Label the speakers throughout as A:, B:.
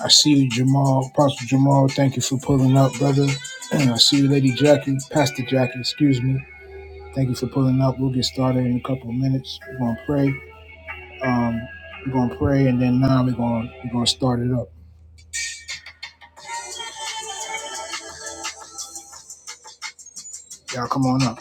A: I see you, Jamal, Pastor Jamal. Thank you for pulling up, brother. And I see you, Lady Jackie, Pastor Jackie, excuse me. Thank you for pulling up. We'll get started in a couple of minutes. We're gonna pray. Um, we're gonna pray, and then now we're gonna we're gonna start it up. Y'all come on up.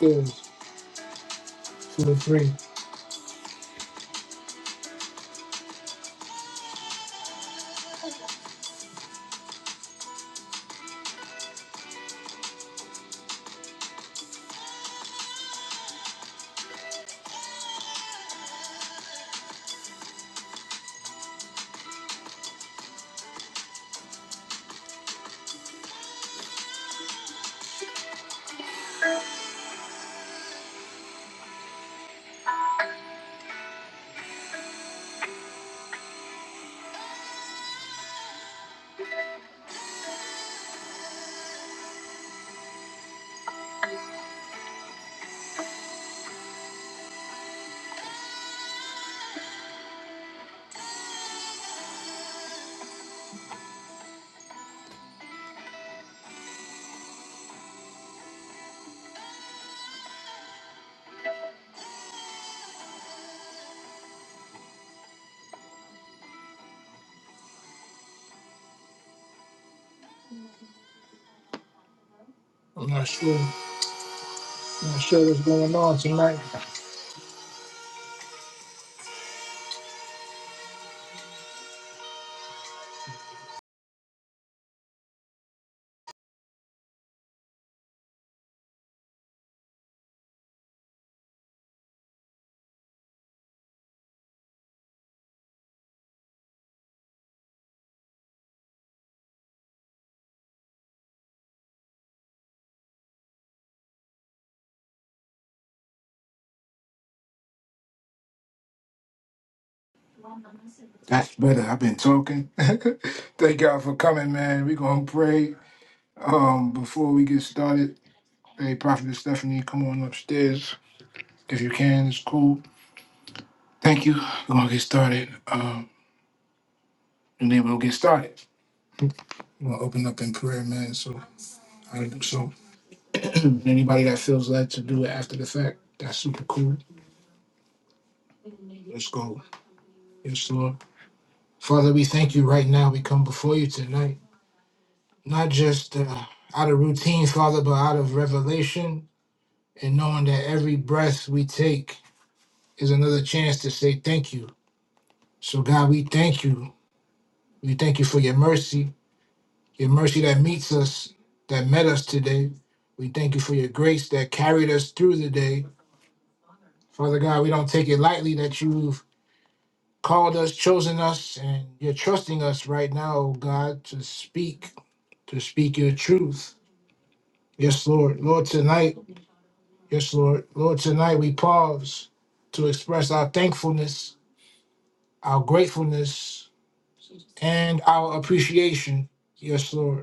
A: Two, two to three. I'm not sure. I'm Not sure what's going on tonight. That's better. I've been talking. Thank y'all for coming, man. We're gonna pray. Um, before we get started, hey, Prophet Stephanie, come on upstairs if you can. It's cool. Thank you. We're gonna get started. Um, and then we'll get started. We'll open up in prayer, man. So I do so. Anybody that feels led to do it after the fact, that's super cool. Let's go. Yes, Lord. Father, we thank you right now. We come before you tonight, not just uh, out of routine, Father, but out of revelation and knowing that every breath we take is another chance to say thank you. So, God, we thank you. We thank you for your mercy. your mercy that meets us, that met us today. We thank you for your grace that carried us through the day. Father God, we don't take it lightly that you've called us, chosen us, and you're trusting us right now, oh God, to speak, to speak your truth. Yes, Lord. Lord, tonight, yes, Lord. Lord, tonight we pause to express our thankfulness, our gratefulness, and our appreciation. Yes, Lord.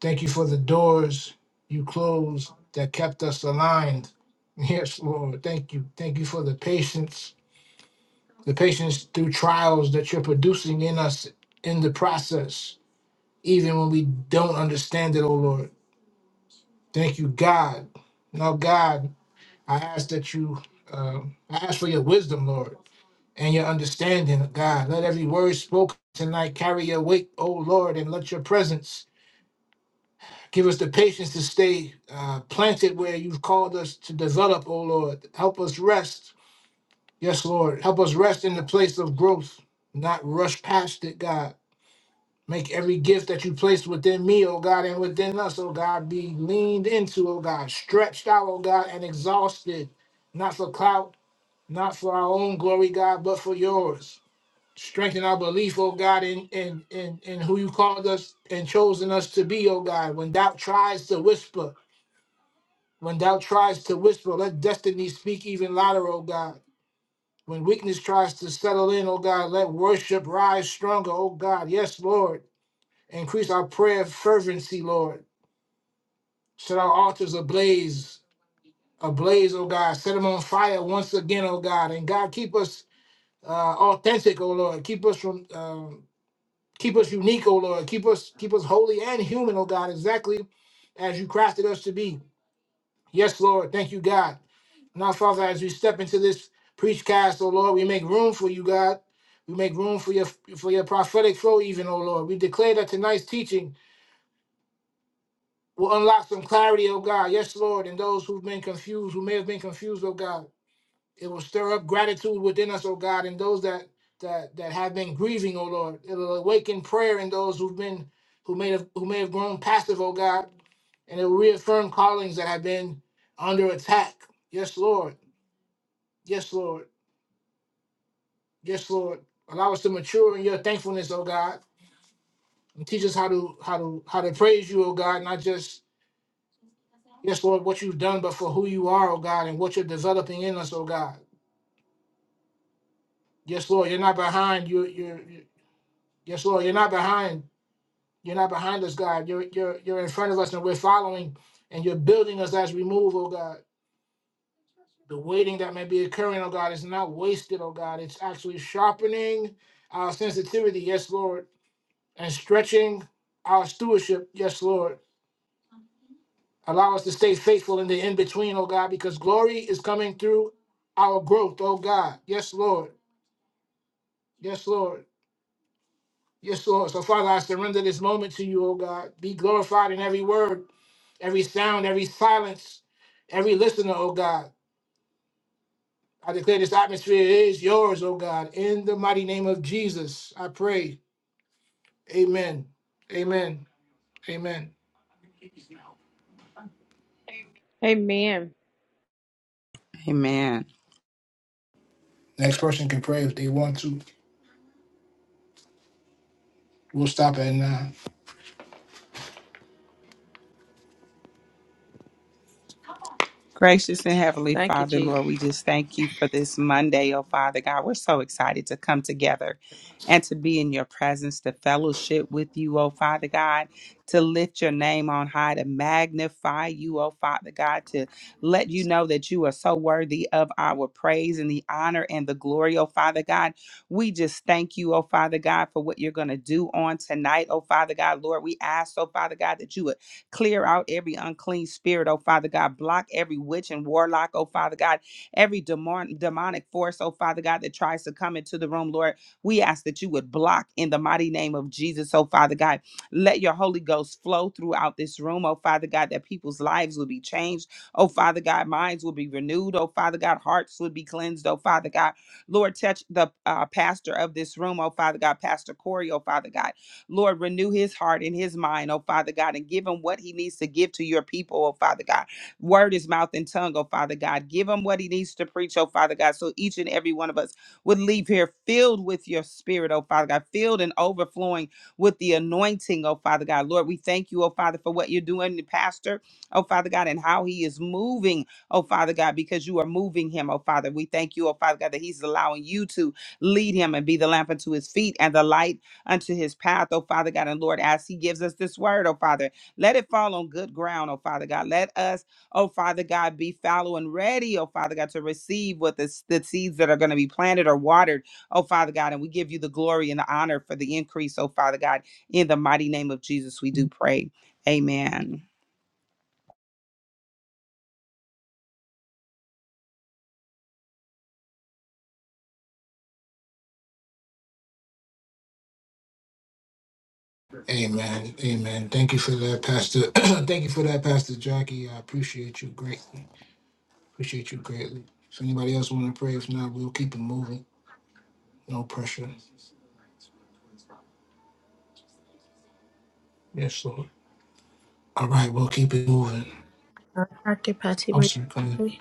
A: Thank you for the doors you closed that kept us aligned. Yes, Lord. Thank you. Thank you for the patience, the patience through trials that you're producing in us in the process, even when we don't understand it, oh Lord. Thank you, God. Now, God, I ask that you, um I ask for your wisdom, Lord, and your understanding, God. Let every word spoken tonight carry your weight, oh Lord, and let your presence Give us the patience to stay uh, planted where you've called us to develop, O Lord. Help us rest. Yes, Lord. Help us rest in the place of growth, not rush past it, God. Make every gift that you placed within me, O God, and within us, O God, be leaned into, O God, stretched out, O God, and exhausted, not for clout, not for our own glory, God, but for yours. Strengthen our belief, O God, in in in, in who you called us and chosen us to be, O God. When doubt tries to whisper, When doubt tries to whisper, let destiny speak even louder, O God. When weakness tries to settle in, O God, let worship rise stronger, O God. Yes, Lord. Increase our prayer fervency, Lord. Set our altars ablaze, ablaze, O God. Set them on fire once again, O God. And God, keep us uh, authentic, O Lord. Keep us from, um, keep us unique, O Lord. Keep us, keep us holy and human, O God. Exactly as you crafted us to be. Yes, Lord. Thank you, God. Now, Father, as we step into this preach cast, oh Lord, we make room for you, God. We make room for your for your prophetic flow, even, oh Lord. We declare that tonight's teaching will unlock some clarity, oh God. Yes, Lord. And those who've been confused, who may have been confused, oh God. It will stir up gratitude within us, oh God, and those that that that have been grieving, oh Lord. It'll awaken prayer in those who've been who may have who may have grown passive, oh God. And it will reaffirm callings that have been under attack. Yes, Lord. Yes, Lord. Yes, Lord. Allow us to mature in your thankfulness, oh God. And teach us how to how to how to praise you, oh God, not just yes, Lord, what you've done, but for who you are, oh God, and what you're developing in us, oh God. Yes, Lord, you're not behind. You you're you're- yes, Lord, you're not behind. You're not behind us, God. You're you're you're in front of us and we're following and you're building us as we move, oh God. The waiting that may be occurring, oh God, is not wasted, oh God. It's actually sharpening our sensitivity, yes, Lord and stretching our stewardship. Yes, Lord. Allow us to stay faithful in the in between, oh God, because glory is coming through our growth, oh God. Yes, Lord. Yes, Lord. Yes, Lord. So, Father, I surrender this moment to you, oh God. Be glorified in every word, every sound, every silence, every listener, oh God. I declare this atmosphere is yours, oh God. In the mighty name of Jesus, I pray. Amen. Amen. Amen.
B: Amen.
C: Amen.
A: Next person can pray if they want to. We'll stop at nine.
C: Gracious and Heavenly
B: Thank you,
C: Father,
B: Jesus.
C: Lord, we just thank you for this Monday, oh Father God. We're so excited to come together and to be in your presence, to fellowship with you, oh Father God, to lift your name on high, to magnify you, oh Father God, to let you know that you are so worthy of our praise and the honor and the glory, oh Father God. We just thank you, oh Father God, for what you're going to do on tonight, oh Father God. Lord, we ask, oh Father God, that you would Clear out every unclean spirit, oh Father God. Block every witch and warlock, oh Father God. Every demon- demonic force, oh Father God, that tries to come into the room, Lord. We ask that you would block in the mighty name of Jesus, oh Father God. Let your Holy Ghost flow throughout this room, oh Father God, that people's lives will be changed. Oh Father God, minds will be renewed. Oh Father God, hearts will be cleansed. Oh Father God, Lord, touch the uh, pastor of this room. Oh Father God, Pastor Corey. Oh Father God. Lord, renew his heart and his mind, oh Father God, and give him what he needs to give to your people, oh Father God. Word is mouth and tongue, oh Father God. Give him what he needs to preach, oh Father God, so each and every one of us would leave here filled with your spirit, oh Father God, filled and overflowing with the anointing, oh Father God. Lord, we thank you, oh Father, for what you're doing, the pastor, oh Father God, and how he is moving, oh Father God, because you are moving him, oh Father. We thank you, oh Father God, that he's allowing you to lead him and be the lamp unto his feet and the light unto his path, oh Father God. And Lord, as he gives us this word, oh Father, let it fall on good ground, oh Father God. Let us, oh Father God, be fallow and ready, oh Father God, to receive what the, s- the seeds that are going to be planted or watered, oh Father God. And we give you the glory and the honor for the increase, oh Father God. In the mighty name of Jesus, we do pray. Amen.
A: Amen. Amen. Thank you for that, Pastor. Thank you for that, Pastor Jackie. I appreciate you greatly. Appreciate you greatly. If anybody else want to pray, if not, we'll keep it moving. No pressure. Yes, Lord. All right, we'll keep it moving.
D: Dr. Patty,
A: I'm
D: were you
A: sorry. Go ahead.
D: pray?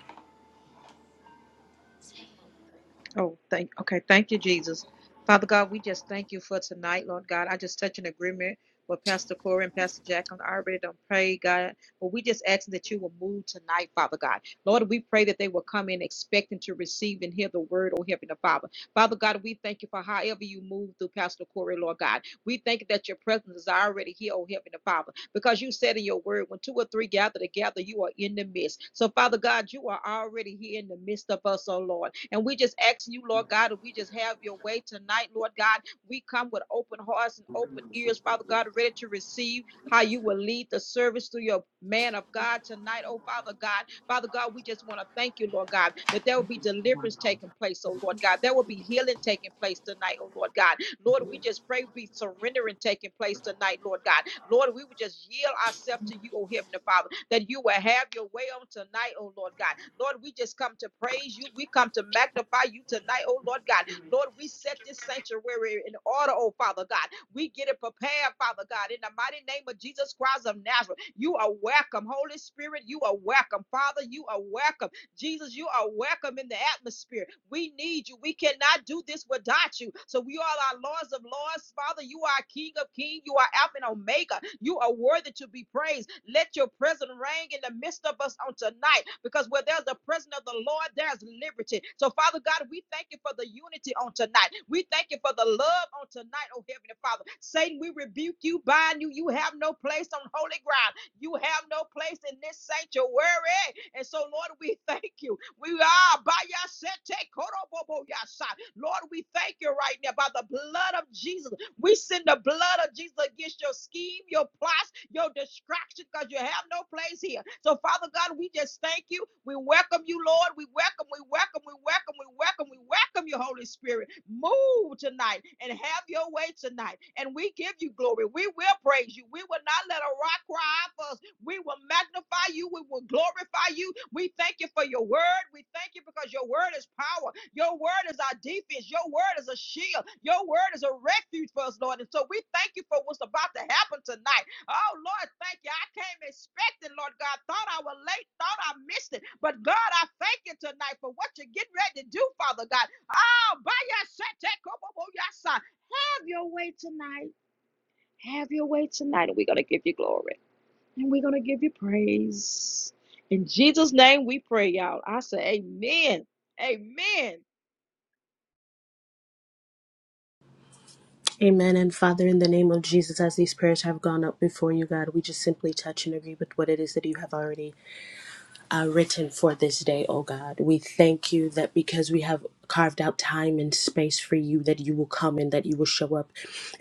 B: Oh, thank okay. Thank you, Jesus. Father God, we just thank you for tonight, Lord God. I just touch an agreement with Pastor Corey and Pastor Jacqueline. I already done prayed, God. But we just ask that you will move tonight, Father God. Lord, we pray that they will come in expecting to receive and hear the word, oh Heavenly Father. Father God, we thank you for however you move through Pastor Corey, Lord God. We thank you that your presence is already here, oh Heavenly Father. because you said in your word, when two or three gather together, you are in the midst. So, Father God, you are already here in the midst of us, oh Lord. And we just asking you, Lord God, if we just have your way tonight, Lord God. We come with open hearts and open ears, Father God, ready to receive how you will lead the service through your man of God tonight, oh Father God. Father God, we just want to thank you, Lord God, that there will be deliverance taking place, oh Lord God. There will be healing taking place tonight, oh Lord God. Lord, we just pray be surrendering taking place tonight, Lord God. Lord, we would just yield ourselves to you, oh Heavenly Father, that you will have your way on tonight, oh Lord God. Lord, we just come to praise you. We come to magnify you tonight, oh Lord God. Lord, we set this sanctuary in order, oh Father God. We get it prepared, Father God, in the mighty name of Jesus Christ of Nazareth. You are welcome, Holy Spirit. You are welcome, Father. You are welcome. Jesus, you are welcome in the atmosphere. We need you. We cannot do this without you. So we are our Lords of Lords. Father, you are King of Kings. You are Alpha and Omega. You are worthy to be praised. Let your presence reign in the midst of us on tonight because where there's the presence of the Lord, there's liberty. So, Father God, we thank you for the unity on tonight. We thank you for the love on tonight, oh Heavenly Father. Satan, we rebuke you, bind you. You have no place on holy ground. You have no place in this sanctuary. And so, Lord, we thank you. We are by your Lord, we thank you right now by the blood of Jesus. We send the blood of Jesus against your scheme, your plots, your distraction, because you have no place here. So, Father God, we just thank you. We welcome you, Lord. We welcome, we welcome, we welcome, we welcome, we welcome you, Holy Spirit. Move tonight and have your way tonight. And we give you glory. We will praise you. We will not let a rock cry out for us. We will magnify you. We will glorify you. We thank you for your word. We thank you because your word is power. Your word is our defense. Your word is a shield. Your word is a refuge for us, Lord. And so we thank you for what's about to happen tonight. Oh, Lord, thank you. I came expecting, Lord God. Thought I was late, thought I missed it. But God, I thank you tonight for what you're getting ready to do, Father God. Oh, by your side, take up your side. Have your way tonight. Have your way tonight. And we're going to give you glory. And we're going to give you praise. In Jesus' name we pray, y'all. I say, Amen. Amen.
D: Amen. And Father, in the name of Jesus, as these prayers have gone up before you, God, we just simply touch and agree with what it is that you have already uh, written for this day, O God. We thank you that because we have carved out time and space for you, that you will come and that you will show up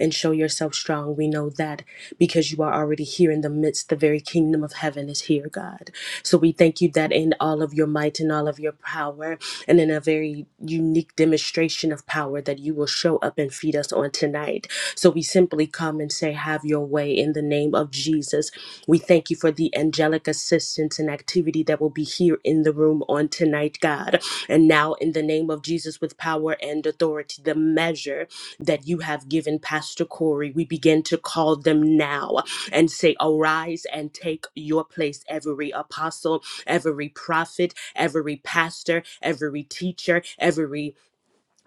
D: and show yourself strong. We know that because you are already here in the midst, the very kingdom of heaven is here, God. So we thank you that in all of your might and all of your power, and in a very unique demonstration of power, that you will show up and feed us on on tonight. So we simply come and say, Have your way in the name of Jesus. We thank you for the angelic assistance and activity that will be here in the room on tonight, God. And now, in the name of Jesus, with power and authority, the measure that you have given Pastor Corey, we begin to call them now and say, Arise and take your place, every apostle, every prophet, every pastor, every teacher, every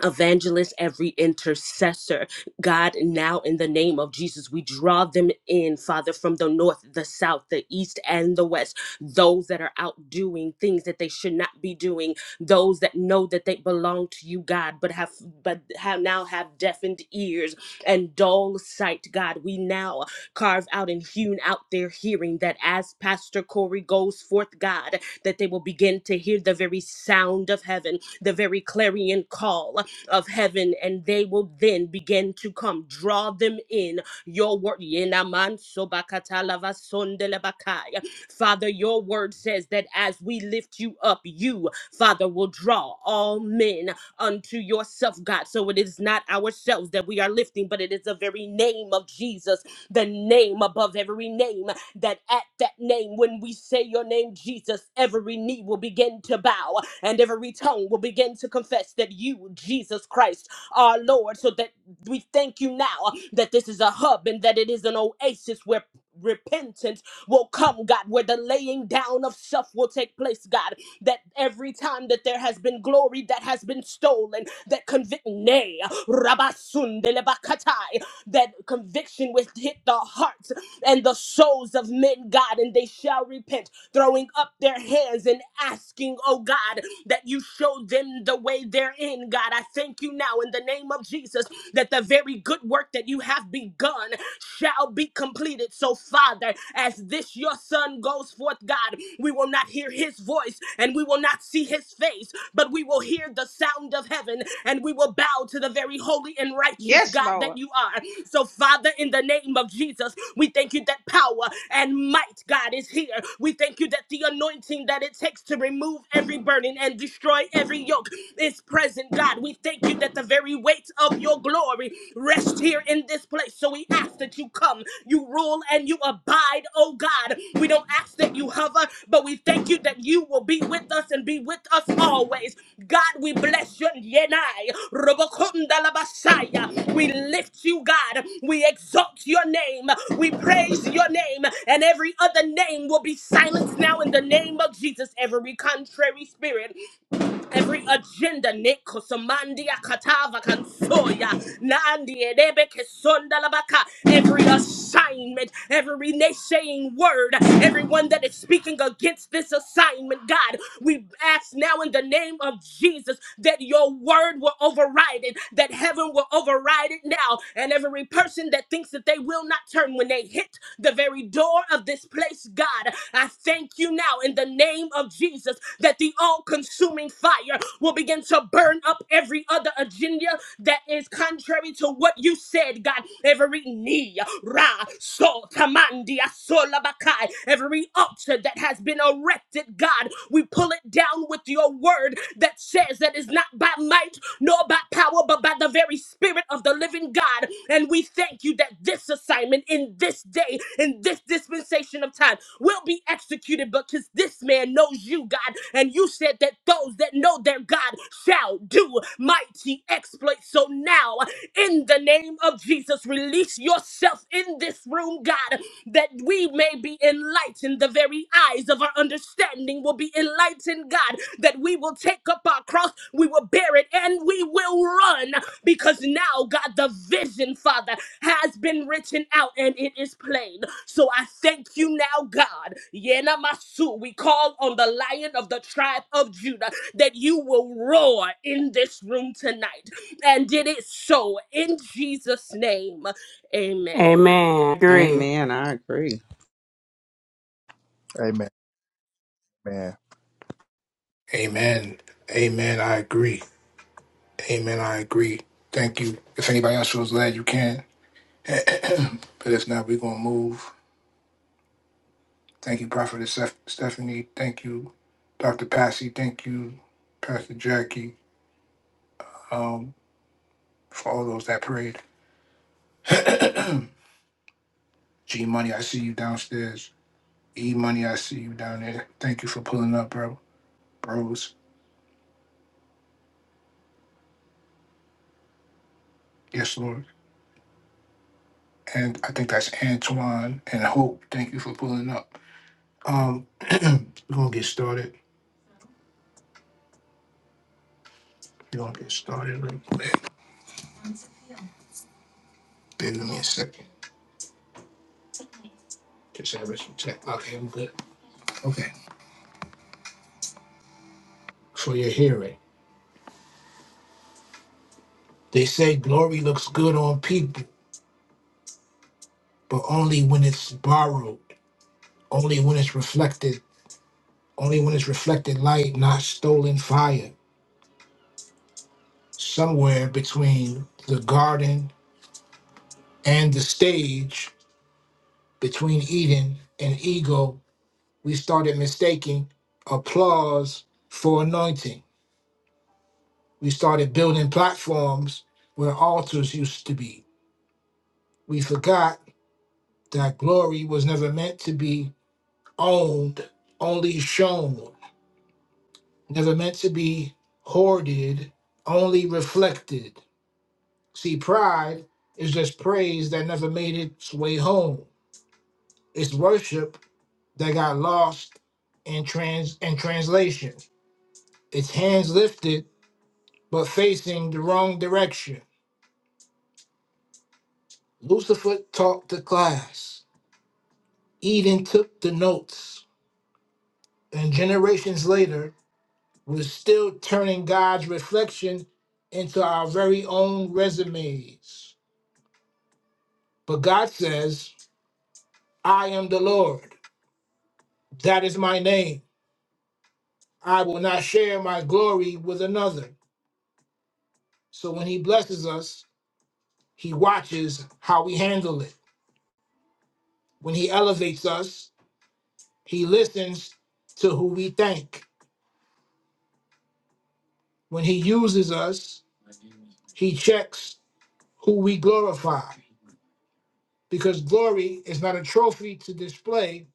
D: evangelist, every intercessor. God, now in the name of Jesus, we draw them in, Father, from the north, the south, the east, and the west. Those that are out doing things that they should not be doing, those that know that they belong to you, God, but have but have now have deafened ears and dull sight, God. We now carve out and hewn out their hearing that as Pastor Corey goes forth, God, that they will begin to hear the very sound of heaven, the very clarion call of heaven, and they will then begin to come. Draw them in your word. Yenaman sobakata lava sondelebakaya. Father, your word says that as we lift you up, you, Father, will draw all men unto yourself, God. So it is not ourselves that we are lifting, but it is the very name of Jesus, the name above every name, that at that name, when we say your name, Jesus, every knee will begin to bow and every tongue will begin to confess that you, Jesus Christ, are Lord. So that we thank you now that this is a hub and that it is an oasis where repentance will come, God, where the laying down of self will take place, God. That every time that there has been glory that has been stolen, that convict nay, Rabasundelebakatai, that conviction will hit the hearts and the souls of men, God, and they shall repent, throwing up their hands and asking, oh God, that you show them the way they're in, God. I thank you now in the name of Jesus that the very good work that you have begun shall be completed. So, Father, as this your son goes forth, God. We will not hear his voice and we will not see his face, but we will hear the sound of heaven and we will bow to the very holy and righteous
B: Yes,
D: God that
B: Lord.
D: you are. So, Father, in the name of Jesus, we thank you that power and might, God, is here. We thank you that the anointing that it takes to remove every burden and destroy every yoke is present, God. We thank you that the very weight of your glory rests here here in this place. So we ask that you come, you rule, and you abide, oh God. We don't ask that you hover, but we thank you that you will be with us and be with us always. God, we bless you. Yenai, Robokundalabasaya. We lift you, God. We exalt your name. We praise your name. And every other name will be silenced now in the name of Jesus. Every contrary spirit. Every agenda, Nick, Kosamandia, Katava, Kansoya, Nandi, Edebe, Kesondalabaka, every assignment, every naysaying word, everyone that is speaking against this assignment, God, we ask now in the name of Jesus that your word will override it, that heaven will override it now, and every person that thinks that they will not turn when they hit the very door of this place, God. I thank you now in the name of Jesus that the all consuming fire will begin to burn up every other agenda that is contrary to what you said, God. Every knee, ra, so, tamandi, asola, bakai, every altar that has been erected, God, we pull it down with your word that says that is not by by might, nor by power, but by the very Spirit of the living God. And we thank you that this assignment in this day, in this dispensation of time, will be executed because this man knows you, God. And you said that those that know their God shall do mighty exploits. So now, in the name of Jesus, release yourself in this room, God, that we may may be enlightened. The very eyes of our understanding will be enlightened, God, that we will take up our cross, we will bear it, and we will run because now, God, the vision, Father, has been written out and it is plain. So I thank you now, God. Yena Masu, we call on the lion of the tribe of Judah that you will roar in this room tonight. And it is so in Jesus' name. Amen.
E: Amen. Agree.
C: Amen. I agree.
F: Amen. Man.
A: Amen. Amen. I agree. Amen. I agree. Thank you. If anybody else feels led, you can. but if not, we're going to move. Thank you, Prophet Steph- Stephanie. Thank you, Dr. Passy. Thank you, Pastor Jackie. for all those that prayed. G Money, I see you downstairs. E Money, I see you down there. Thank you for pulling up, bro. Bros. Yes, Lord. And I think that's Antoine and Hope. Thank you for pulling up. Um, we're gonna get started. We're gonna get started real quick. Give me a second. Just have some tech. Okay, I'm good. Okay. For your hearing. They say glory looks good on people, but only when it's borrowed, only when it's reflected only when it's reflected light, not stolen fire. Somewhere between the garden and the stage, between Eden and ego, we started mistaking applause for anointing. We started building platforms where altars used to be. We forgot that glory was never meant to be owned, only shown, never meant to be hoarded, only reflected. See, pride is just praise that never made its way home. It's worship that got lost in trans in translation. It's hands lifted but facing the wrong direction. Lucifer taught the class. Eden took the notes, and generations later, we're still turning God's reflection into our very own resumes. But God says, "I am the Lord. That is my name." I will not share my glory with another. So when he blesses us, he watches how we handle it. When he elevates us, he listens to who we thank. When he uses us, he checks who we glorify. Because glory is not a trophy to display,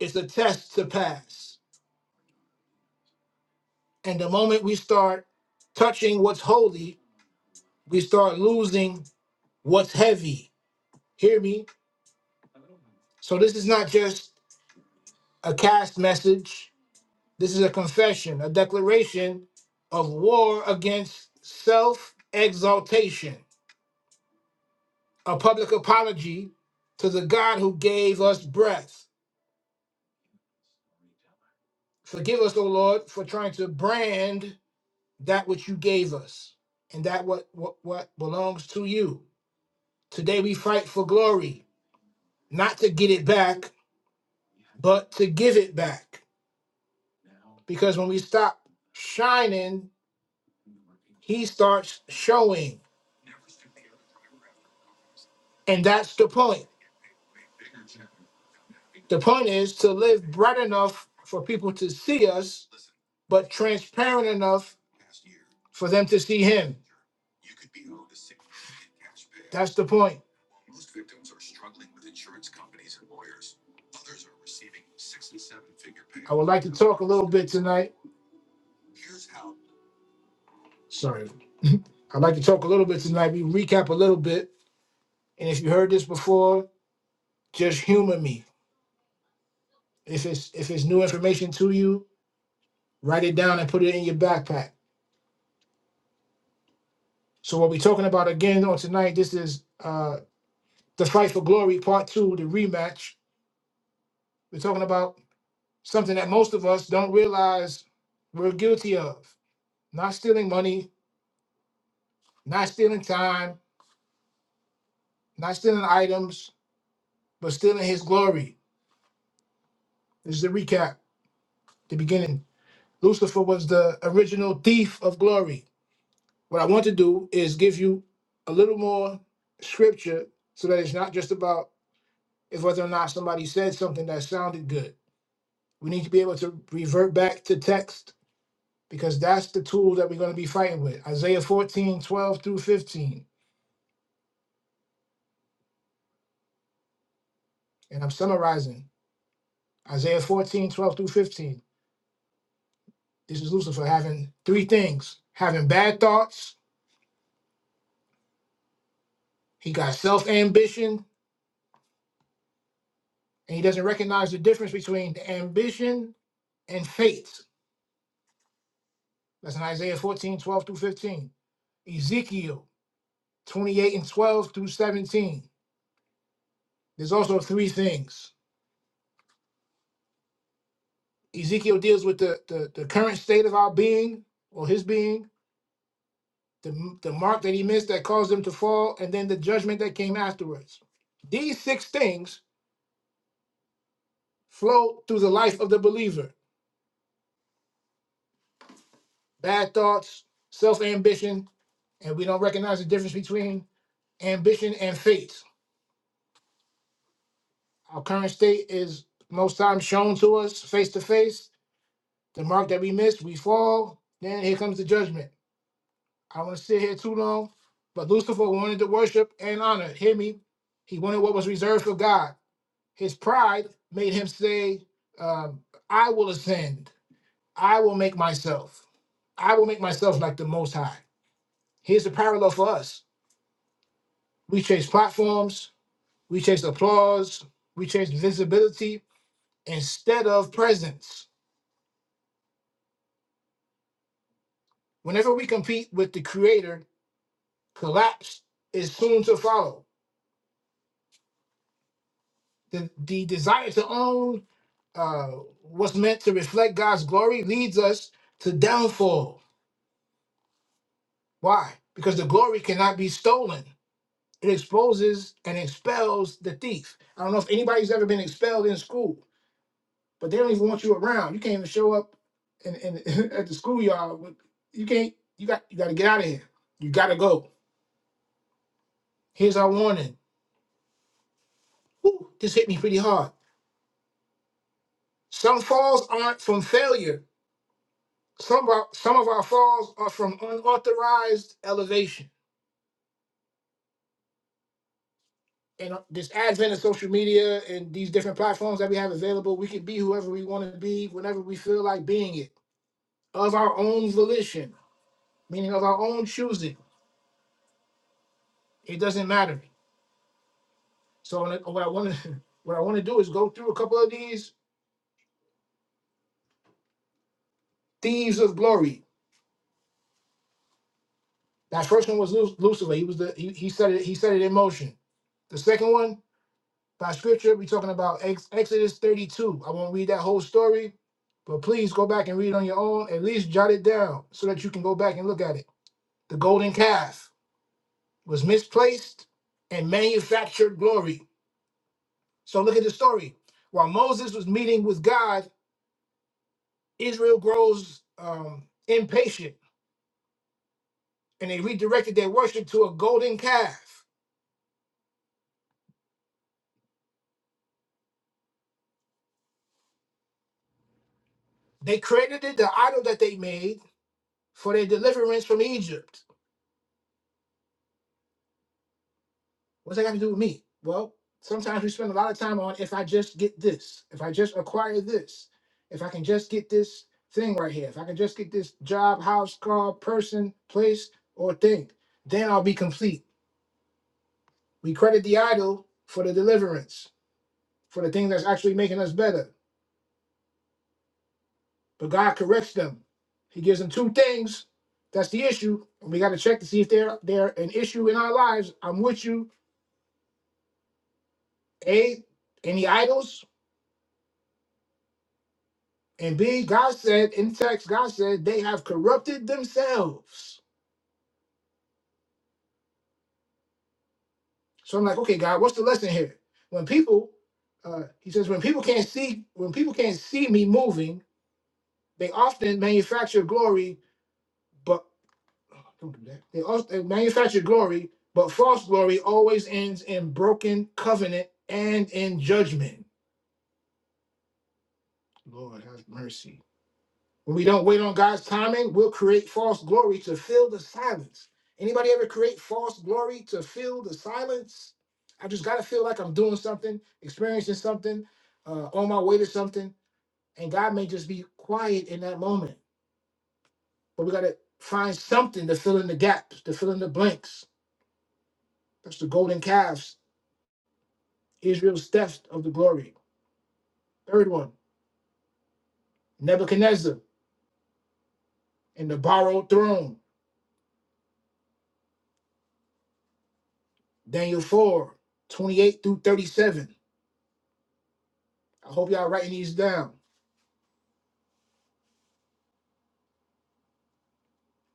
A: it's a test to pass. And the moment we start touching what's holy, we start losing what's heavy. Hear me? So this is not just a cast message. This is a confession, a declaration of war against self exaltation, a public apology to the God who gave us breath. Forgive us, O Lord, for trying to brand that which you gave us and that what, what, what belongs to you. Today we fight for glory, not to get it back, but to give it back. Because when we stop shining, he starts showing. And that's the point. The point is to live bright enough for people to see us, but transparent enough for them to see Him. That's the point. I would like to talk a little bit tonight. Sorry. I'd like to talk a little bit tonight. We recap a little bit. And if you heard this before, just humor me. If it's if it's new information to you, write it down and put it in your backpack. So what we're talking about again on tonight, this is uh The Fight for Glory Part Two, the rematch. We're talking about something that most of us don't realize we're guilty of: not stealing money, not stealing time, not stealing items, but stealing His glory. This is the recap. The beginning. Lucifer was the original thief of glory. What I want to do is give you a little more scripture so that it's not just about if whether or not somebody said something that sounded good. We need to be able to revert back to text because that's the tool that we're going to be fighting with. Isaiah 14:12 through 15. And I'm summarizing Isaiah 14:12 through 15. This is Lucifer having three things having bad thoughts, he got self ambition, and he doesn't recognize the difference between the ambition and faith. That's in Isaiah 14:12 through 15. Ezekiel 28 and 12 through 17. There's also three things. Ezekiel deals with the, the, the current state of our being or his being the, the mark that he missed that caused him to fall, and then the judgment that came afterwards. These six things flow through the life of the believer bad thoughts, self ambition, and we don't recognize the difference between ambition and faith. Our current state is most times shown to us face to face. The mark that we missed, we fall. Then here comes the judgment. I don't want to sit here too long, but Lucifer wanted to worship and honor. Hear me? He wanted what was reserved for God. His pride made him say, um, I will ascend. I will make myself. I will make myself like the Most High. Here's the parallel for us. We chase platforms, we chase applause, we chase visibility instead of presence. Whenever we compete with the Creator, collapse is soon to follow. The, the desire to own uh, what's meant to reflect God's glory leads us to downfall. Why? Because the glory cannot be stolen. it exposes and expels the thief. I don't know if anybody's ever been expelled in school, but they don't even want you around. You can't even show up in, in at the schoolyard. with- You can't. You got. You got to get out of here. You got to go. Here's our warning. Whew, this hit me pretty hard. Some falls aren't from failure. Some of our, some of our falls are from unauthorized elevation. And uh, this advent of social media and these different platforms that we have available, we can be whoever we want to be whenever we feel like being it of our own volition, meaning of our own choosing. It doesn't matter. So when I- what I want to what I want to do is go through a couple of these thieves of glory. That first one was Lu- Lucifer. He was the he, he set it he set it in motion. The second one by scripture we're talking about Ex- Exodus 32. I won't read that whole story, but please go back and read it on your own. At least jot it down so that you can go back and look at it. The golden calf was misplaced and manufactured glory So look at the story. While Moses was meeting with God, Israel grows um, impatient and they redirected their worship to a golden calf. They credited the idol that they made for their deliverance from Egypt. What's that got to do with me? Well, sometimes we spend a lot of time on if I just get this, if I just acquire this, if I can just get this thing right here, if I can just get this job, house, car, person, place, or thing, then I'll be complete. We credit the idol for the deliverance. for the thing that's actually making us better. But God corrects them. He gives them two things. That's the issue. And we got to check to see if they're they're an issue in our lives. I'm with you. A, any idols? And B, God said in text, God said they have corrupted themselves. So I'm like, okay, God, what's the lesson here? When people, uh, he says, when people can't see, when people can't see me moving, they often manufacture glory but. Oh, Don't do that. They also they manufacture glory, but false glory always ends in broken covenant and in judgment. Lord have mercy. When we don't wait on God's timing, we'll create false glory to fill the silence. Anybody ever create false glory to fill the silence? I just gotta feel like I'm doing something, experiencing something, uh, on my way to something, and God may just be quiet in that moment. But we gotta find something to fill in the gaps, to fill in the blanks. That's the golden calves Israel's theft of the glory. Third one, Nebuchadnezzar and the borrowed throne. Daniel four twenty-eight through 37. I hope y'all writing these down.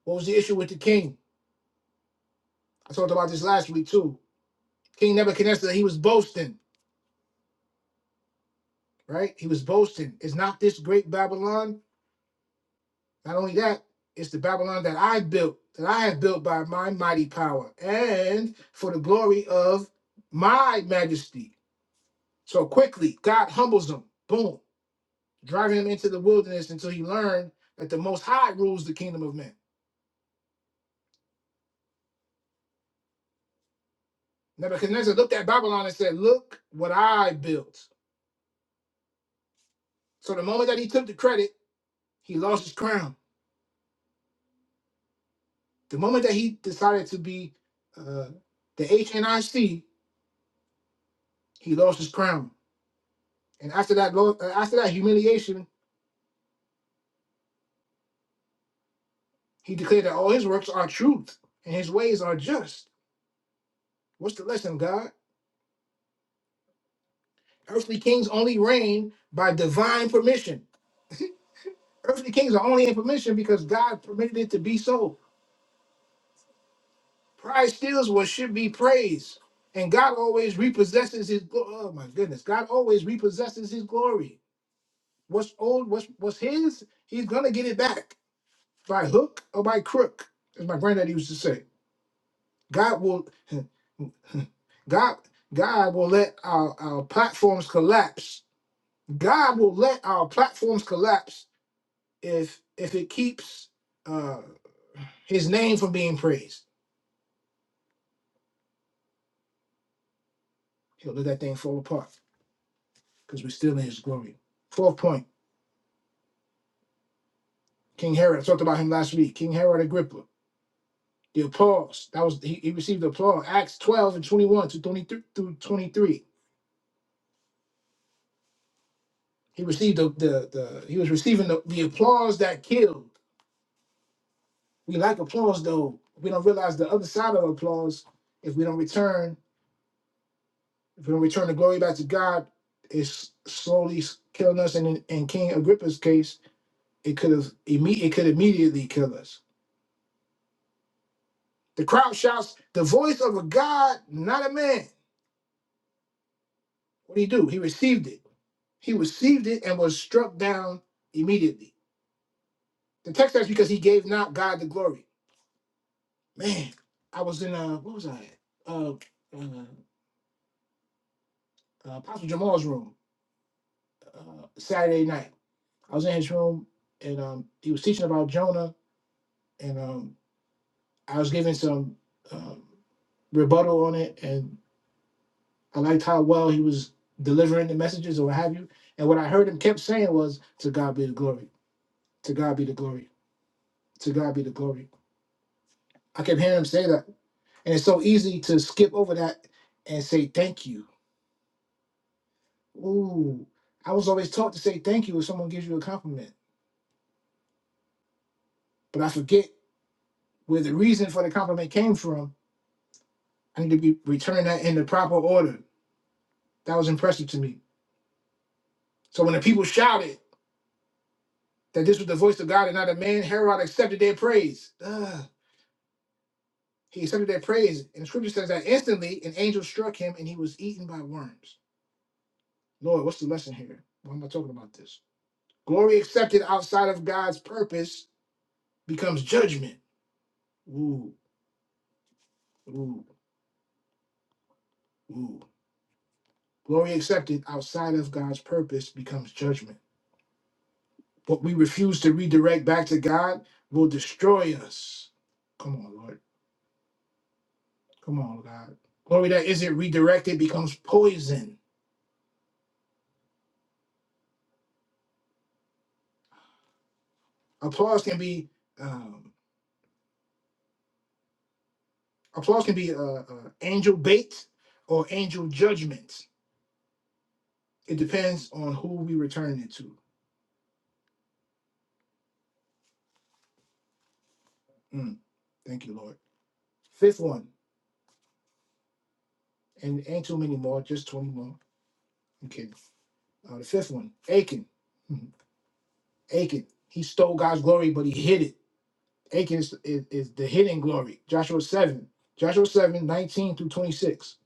A: What was the issue with the king? I talked about this last week too. King Nebuchadnezzar, he was boasting, right? He was boasting. It's not this great Babylon. Not only that, it's the Babylon that I built, that I have built by my mighty power and for the glory of my majesty. So quickly, God humbles him. Boom driving him into the wilderness until he learned that the Most High rules the kingdom of men. Nebuchadnezzar looked at Babylon and said, Look what I built. So the moment that he took the credit, he lost his crown. The moment that he decided to be uh, the HNIC, he lost his crown. And after that, lo- uh, after that humiliation, he declared that all his works are truth and his ways are just. What's the lesson, God? Earthly kings only reign by divine permission. Earthly kings are only in permission because God permitted it to be so. Pride steals what should be praised, and God always repossesses His. glo- Oh my goodness, God always repossesses His glory. What's old, what's what's His, He's gonna get it back by hook or by crook, as my granddad used to say. God will, God, God will let our, our platforms collapse. God will let our platforms collapse if if it keeps uh, His name from being praised. He'll let that thing fall apart because we're still in His glory. Fourth point. King Herod. I talked about him last week. King Herod Agrippa. The applause. That was he, he received the applause. Acts 12 and 21 to 23 through 23. He received the the, the he was receiving the, the applause that killed. We like applause though. We don't realize the other side of applause. If we don't return, if we don't return the glory back to God, it's slowly killing us. And in, in King Agrippa's case, it could have imme- it could immediately kill us. The crowd shouts, the voice of a God, not a man. What did he do? He received it. He received it and was struck down immediately. The text says because he gave not God the glory. Man, I was in uh what was I at? Uh, uh, uh Apostle Jamal's room uh Saturday night. I was in his room and um he was teaching about Jonah and um I was giving some um rebuttal on it and I liked how well he was delivering the messages or what have you. And what I heard him kept saying was, To God be the glory, to God be the glory, to God be the glory. I kept hearing him say that. And it's so easy to skip over that and say thank you. Ooh, I was always taught to say thank you if someone gives you a compliment, but I forget where the reason for the compliment came from. I need to be return that in the proper order. That was impressive to me. So when the people shouted that this was the voice of God and not a man, Herod accepted their praise. Ugh. He accepted their praise. And the scripture says that instantly an angel struck him and he was eaten by worms. Lord, what's the lesson here? Why am I talking about this? Glory accepted outside of God's purpose becomes judgment. Ooh, ooh, ooh. Glory accepted outside of God's purpose becomes judgment. What we refuse to redirect back to God will destroy us. Come on, Lord. Come on, God. Glory that isn't redirected becomes poison. Applause can be um, applause can be uh, uh, angel bait or angel judgment. It depends on who we return it to. Mm, thank you, Lord. Fifth one. and ain't too many more, just 20 more. I'm kidding. Uh, the fifth one, Achan. Achan, He stole God's glory, but he hid it. Achan is, is, is the hidden glory. Joshua 7. Joshua 7, 19 through 26.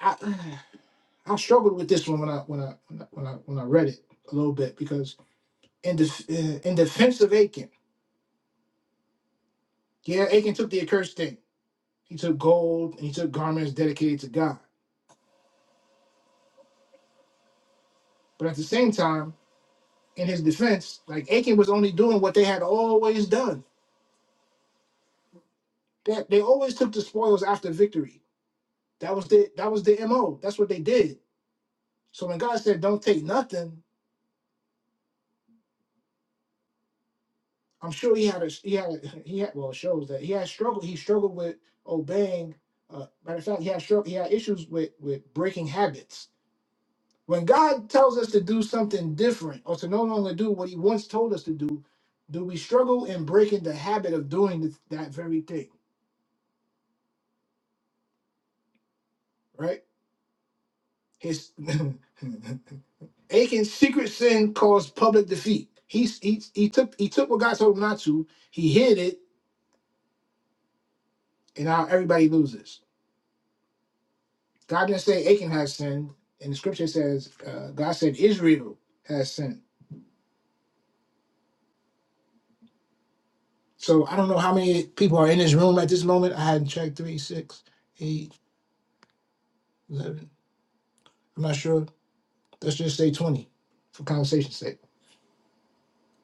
A: I I struggled with this one when I when I when I when I, when I read it a little bit because in def, uh, in defense of Achan, yeah, Achan took the accursed thing. He took gold and he took garments dedicated to God. But at the same time, in his defense, like Achan was only doing what they had always done They, they always took the spoils after victory. That was the that was the mo. That's what they did. So when God said, "Don't take nothing," I'm sure he had a he had a, he had well it shows that he had struggled. He struggled with obeying. Uh, matter of fact, he had strugg- he had issues with with breaking habits. When God tells us to do something different or to no longer do what He once told us to do, do we struggle in breaking the habit of doing th- that very thing? Right? His Achan's secret sin caused public defeat. He, he, he took he took what God told him not to. He hid it, and now everybody loses. God didn't say Achan has sinned, and the scripture says uh, God said Israel has sinned. So I don't know how many people are in this room at this moment. I hadn't checked three, six, eight, eleven. I'm not sure. Let's just say twenty for conversation's sake.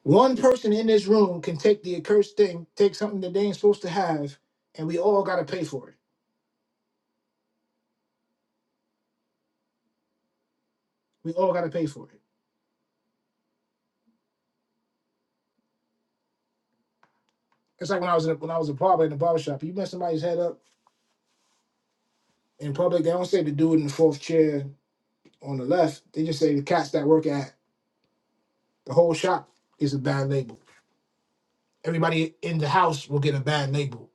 A: One person in this room can take the accursed thing, take something that they ain't supposed to have, and we all gotta pay for it. We all gotta pay for it. It's like when I was in a, when I was a barber in the barber shop. You mess somebody's head up in public, they don't say the dude in the fourth chair on the left. They just say the cats that work at the whole shop is a bad label. Everybody in the house will get a bad label.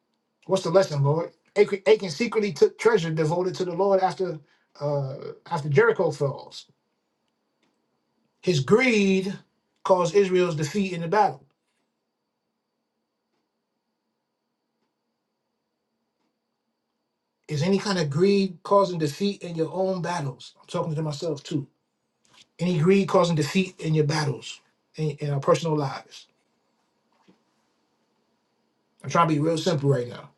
A: What's the lesson, Lord? Achan Achan secretly took treasure devoted to the Lord after uh, after Jericho falls. His greed caused Israel's defeat in the battle. Is any kind of greed causing defeat in your own battles? I'm talking to myself too. Any greed causing defeat in your battles, in, in our personal lives. I'm trying to be real simple right now,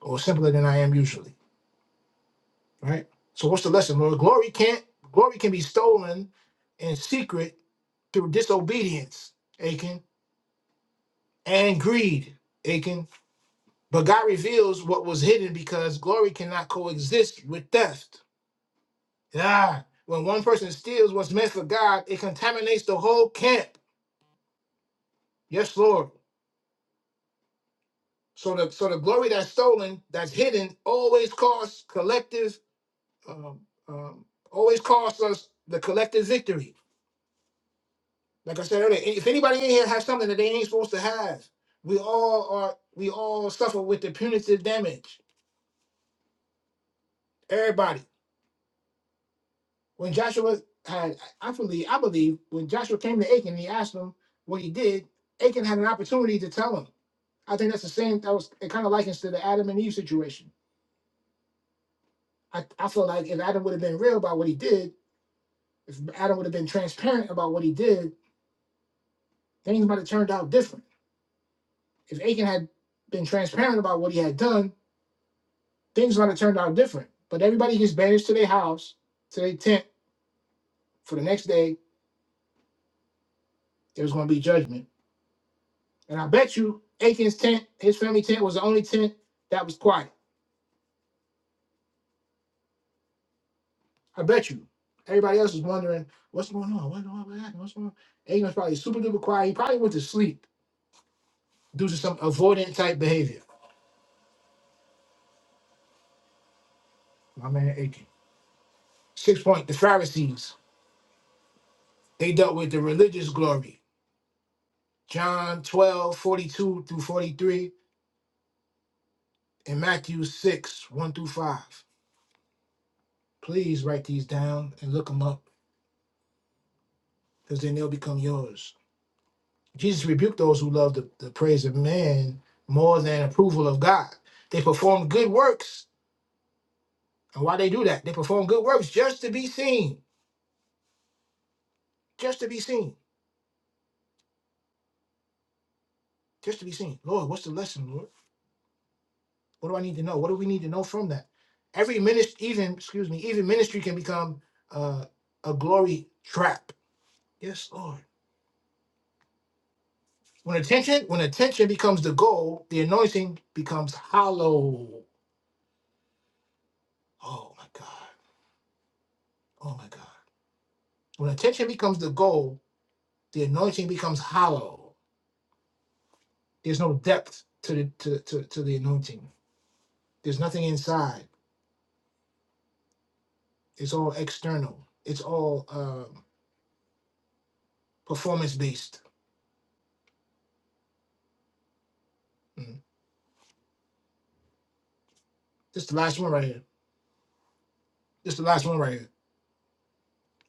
A: or simpler than I am usually, right? So what's the lesson, Lord? Glory can't glory can be stolen in secret through disobedience, Achan, and greed, Achan. But God reveals what was hidden because glory cannot coexist with theft. Ah, when one person steals what's meant for God, it contaminates the whole camp. Yes, Lord. So the so the glory that's stolen, that's hidden, always costs collective, um, um, always costs us the collective victory. Like I said earlier, if anybody in here has something that they ain't supposed to have, we all are we all suffer with the punitive damage. Everybody. When Joshua had, I believe, I believe when Joshua came to Achan, and he asked him what he did. Achan had an opportunity to tell him. I think that's the same. That was it. Kind of likens to the Adam and Eve situation. I, I feel like if Adam would have been real about what he did, If Adam would have been transparent about what he did, things might have turned out different. If Achan had been transparent about what he had done, things might have turned out different. But everybody gets banished to their house, to their tent for the next day. There's going to be judgment. And I bet you Achan's tent, his family tent, was the only tent that was quiet. I bet you. Everybody else was wondering, what's going on? What, what, what happened? What's going on? Aiken was probably super duper quiet. He probably went to sleep due to some avoidant type behavior. My man Achan. Six point, the Pharisees. They dealt with the religious glory, John 12 42 through 43, and Matthew 6, 1 through 5. Please write these down and look them up, because then they'll become yours. Jesus rebuked those who love the, the praise of man more than approval of God. They perform good works. And why they do that? They perform good works just to be seen. Just to be seen. Just to be seen. Lord, what's the lesson, Lord? What do I need to know? What do we need to know from that? Every ministry, even excuse me, even ministry can become uh, a glory trap. Yes, Lord. When attention, when attention becomes the goal, the anointing becomes hollow. Oh my God. Oh my God. When attention becomes the goal, the anointing becomes hollow. There's no depth to the to, to, to the anointing. There's nothing inside. It's all external. It's all um, performance based. Mm. This is the last one right here. This is the last one right here.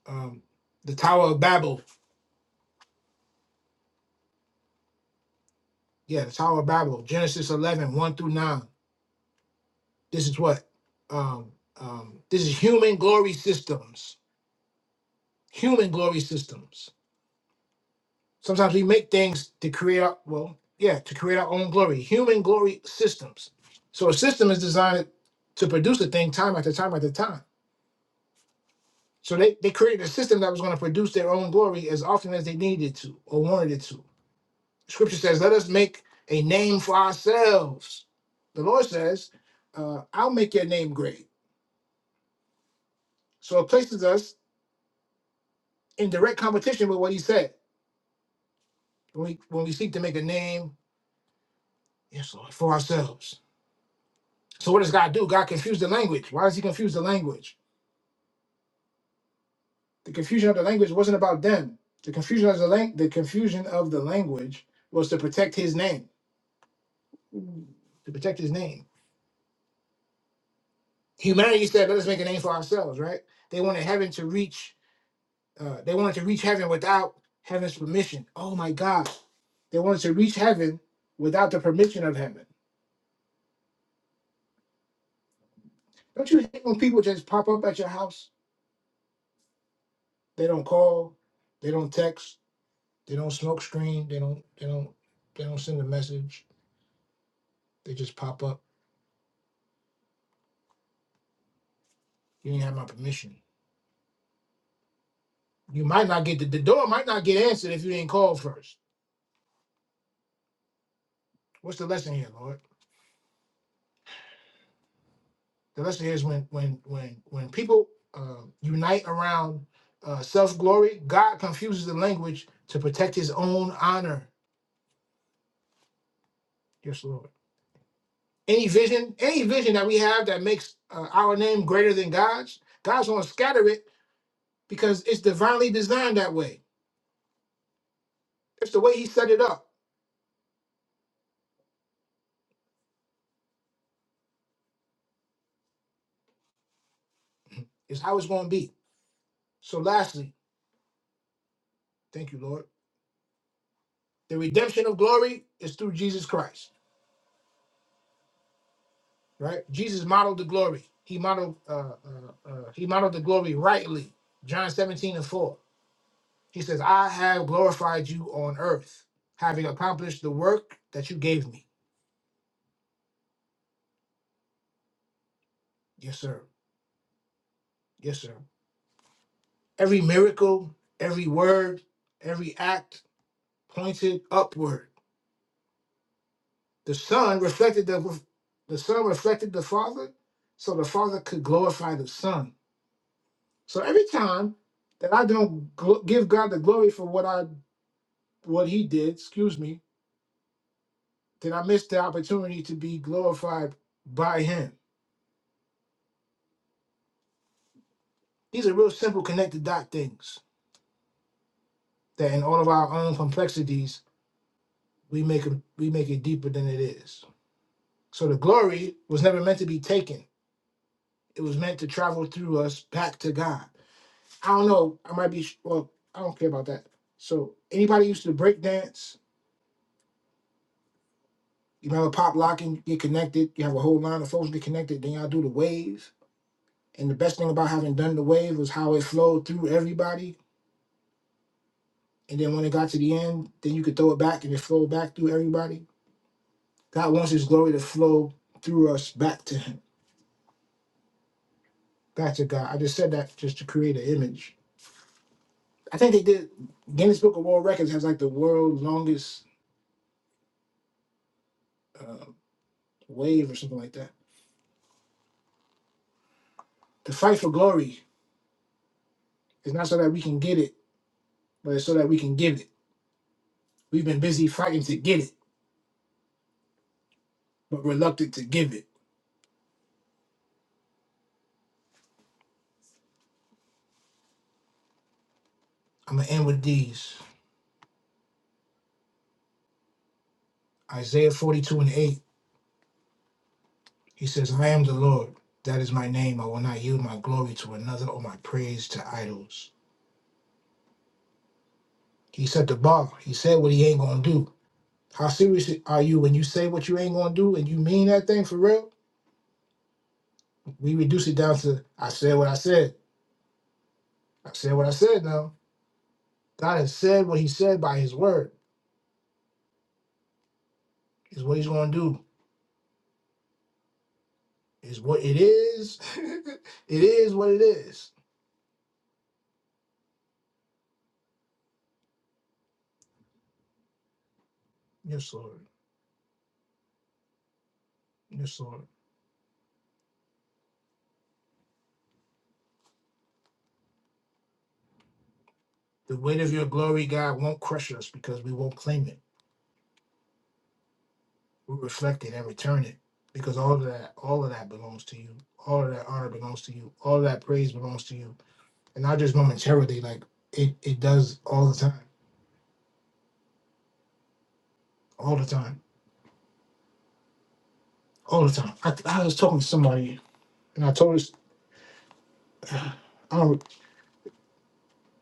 A: um, the Tower of Babel. Yeah, the Tower of Babel, Genesis eleven one through 9. This is what? Um, um, this is human glory systems. Human glory systems. Sometimes we make things to create our, well, yeah, to create our own glory. Human glory systems. So a system is designed to produce a thing time after time after time. So they, they created a system that was going to produce their own glory as often as they needed to or wanted it to Scripture says, let us make a name for ourselves. The Lord says, uh, I'll make your name great. So it places us in direct competition with what he said when we, when we seek to make a name, yes, Lord, for ourselves. So what does God do? God confused the language. Why does he confuse the language? The confusion of the language wasn't about them. The confusion of the, lang- the confusion of the language was to protect his name, to protect his name. Humanity said, let us make a name for ourselves, right? They wanted heaven to reach Uh, they wanted to reach heaven without heaven's permission. Oh my God. They wanted to reach heaven without the permission of heaven. Don't you hate when people just pop up at your house? They don't call, they don't text, they don't smoke screen, they don't they don't they don't send a message. They just pop up. You didn't have my permission. You might not get the, the door might not get answered if you didn't call first. What's the lesson here, Lord? The lesson here is when when when when people uh, unite around uh, self glory, God confuses the language to protect His own honor. Yes, Lord. Any vision, any vision that we have that makes uh, our name greater than God's, God's going to scatter it because it's divinely designed that way. It's the way He set it up. It's how it's going to be. So, lastly, thank you, Lord. The redemption of glory is through Jesus Christ. right? Jesus modeled the glory. He modeled uh, uh, uh, he modeled the glory rightly. John 17 and 4. He says, I have glorified you on earth, having accomplished the work that you gave me. Yes, sir. Yes, sir. Every miracle, every word, every act pointed upward. The Son reflected the the Son reflected the Father, so the Father could glorify the Son. So every time that I don't gl- give God the glory for what I what He did, excuse me, Then I missed the opportunity to be glorified by him. These are real simple connected dot things that in all of our own complexities, we make, it- we make it deeper than it is. So the glory was never meant to be taken. It was meant to travel through us back to God. I don't know. I might be, well, I don't care about that. So anybody used to break dance, you remember pop locking, get connected. You have a whole line of folks get connected. Then y'all do the wave. And the best thing about having done the wave was how it flowed through everybody And then when it got to the end, then you could throw it back and it flowed back through everybody. God wants his glory to flow through us back to him, back to God. I just said that just to create an image. I think they did, Guinness Book of World Records has like the world's longest uh, wave or something like that. The fight for glory is not so that we can get it, but it's so that we can give it. We've been busy fighting to get it, but reluctant to give it. I'm going to end with these Isaiah 42 and 8. He says, I am the Lord. That is my name. I will not yield my glory to another or my praise to idols. He set the bar. He said what he ain't going to do. How serious are you when you say what you ain't going to do and you mean that thing for real? We reduce it down to, I said what I said. I said what I said now. God has said what he said by his word, is what he's going to do, is what it is. it is what it is. Yes, Lord. Yes, Lord. The weight of your glory, God, won't crush us because we won't claim it. we reflect it and return it because all of that all of that belongs to you all of that honor belongs to you all of that praise belongs to you and not just momentarily like it it does all the time all the time all the time i, I was talking to somebody and i told this um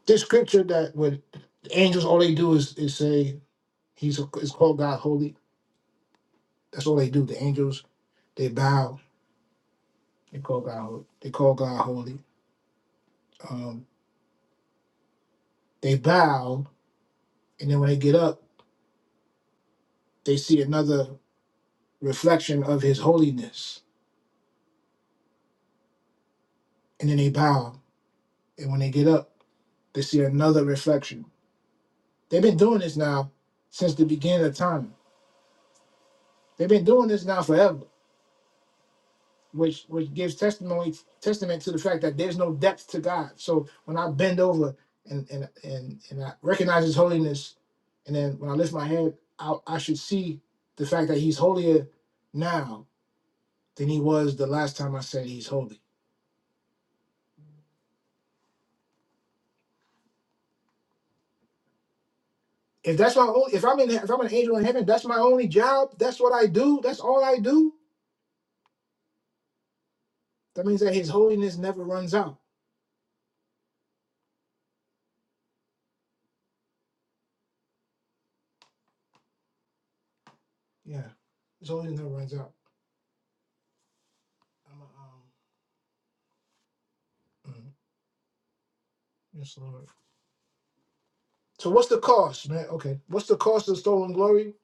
A: this scripture that with the angels all they do is is say he's it's called god holy that's all they do the angels they bow they call god holy they call god holy um they bow and then when they get up they see another reflection of his holiness. And then they bow. And when they get up, they see another reflection. They've been doing this now since the beginning of time. They've been doing this now forever, which which gives testimony testament to the fact that there's no depth to God. So when I bend over and and and, and I recognize his holiness, and then when I lift my head, I, I should see the fact that he's holier now than he was the last time I said he's holy. If that's my only, if I'm in, if I'm an angel in heaven, that's my only job. That's what I do. That's all I do. That means that His holiness never runs out. Yeah, His holiness never runs out. I'm a, um, mm, yes, Lord. So what's the cost, man? Okay, what's the cost of stolen glory?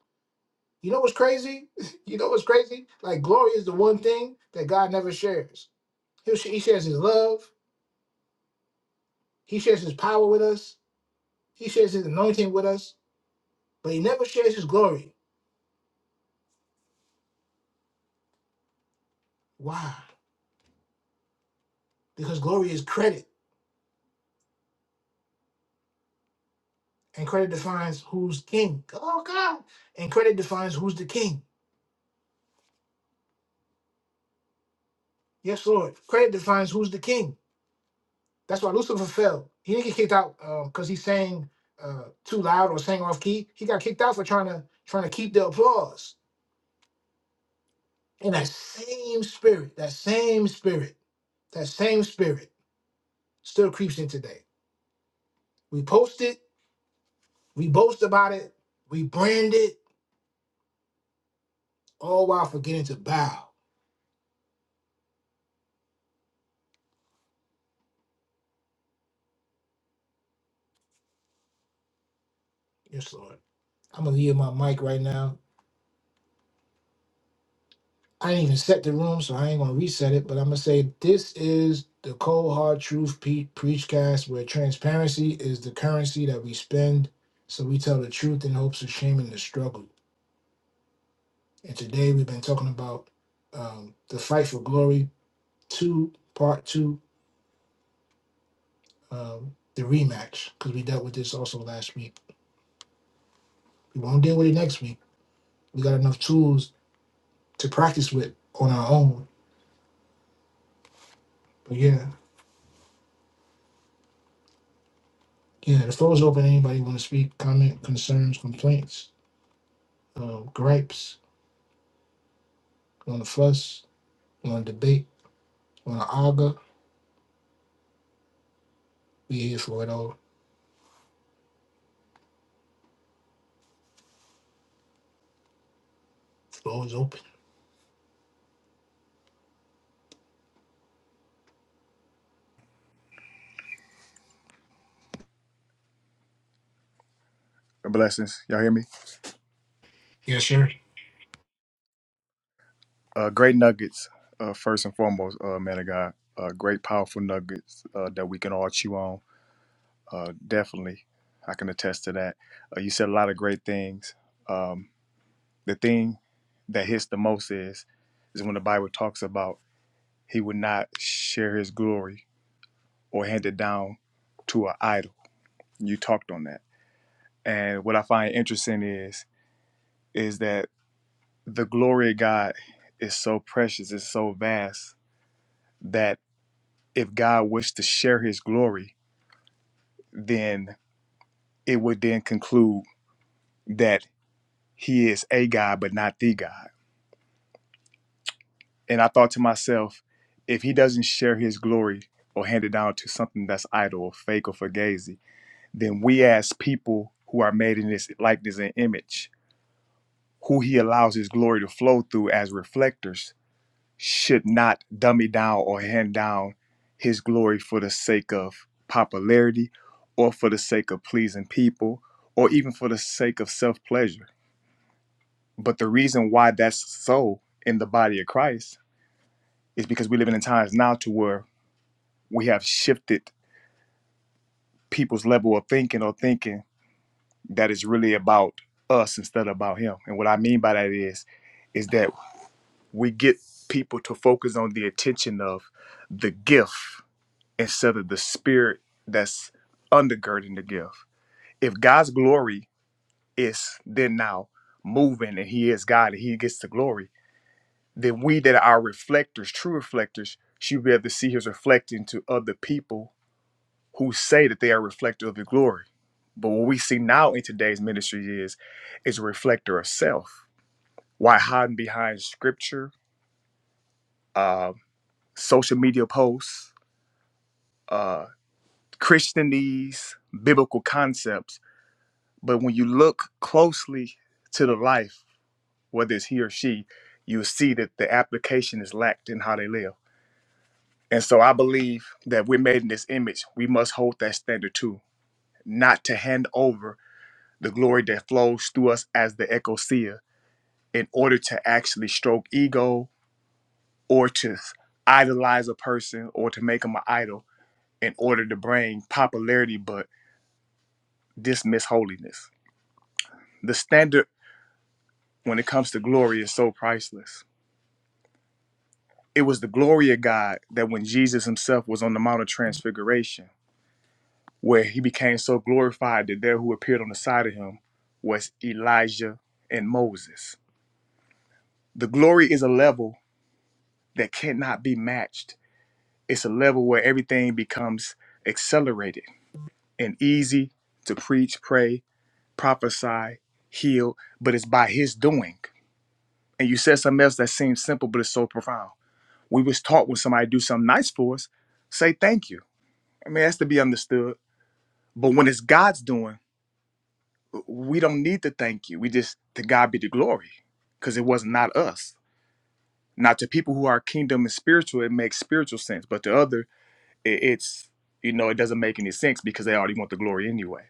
A: You know what's crazy? you know what's crazy? Like glory is the one thing that God never shares. He, sh- he shares His love. He shares His power with us. He shares His anointing with us, but He never shares His glory. Why? Because glory is credit. and credit defines who's king. Oh God! And credit defines who's the king. Yes, Lord. Credit defines who's the king. That's why Lucifer fell. He didn't get kicked out because he sang uh, too loud or sang off key. He got kicked out for trying to trying to keep the applause. And that same spirit, that same spirit, that same spirit still creeps in today. We post it, we boast about it, we brand it, all while forgetting to bow. Yes, Lord. I'm gonna leave my mic right now. I didn't even set the room, so I ain't gonna reset it. But I'm gonna say this is the cold hard truth pe- preach cast, where transparency is the currency that we spend, so we tell the truth in hopes of shaming the struggle. And today we've been talking about um, the fight for glory two, part two, um, the rematch, because we dealt with this also last week. We won't deal with it next week. We got enough tools to practice with on our own. But yeah, yeah, the floor is open. Anybody want to speak, comment, concerns, complaints? um, gripes, you want to fuss, you want to debate, you want to argue. We here for it all. Floor is open.
F: Blessings. Y'all hear me?
A: Yes, sir.
F: Uh, great nuggets, uh, first and foremost, uh, man of God. Uh, great, powerful nuggets uh, that we can all chew on. Uh, definitely. I can attest to that. Uh, you said a lot of great things. Um, the thing that hits the most is, is when the Bible talks about he would not share his glory or hand it down to an idol. You talked on that. And what I find interesting is, is that the glory of God is so precious, it's so vast that if God wished to share his glory, then it would then conclude that he is a God, but not the God. And I thought to myself, if he doesn't share his glory or hand it down to something that's idle or fake or fugazi, then we as people who are made in his likeness and image, who he allows his glory to flow through as reflectors, should not dummy down or hand down his glory for the sake of popularity or for the sake of pleasing people or even for the sake of self pleasure. But the reason why that's so in the body of Christ is because we live in times now to where we have shifted people's level of thinking or thinking that is really about us instead of about him. And what I mean by that is is that we get people to focus on the attention of the gift instead of the spirit that's undergirding the gift. If God's glory is then now moving and He is God and He gets the glory, then we that are reflectors, true reflectors, should be able to see His reflecting to other people who say that they are reflective of the glory. But what we see now in today's ministry is is a reflector of self. Why hiding behind scripture, uh, social media posts, uh, Christianese, biblical concepts But when you look closely to the life, whether it's he or she, you see that the application is lacked in how they live. And so I believe that we're made in this image. We must hold that standard too, not to hand over the glory that flows through us as the ecclesia in order to actually stroke ego or to idolize a person or to make them an idol in order to bring popularity but dismiss holiness. The standard when it comes to glory is so priceless it was the glory of God that when Jesus himself was on the Mount of Transfiguration, where he became so glorified that there who appeared on the side of him was Elijah and Moses. The glory is a level that cannot be matched. It's a level where everything becomes accelerated and easy to preach, pray, prophesy, heal, but it's by his doing. And you said something else that seems simple, but it's so profound. We was taught when somebody do something nice for us, say thank you I mean, it has to be understood. But when it's God's doing, we don't need to thank you. We just, to God be the glory, because it was not us. Now, to people who are kingdom and spiritual, it makes spiritual sense. But to other, it, it's, you know, it doesn't make any sense because they already want the glory anyway.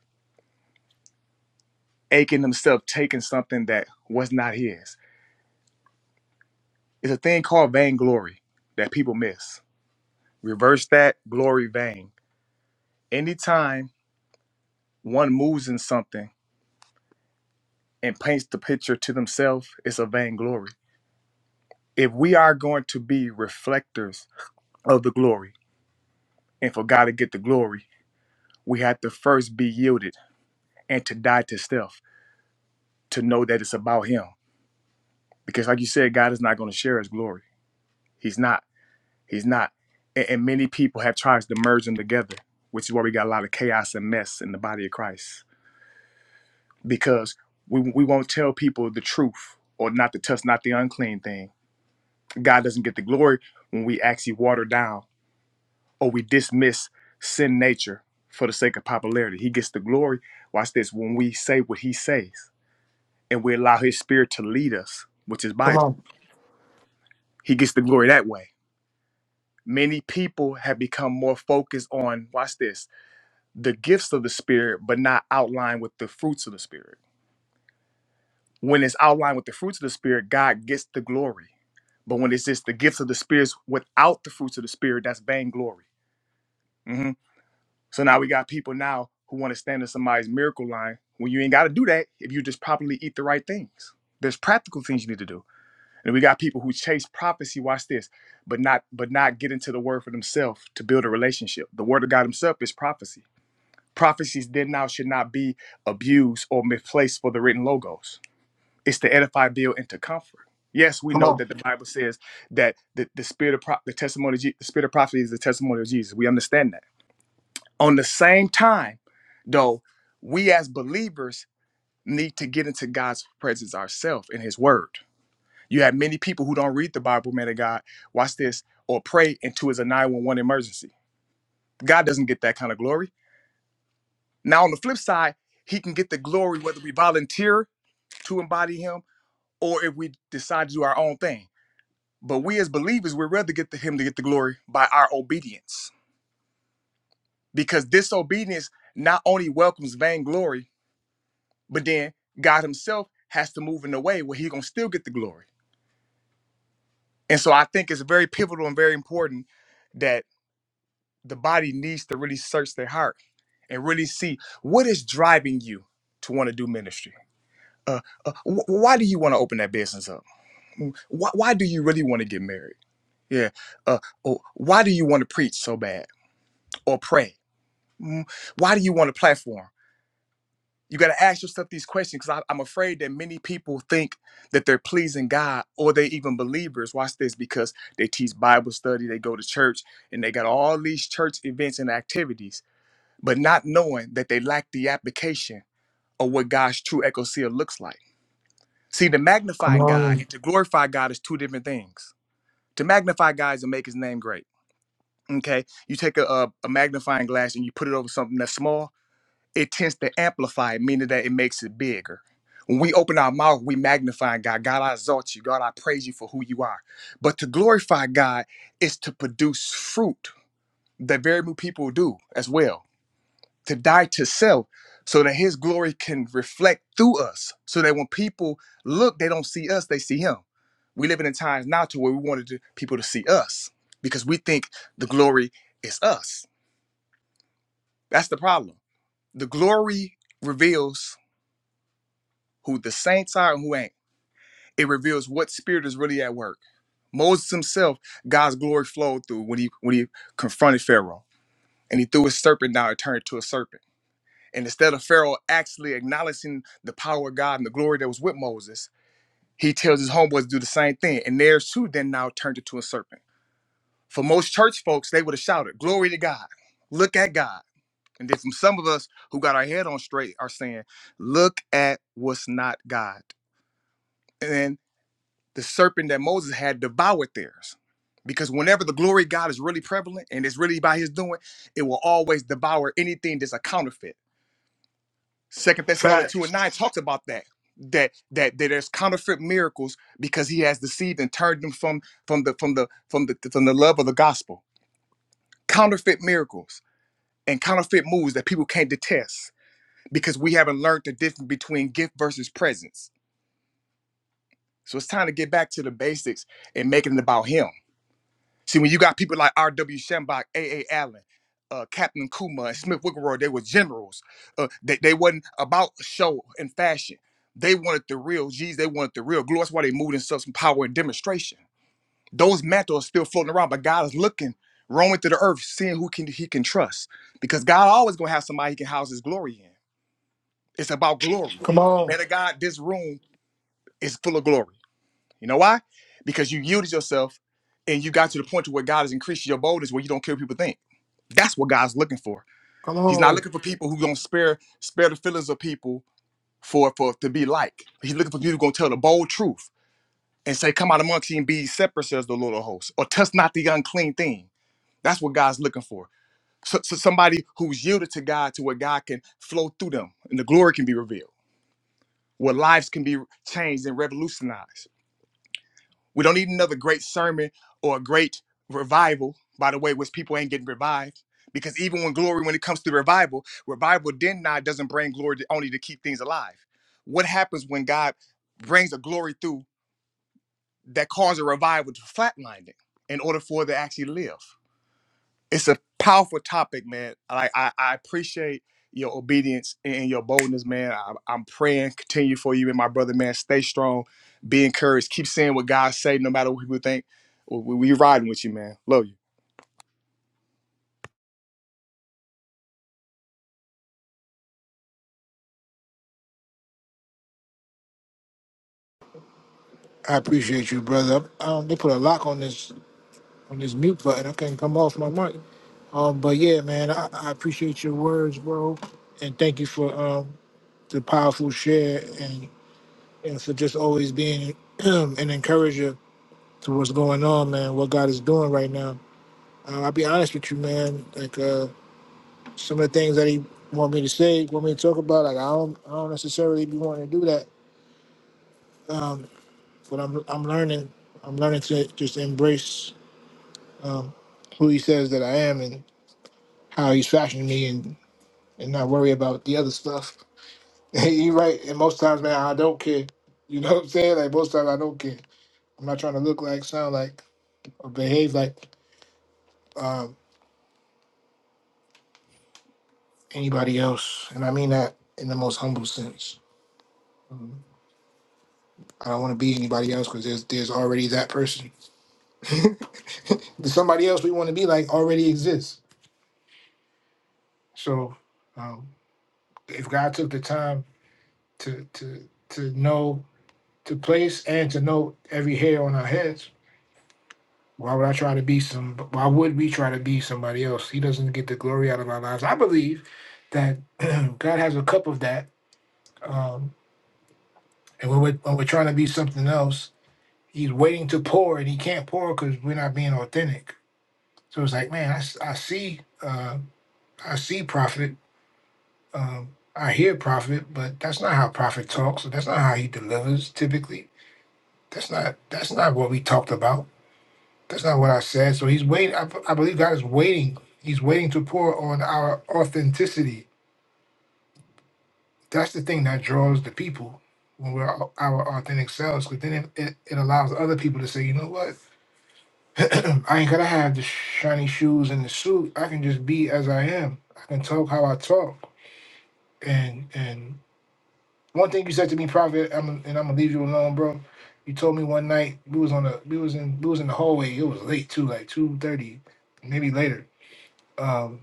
F: Achan himself taking something that was not his. It's a thing called vainglory that people miss. Reverse that, glory vain. Anytime one moves in something and paints the picture to themselves, it's a vainglory if we are going to be reflectors of the glory and for God to get the glory, we have to first be yielded and to die to self to know that it's about Him. Because, like you said, God is not going to share His glory. He's not. He's not. And, and many people have tried to merge them together, which is why we got a lot of chaos and mess in the body of Christ. Because we, we won't tell people the truth or not to touch, not the unclean thing. God doesn't get the glory when we actually water down or we dismiss sin nature for the sake of popularity. He gets the glory. Watch this. When we say what he says and we allow his spirit to lead us, which is
A: Come
F: Bible,
A: on.
F: he gets the glory that way. Many people have become more focused on, watch this, the gifts of the spirit, but not outlined with the fruits of the spirit. When it's outlined with the fruits of the spirit, God gets the glory. But when it's just the gifts of the spirits without the fruits of the spirit, that's vainglory. Mm-hmm. So now we got people now who want to stand in somebody's miracle line when you ain't got to do that if you just properly eat the right things. There's practical things you need to do. And we got people who chase prophecy, watch this, but not but not get into the word for themselves to build a relationship. The word of God himself is prophecy. Prophecies then now should not be abused or misplaced for the written logos. It's to edify, build, and to comfort. Yes, we
A: Come
F: know
A: on.
F: that the Bible says that the, the spirit of pro- the testimony, of Je- the spirit of prophecy is the testimony of Jesus. We understand that. On the same time, though, we as believers need to get into God's presence ourselves in His Word. You have many people who don't read the Bible, man of God, watch this, or pray into is a 911 emergency. God doesn't get that kind of glory. Now, on the flip side, He can get the glory whether we volunteer to embody Him or if we decide to do our own thing. But we as believers, we'd rather get to Him to get the glory by our obedience because disobedience not only welcomes vainglory but then God Himself has to move in a way where He's gonna still get the glory. And so I think it's very pivotal and very important that the body needs to really search their heart and really see what is driving you to want to do ministry. Uh, uh, wh- why do you want to open that business up? Mm, Why, why do you really want to get married? Yeah. Uh, or why do you want to preach so bad or pray? Mm, Why do you want a platform? You got to ask yourself these questions because I'm afraid that many people think that they're pleasing God or they even believers. Watch this because they teach Bible study, they go to church, and they got all these church events and activities, but not knowing that they lack the application of what God's true ecclesia looks like. See, to
A: Come
F: magnify God
A: on,
F: and to glorify God is two different things. To magnify God is to make His name great. Okay, you take a, a a magnifying glass and you put it over something that's small it tends to amplify it, meaning that it makes it bigger. When we open our mouth, we magnify God. God, I exalt you. God, I praise you for who you are. But to glorify God is to produce fruit that very few people do as well. To die to self so that his glory can reflect through us. So that when people look, they don't see us, they see him. We live in times now to where we wanted to- people to see us because we think the glory is us. That's the problem. The glory reveals who the saints are and who ain't. It reveals what spirit is really at work. Moses himself, God's glory flowed through when he when he confronted Pharaoh and he threw his serpent down and turned it to a serpent. And instead of Pharaoh actually acknowledging the power of God and the glory that was with Moses, he tells his homeboys to do the same thing. And theirs too then now turned into a serpent. For most church folks, they would have shouted, Glory to God. Look at God. And then from some of us who got our head on straight are saying, Look at what's not God. and the serpent that Moses had devoured theirs. Because whenever the glory of God is really prevalent and it's really by his doing, it will always devour anything that's a counterfeit. Second Thessalonians 2 and
A: Facts.
F: 9 talks about that. That, that that there's counterfeit miracles because he has deceived and turned them from from the from the from the from the love of the gospel. Counterfeit miracles and counterfeit moves that people can't detest because we haven't learned the difference between gift versus presence. So it's time to get back to the basics and making it about him See, when you got people like R.W. Shembach, A.A. Allen, uh, Captain Kuma, and Smith Wigglesworth, they were generals. Uh, they, they wasn't about show and fashion. They wanted the real. Geez, they wanted the real glory. That's why they moved in such power and demonstration. Those mantles are still floating around, but God is looking, roaming through the earth, seeing who can he can trust. Because God always gonna have somebody he can house his glory in. It's about glory.
A: Come on.
F: Man of God, this room is full of glory. You know why? Because you yielded yourself and you got to the point to where God is increasing your boldness where you don't care what people think. That's what God's looking for.
A: Come
F: He's not
A: on.
F: looking for people who gonna spare spare the feelings of people for for to be like. He's looking for people who gonna tell the bold truth and say, Come out amongst you and be separate, says the Lord of hosts, or touch not the unclean thing. That's what God's looking for. So, so somebody who's yielded to God to where God can flow through them and the glory can be revealed, where lives can be changed and revolutionized. We don't need another great sermon or a great revival, by the way, which people ain't getting revived. Because even when glory, when it comes to revival, revival then not doesn't bring glory to, only to keep things alive. What happens when God brings a glory through that causes a revival to flatline it in order for it to actually live? it's a powerful topic, man. Like I, I appreciate your obedience and your boldness, man. I, I'm praying, continue for you and my brother, man. Stay strong, be encouraged, keep saying what God say, no matter what people think. We, we riding with you, man. Love you.
A: I appreciate you, brother. Um, they put a lock on this on this mute button. I can't come off my mic. Um, but yeah, man, I, I appreciate your words, bro, and thank you for um the powerful share and and for just always being an encourager to what's going on, man. What God is doing right now. Uh, I'll be honest with you, man. Like uh, some of the things that he want me to say, want me to talk about, like I don't, I don't necessarily be wanting to do that. Um, but I'm, I'm learning. I'm learning to just embrace um, who he says that I am and how he's fashioning me, and and not worry about the other stuff. You're right. And most times, man, I don't care. You know what I'm saying? Like most times, I don't care. I'm not trying to look like, sound like, or behave like um, anybody else, and I mean that in the most humble sense. Um, I don't want to be anybody else because there's there's already that person. Somebody else we want to be like already exists. So um, if God took the time to to to know to place and to know every hair on our heads, why would I try to be some? Why would we try to be somebody else? He doesn't get the glory out of our lives. I believe that God has a cup of that, um, and when we're, when we're trying to be something else, He's waiting to pour, and He can't pour because we're not being authentic So it's like, man, I, s- I see, uh, I see prophet, um, I hear prophet, but that's not how prophet talks. That's not how he delivers typically. That's not that's not what we talked about. That's not what I said. So he's waiting. I, b- I believe God is waiting. He's waiting to pour on our authenticity. That's the thing that draws the people when we're au- our authentic selves. Because then it, it, it allows other people to say, you know what, I ain't gotta have the shiny shoes and the suit. I can just be as I am. I can talk how I talk. And and one thing you said to me, Prophet, I'm and I'm gonna leave you alone, bro. You told me one night we was on the we was in we was in the hallway. It was late too, like two thirty, maybe later. Um,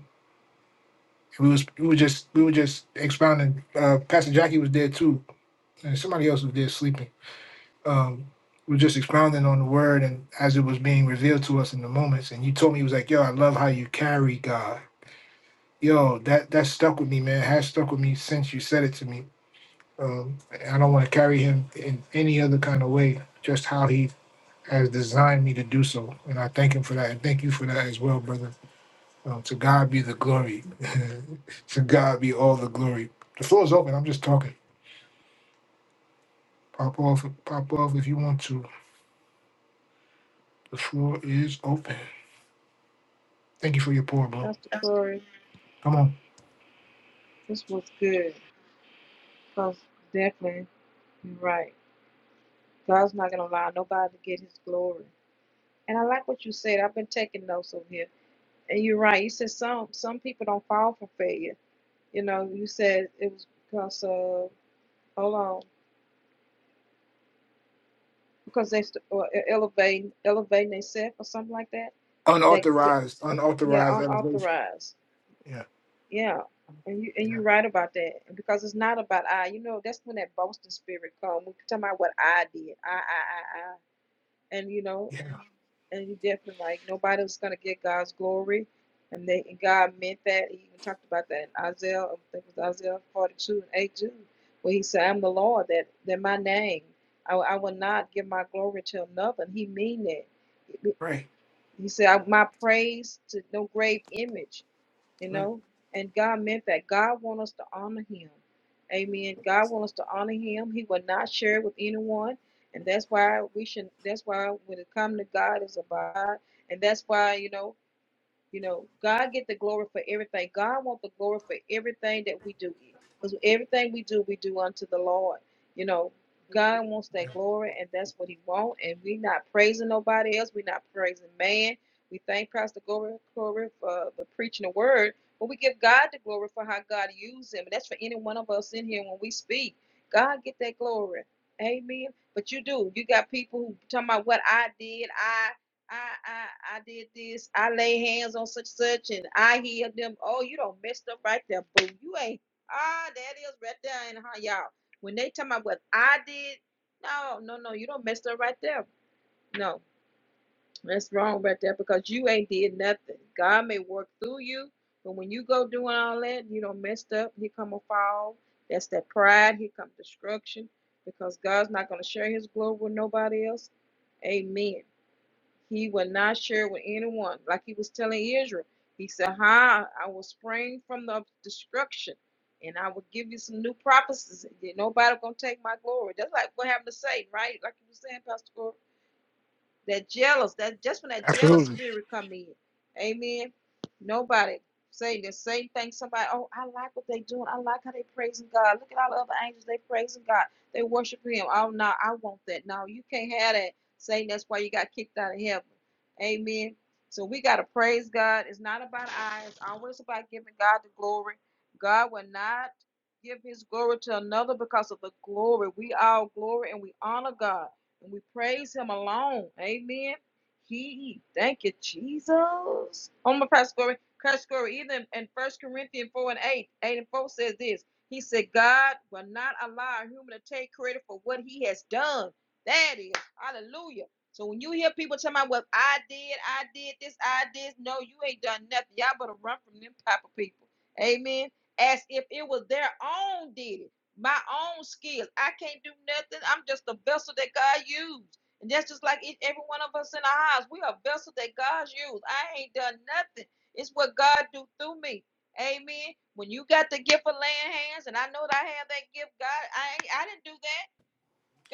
A: we was we were just we were just expounding. Uh, Pastor Jackie was there too, and somebody else was there sleeping. Um, we were just expounding on the word and as it was being revealed to us in the moments. And you told me you was like, "Yo, I love how you carry God." Yo, that that stuck with me, man. Has stuck with me since you said it to me Um, I don't want to carry him in any other kind of way, just how he has designed me to do so. And I thank him for that. And thank you for that as well, brother. Um, to God be the glory. to God be all the glory. The floor is open. I'm just talking. Pop off, pop off if you want to. The floor is open. Thank you for your pour, bro.
B: Pastor Corey,
A: Come on.
B: this was good. Because definitely, you're right. God's not going to allow nobody to get his glory. And I like what you said. I've been taking notes over here. And you're right. You said some some people don't fall for failure. You know, you said it was because of, hold on, because they st- or e-, elevating, elevating themselves or something like that. That, that
A: Unauthorized,
B: yeah,
A: unauthorized elevation.
B: unauthorized.
A: Yeah,
B: Yeah, and you and
A: yeah,
B: you're right about that. And because it's not about I, you know, that's when that boasting spirit come. We're talking about what I did. I, I, I, I. And you know,
A: yeah.
B: and you definitely right. Nobody was gonna get God's glory. And they and God meant that. He even talked about that in Isaiah, I think it was Isaiah 42 and 8 where he said, I'm the Lord, that that my name. I, I will not give my glory to another. And he mean that.
A: Right,
B: He said, "I- my praise to no grave image you
A: right.
B: know and god meant that god wants us to honor him amen god wants us to honor him he will not share it with anyone and that's why we should that's why when it comes to god is about God. and that's why you know you know, God get the glory for everything. God wants the glory for everything that we do. Because everything we do, we do unto the Lord. You know, God wants that glory and that's what he wants. And we not praising nobody else. we are not praising man. We thank Pastor Glory, glory for the preaching the word. But we give God the glory for how God used him. And that's for any one of us in here when we speak. God get that glory. Amen. But you do. You got people who talking about what I did. I I I did this. I lay hands on such such, and I heal them. Oh, you don't messed up right there, boo. You ain't. Ah, that is right there, and how y'all. When they talking about what I did, no, no, no, you don't messed up right there. No, that's wrong right there because you ain't did nothing. God may work through you, but when you go doing all that, you don't messed up. Here come a fall. That's that pride. Here come destruction because God's not gonna share His glory with nobody else. Amen. He will not share with anyone. Like he was telling Israel, he said, "Ha, I will spring from the destruction, and I will give you some new prophecies. and Nobody gonna take my glory." That's like what happened to Satan, right? Like you were saying, Pastor Gore that jealous, that just when that jealous
A: Absolutely.
B: spirit come in. Amen. Nobody saying the same thing. Somebody, oh, I like what they doing. I like how they praising God. Look at all the other angels. They praising God. They worship Him. Oh no, I want that. No, you can't have that. Saying that's why you got kicked out of heaven. Amen. So we gotta praise God. It's not about I. It's always about giving God the glory. God will not give His glory to another because of the glory. We all glory and we honor God and we praise him alone. Amen. He, thank you, Jesus. On my Pastor Glory, Pastor Glory, even in First Corinthians 4 and 8, 8 and 4 says this. He said, God will not allow a human to take credit for what he has done. That is, hallelujah. So when you hear people talking about, well, I did, I did this, I did, no, you ain't done nothing. Y'all better run from them type of people. Amen. As if it was their own did it my own skills. I can't do nothing. I'm just a vessel that God used. And that's just like each, every one of us in our house. We are a vessel that God's used. I ain't done nothing. It's what God do through me. Amen. When you got the gift of laying hands, and I know that I have that gift, God, I ain't, I didn't do that.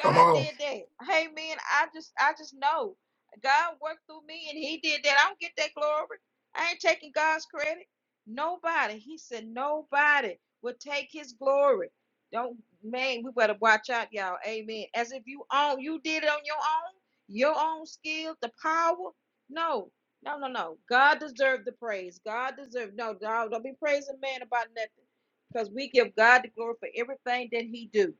A: Come on.
B: did that. Hey man, I just I just know God worked through me and he did that. I don't get that glory. I ain't taking God's credit. Nobody. He said nobody will take his glory. Don't man, we better watch out, y'all. Amen. As if you own you did it on your own, your own skill, the power. No, no, no, no. God deserved the praise. God deserved no, don't, don't be praising man about nothing. Because we give God the glory for everything that he do.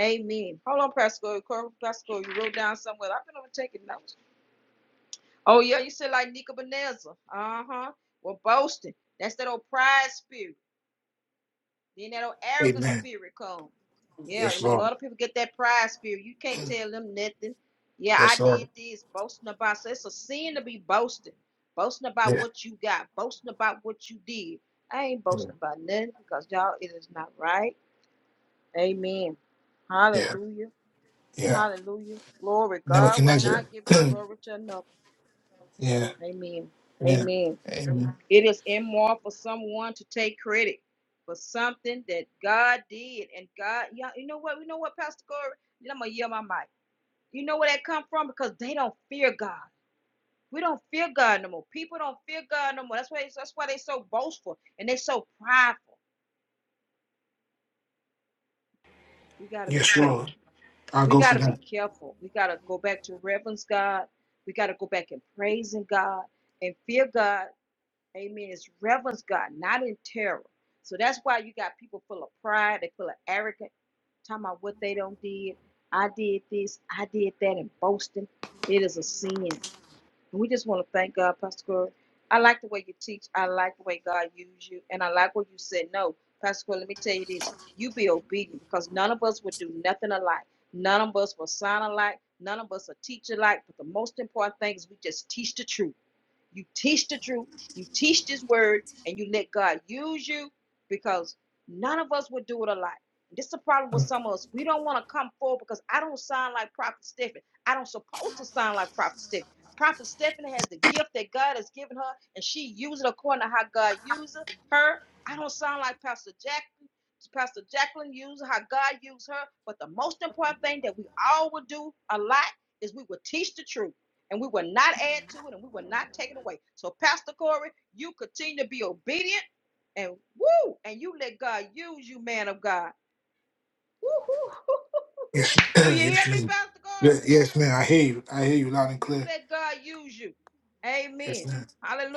B: Amen. Hold on, Pastor. Corey, Pastor, Corey, you wrote down somewhere. I've been over taking notes. Oh, yeah, you said like Nebuchadnezzar. Uh huh. Well, boasting. That's that old pride spirit. Then that old arrogant
A: Amen.
B: spirit come. Yeah,
A: Yes,
B: you know, a
A: Lord.
B: lot of people get that pride spirit. You can't tell them nothing. Yeah, I
A: Yes, Lord.
B: did this, boasting about. So it's a sin to be boasting. Boasting about
A: Yeah.
B: what you got, boasting about what you did. I ain't
A: yeah.
B: boasting about nothing because y'all, it is not right. Amen.
A: Yeah,
B: Hallelujah.
A: yeah.
B: Hallelujah. Glory. God will
A: Nebuchadnezzar.
B: not give his glory to another.
A: yeah,
B: Amen.
A: yeah.
B: Amen.
A: Amen.
B: It is immoral for someone to take credit for something that God did. And God, yeah, you know what? You know what, Pastor Corey? I'm gonna yell my mic. You know where that come from? Because they don't fear God. We don't fear God no more. People don't fear God no more. That's why that's why they so boastful and they so prideful. We gotta be
A: Yes,
B: careful.
A: Lord. I'll
B: We
A: go
B: got
A: for
B: to be
A: that.
B: careful. We got to go back to reverence God. We got to go back and praising God and fear God. Amen. It's reverence God, not in terror. So that's why you got people full of pride. They full of arrogance, talking about what they don't did. I did this. I did that, and boasting. It is a sin. And we just want to thank God, Pastor Corey. I like the way you teach. I like the way God used you. And I like what you said. No, Pastor Corey, let me tell you this. You be obedient because none of us would do nothing alike. None of us will sound alike. None of us will teach alike. But the most important thing is we just teach the truth. You teach the truth, you teach this word, and you let God use you because none of us would do it a lot. This is the problem with some of us. We don't want to come forward because I don't sound like Prophet Stephen. I don't supposed to sound like Prophet Stephen. Prophet Stephanie has the gift that God has given her, and she uses it according to how God uses her. I don't sound like Pastor Jacqueline. Pastor Jacqueline uses how God uses her. But the most important thing that we all would do a lot is we would teach the truth and we will not add to it and we will not take it away. So, Pastor Corey, you continue to be obedient and woo, and you let God use you, man of God. Woo, hoo, hoo, hoo, hoo,
A: Yes,
B: Do you hear
A: yes,
B: me,
A: man.
B: Pastor Corey?
A: Ye- Yes, man. I hear you. I hear you loud and
B: You
A: clear.
B: let God use you.
A: Yes,
B: Amen.
A: man.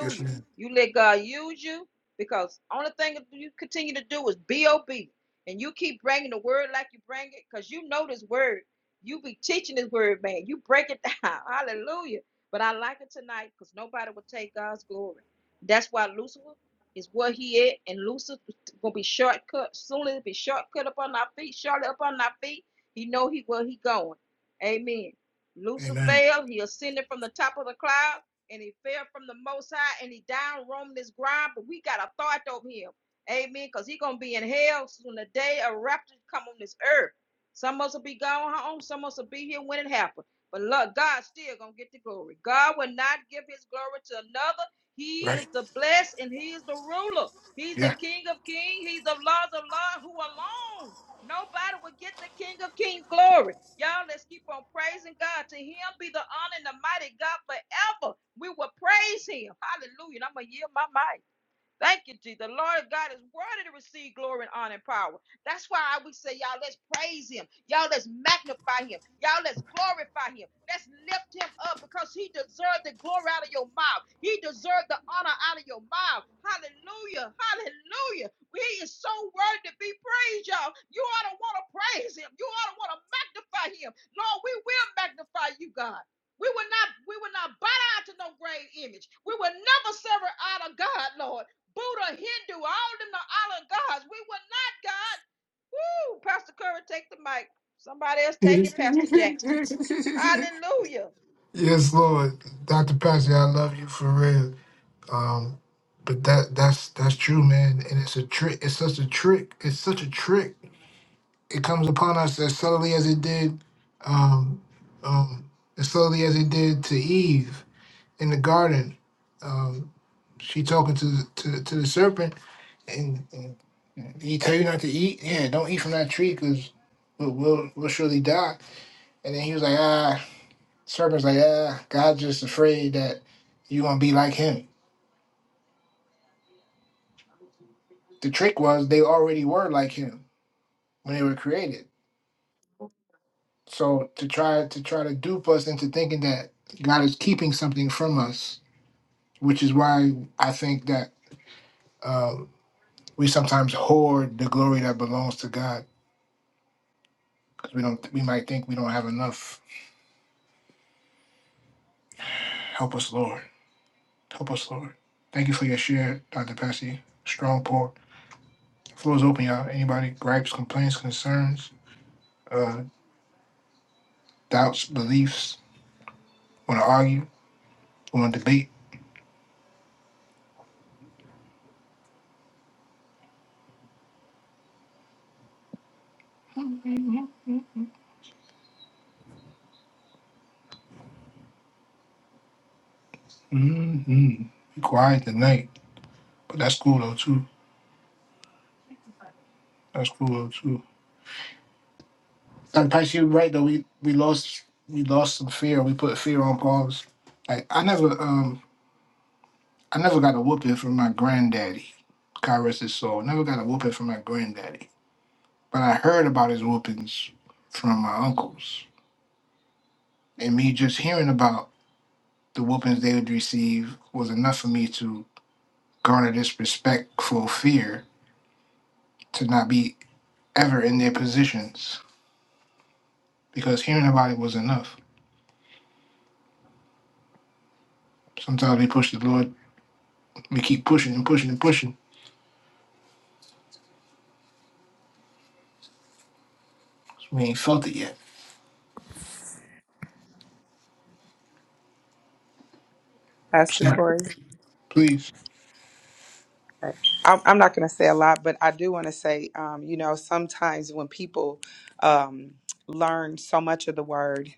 A: Yes, man.
B: You let God use you because only thing you continue to do is be obedient. And you keep bringing the word like you bring it because you know this word. You be teaching this word, man. You break it down. Hallelujah. But I like it tonight because nobody will take God's glory. That's why Lucifer is where he at, and Lucifer gonna be shortcut. Soon as it be shortcut up on our feet, shortly up on our feet. He know he where he going. Amen. Lucifer
A: Amen.
B: fell, he ascended from the top of the cloud, and he fell from the most high, and he down roamed this ground. But we got authority over him. Amen. Because he gonna be in hell when the day a rapture come on this earth. Some of us will be gone home, some of us will be here when it happens. But look, God still gonna get the glory. God will not give his glory to another. He
A: Right.
B: is the blessed and he is the ruler. He's the
A: Yeah.
B: King of Kings, he's the Lord of Lords, who alone Nobody would get the King of Kings glory. Y'all, let's keep on praising God. To him be the honor and the mighty God forever. We will praise him. Hallelujah. And I'm going to yield my mic. Thank you, Jesus. The Lord God is worthy to receive glory and honor and power. That's why I would say, y'all, let's praise him. Y'all, let's magnify him. Y'all, let's glorify him. Let's lift him up because he deserved the glory out of your mouth. He deserved the honor out of your mouth. Hallelujah. Hallelujah. He is so worthy to be praised, y'all. You ought to want to praise him. You ought to want to magnify him. Lord, we will magnify you, God. We will not, we will not bow down to no grave image. We will never sever out of God, Lord. Buddha, Hindu, all them the island gods. We were not God. Woo! Pastor Curry, take the mic. Somebody else take
A: yes,
B: it, Pastor Jackie. Hallelujah.
A: yes, Lord. Dr. Pastor, I love you for real. Um, but that that's that's true, man. And it's a trick. It's such a trick. It's such a trick it comes upon us as subtly as it did, um, um, as subtly as it did to Eve in the garden. Um, she talking to the, to, the- to the serpent, and, and he tell you not to eat. Yeah, don't eat from that tree, cause we'll, we'll we'll surely die. And then he was like, ah, serpent's like, ah, God's just afraid that you gonna be like him. The trick was they already were like him when they were created. So to try to try to dupe us into thinking that God is keeping something from us which is why I think that uh, we sometimes hoard the glory that belongs to God because we don't. We might think we don't have enough. Help us, Lord. Help us, Lord. Thank you for your share, Dr. Passy. Strong pour. Floor is open, y'all. Anybody gripes, complaints, concerns, uh, doubts, beliefs? Want to argue? Want to debate? Mm-hmm. Be quiet tonight, but that's cool though too. That's cool though too. Dr. Passy, you're right though. We we lost we lost some fear. We put fear on pause. Like I never um I never got a whooping from my granddaddy. God rest his soul. Never got a whooping from my granddaddy. But I heard about his whoopings from my uncles. And me just hearing about the whoopings they would receive was enough for me to garner this respectful fear to not be ever in their positions. Because hearing about it was enough. Sometimes we push the Lord, we keep pushing and pushing and pushing. We ain't felt it yet. So,
C: Pastor
A: Yeah.
C: Corey.
A: please.
C: I'm, I'm not going to say a lot, but I do want to say, um, you know, sometimes when people um, learn so much of the word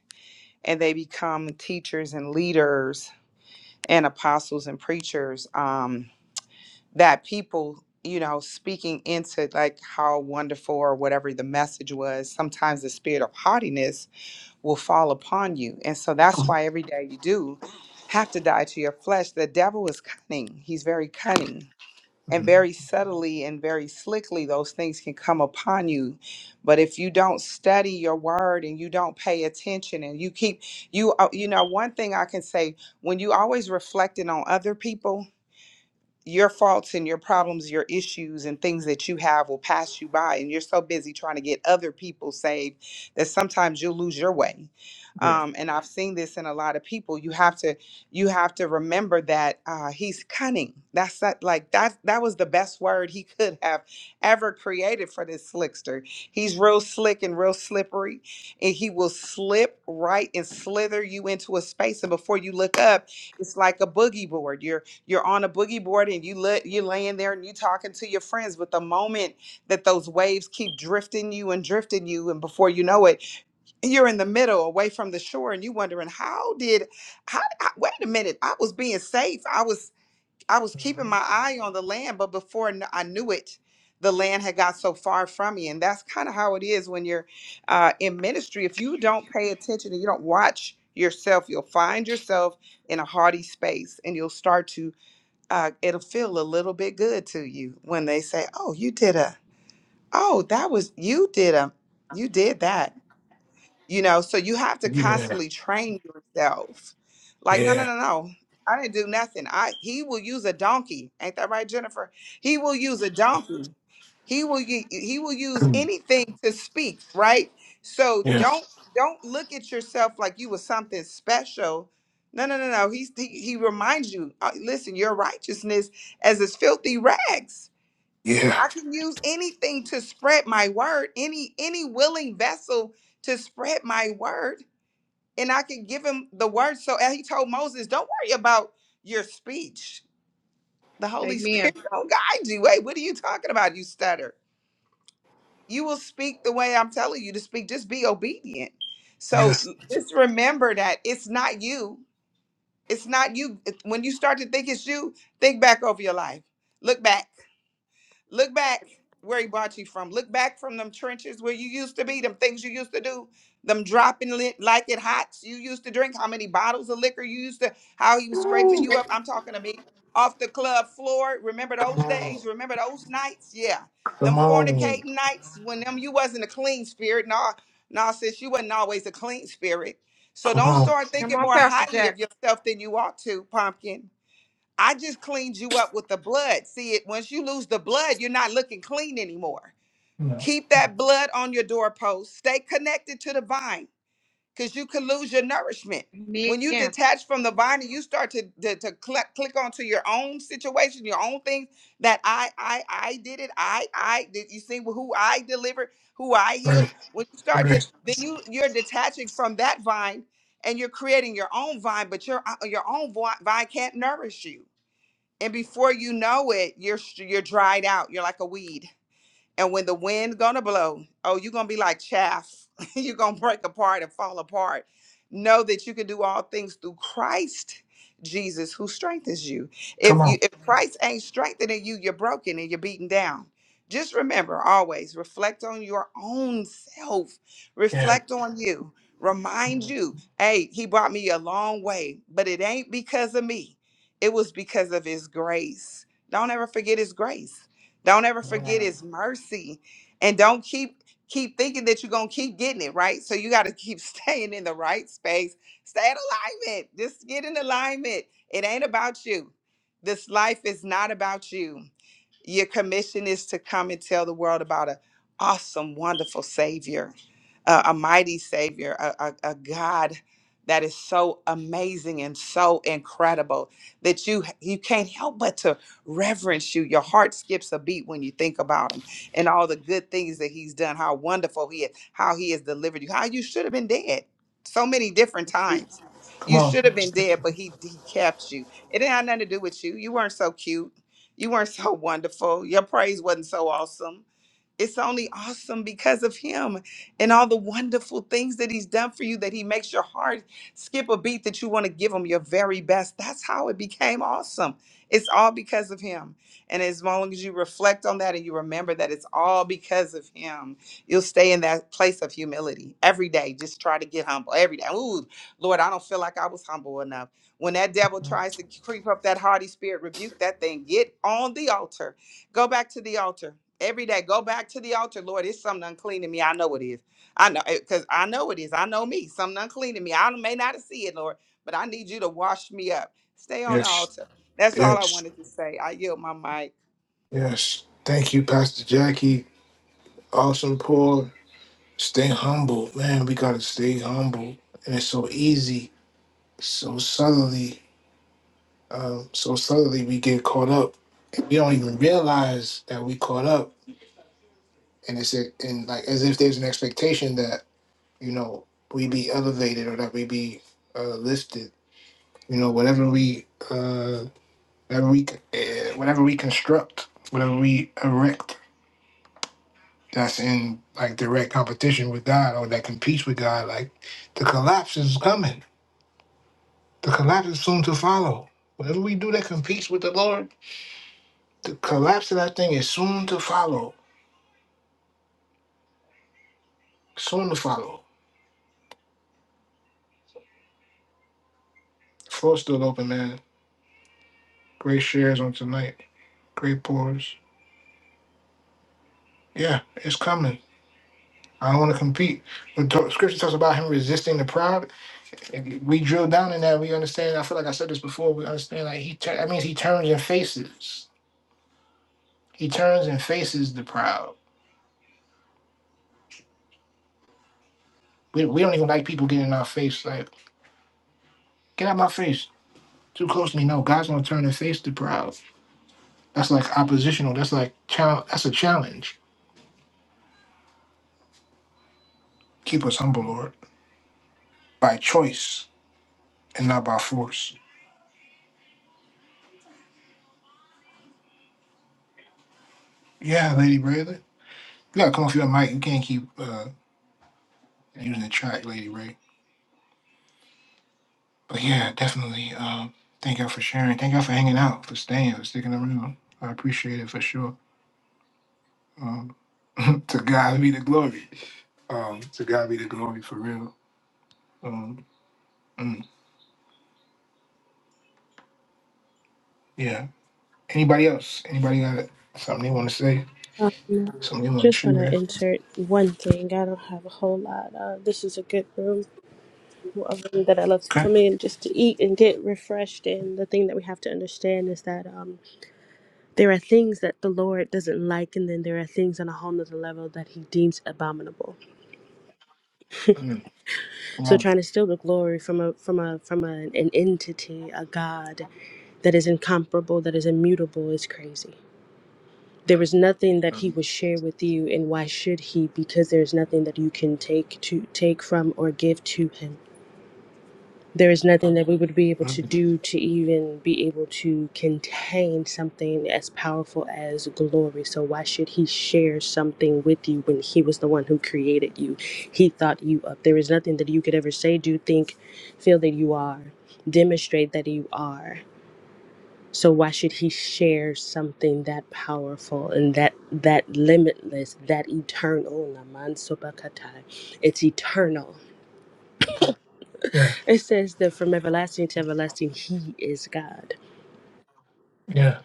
C: and they become teachers and leaders and apostles and preachers, um, that people, you know, speaking into like how wonderful or whatever the message was, sometimes the spirit of haughtiness will fall upon you. And so that's why every day you do have to die to your flesh. The devil is cunning, he's very cunning and
A: Mhm.
C: very subtly and very slickly those things can come upon you but if you don't study your word and you don't pay attention and you keep you uh, you know one thing i can say when you always reflecting on other people your faults and your problems, your issues and things that you have will pass you by. And you're so busy trying to get other people saved that sometimes you'll lose your way.
A: Yeah.
C: Um, and I've seen this in a lot of people. You have to, you have to remember that uh, he's cunning. That's not, like that. That was the best word he could have ever created for this slickster. He's real slick and real slippery, and he will slip right and slither you into a space. And before you look up, it's like a boogie board. You're you're on a boogie board and you look you're laying there and you talking to your friends but the moment that those waves keep drifting you and drifting you and before you know it you're in the middle away from the shore and you wondering how did how, I, wait a minute i was being safe i was i was keeping my eye on the land but before kn- i knew it the land had got so far from me and that's kind of how it is when you're uh, in ministry if you don't pay attention and you don't watch yourself you'll find yourself in a haughty space and you'll start to uh, it'll feel a little bit good to you when they say, "Oh, you did a, oh, that was you did a, you did that." you know so you have to
A: Yeah.
C: constantly train yourself like no no
A: Yeah.
C: no no i didn't do nothing i he will use a donkey ain't that right jennifer he will use a donkey he will u- he will use anything to speak right so
A: Yeah.
C: don't don't look at yourself like you was something special no no no no He's, he he reminds you uh, listen your righteousness as his filthy rags
A: Yeah.
C: I can use anything to spread my word, any any willing vessel to spread my word, and I can give him the word. So as he told Moses, don't worry about your speech. The Holy
B: Amen.
C: Spirit don't guide you. Wait, what are you talking about? You stutter. You will speak the way I'm telling you to speak. Just be obedient. So
A: Yes.
C: just remember that it's not you. It's not you. When you start to think it's you, think back over your life. Look back Look back where he brought you from. Look back from them trenches where you used to be, them things you used to do, them dropping lit like it hots you used to drink, how many bottles of liquor you used to, how he was scraping you up. I'm talking to me. Off the club floor. Remember
A: Come
C: those
A: on.
C: days? Remember those nights? Yeah.
A: Come
C: Them
A: on.
C: fornicating nights when them you wasn't a clean spirit. No, no, sis, you wasn't always a clean spirit. So
A: Come
C: don't
A: on.
C: start
B: Come
C: thinking
B: on,
C: more
B: Pastor
C: highly of
B: Jack.
C: yourself than you ought to, pumpkin I just cleaned you up with the blood. See it once you lose the blood, you're not looking clean anymore.
A: No.
C: Keep that blood on your doorpost. Stay connected to the vine because you can lose your nourishment. When you
B: Amen.
C: detach from the vine and you start to, to, to click, click onto your own situation, your own things that I, I, I did it. I, I did you see who I delivered, who I
A: Three.
C: healed. When you start
A: Three.
C: to, then you, you're detaching from that vine and you're creating your own vine, but your, uh, your own vi- vine can't nourish you and before you know it, you're you're dried out. You're like a weed. And when the wind gonna blow, oh, you're gonna be like chaff. you're gonna break apart and fall apart. Know that you can do all things through Christ Jesus who strengthens you. If
A: Come on.
C: you if Mhm. Christ ain't strengthening you, you're broken and you're beaten down. Just remember always reflect on your own self.
A: Yeah.
C: Reflect on you. Remind you, hey, he brought me a long way, but it ain't because of me. It was because of his grace. Don't ever forget his grace don't ever
A: Come on.
C: forget
A: Yeah.
C: his mercy. And don't keep keep thinking that you're gonna keep getting it, right? So you gotta keep staying in the right space. Stay in alignment. Just get in alignment. It ain't about you. This life is not about you. Your commission is to come and tell the world about an awesome, wonderful Savior, a, a mighty Savior, a, a, a God that is so amazing and so incredible that you you can't help but to reverence you. Your heart skips a beat when you think about Him and all the good things that He's done. How wonderful He is! How He has delivered you. How you should have been dead so many different times.
A: Come
C: You
A: on.
C: should have been dead, but He He kept you. It didn't have nothing to do with you. You weren't so cute. You weren't so wonderful. Your praise wasn't so awesome. It's only awesome because of him and all the wonderful things that he's done for you that he makes your heart skip a beat that you want to give him your very best. That's how it became awesome. It's all because of him. And as long as you reflect on that and you remember that it's all because of him, you'll stay in that place of humility every day. Just try to get humble every day. Ooh, Lord, I don't feel like I was humble enough. When that devil tries to creep up that haughty spirit, rebuke that thing. Get on the altar. Go back to the altar every day. Go back to the altar, Lord. It's something unclean in me. I know it is. I know because I know it is. I know me. Something unclean in me. I may not see it, Lord, but I need you to wash me up. Stay on the
A: Yes.
C: altar. That's all I
A: Yes.
C: wanted to say. I yield my mic.
A: Yes. Thank you, Pastor Jackie. Awesome pour. Stay humble. Man, we gotta stay humble. And it's so easy, so subtly, um, so subtly we get caught up. And we don't even realize that we caught up. And it's and like as if there's an expectation you know, we be elevated or that we be uh, lifted. You know, whatever we, uh, whatever we, uh, whatever we construct, whatever we erect, that's in like direct competition with God or that competes with God. Like the collapse is coming. The collapse is soon to follow. Whatever we do that competes with the Lord, the collapse of that thing is soon to follow. Soon to follow. Floor's still open, man. Great shares on tonight. Great pours. Yeah, it's coming. I don't want to compete. When t- scripture talks about him resisting the proud, if we drill down in that, we understand. I feel like I said this before. We understand like he tur- that means he turns and faces. He turns and faces the proud. We, we don't even like people getting in our face. Like get out my face, too close to me. No, God's gonna turn and face the proud. That's like oppositional. That's like chal- That's a challenge. Keep us humble, Lord, by choice and not by force. Yeah, Lady Braylon, you gotta come off your mic. You can't keep uh, using the track, Lady Ray. But yeah, definitely. Um, thank y'all for sharing. Thank y'all for hanging out, for staying, for sticking around. I appreciate it for sure. Um, to God be the glory. Um, to God be the glory for real. Um, mm, yeah. Anybody else? Anybody got something they want to say? Something they want to
D: Just want to
A: share?
D: insert one thing. I don't have a whole lot. Uh, this is a good room, a room that I love to
A: Okay.
D: come in just to eat and get refreshed. And the thing that we have to understand is that um, there are things that the Lord doesn't like, and then there are things on a whole nother level that He deems abominable.
A: Mm, come
D: So
A: on.
D: trying to steal the glory from a from a from a, an entity, a God that is incomparable, that is immutable, is crazy. There is nothing that he
A: Mm,
D: would share with you, and why should he? Because there's nothing that you can take to take from or give to him. there is nothing that we would be able to
A: mm.
D: do to even be able to contain something as powerful as glory. So, why should he share something with you when he was the one who created you? He thought you up. There is nothing that you could ever say, do, think, feel that you are, demonstrate that you are. So why should he share something that powerful and that that limitless, that eternal? Naman Sobakatai. It's eternal
A: yeah.
D: it says that from everlasting to everlasting, He is God.
A: Yeah.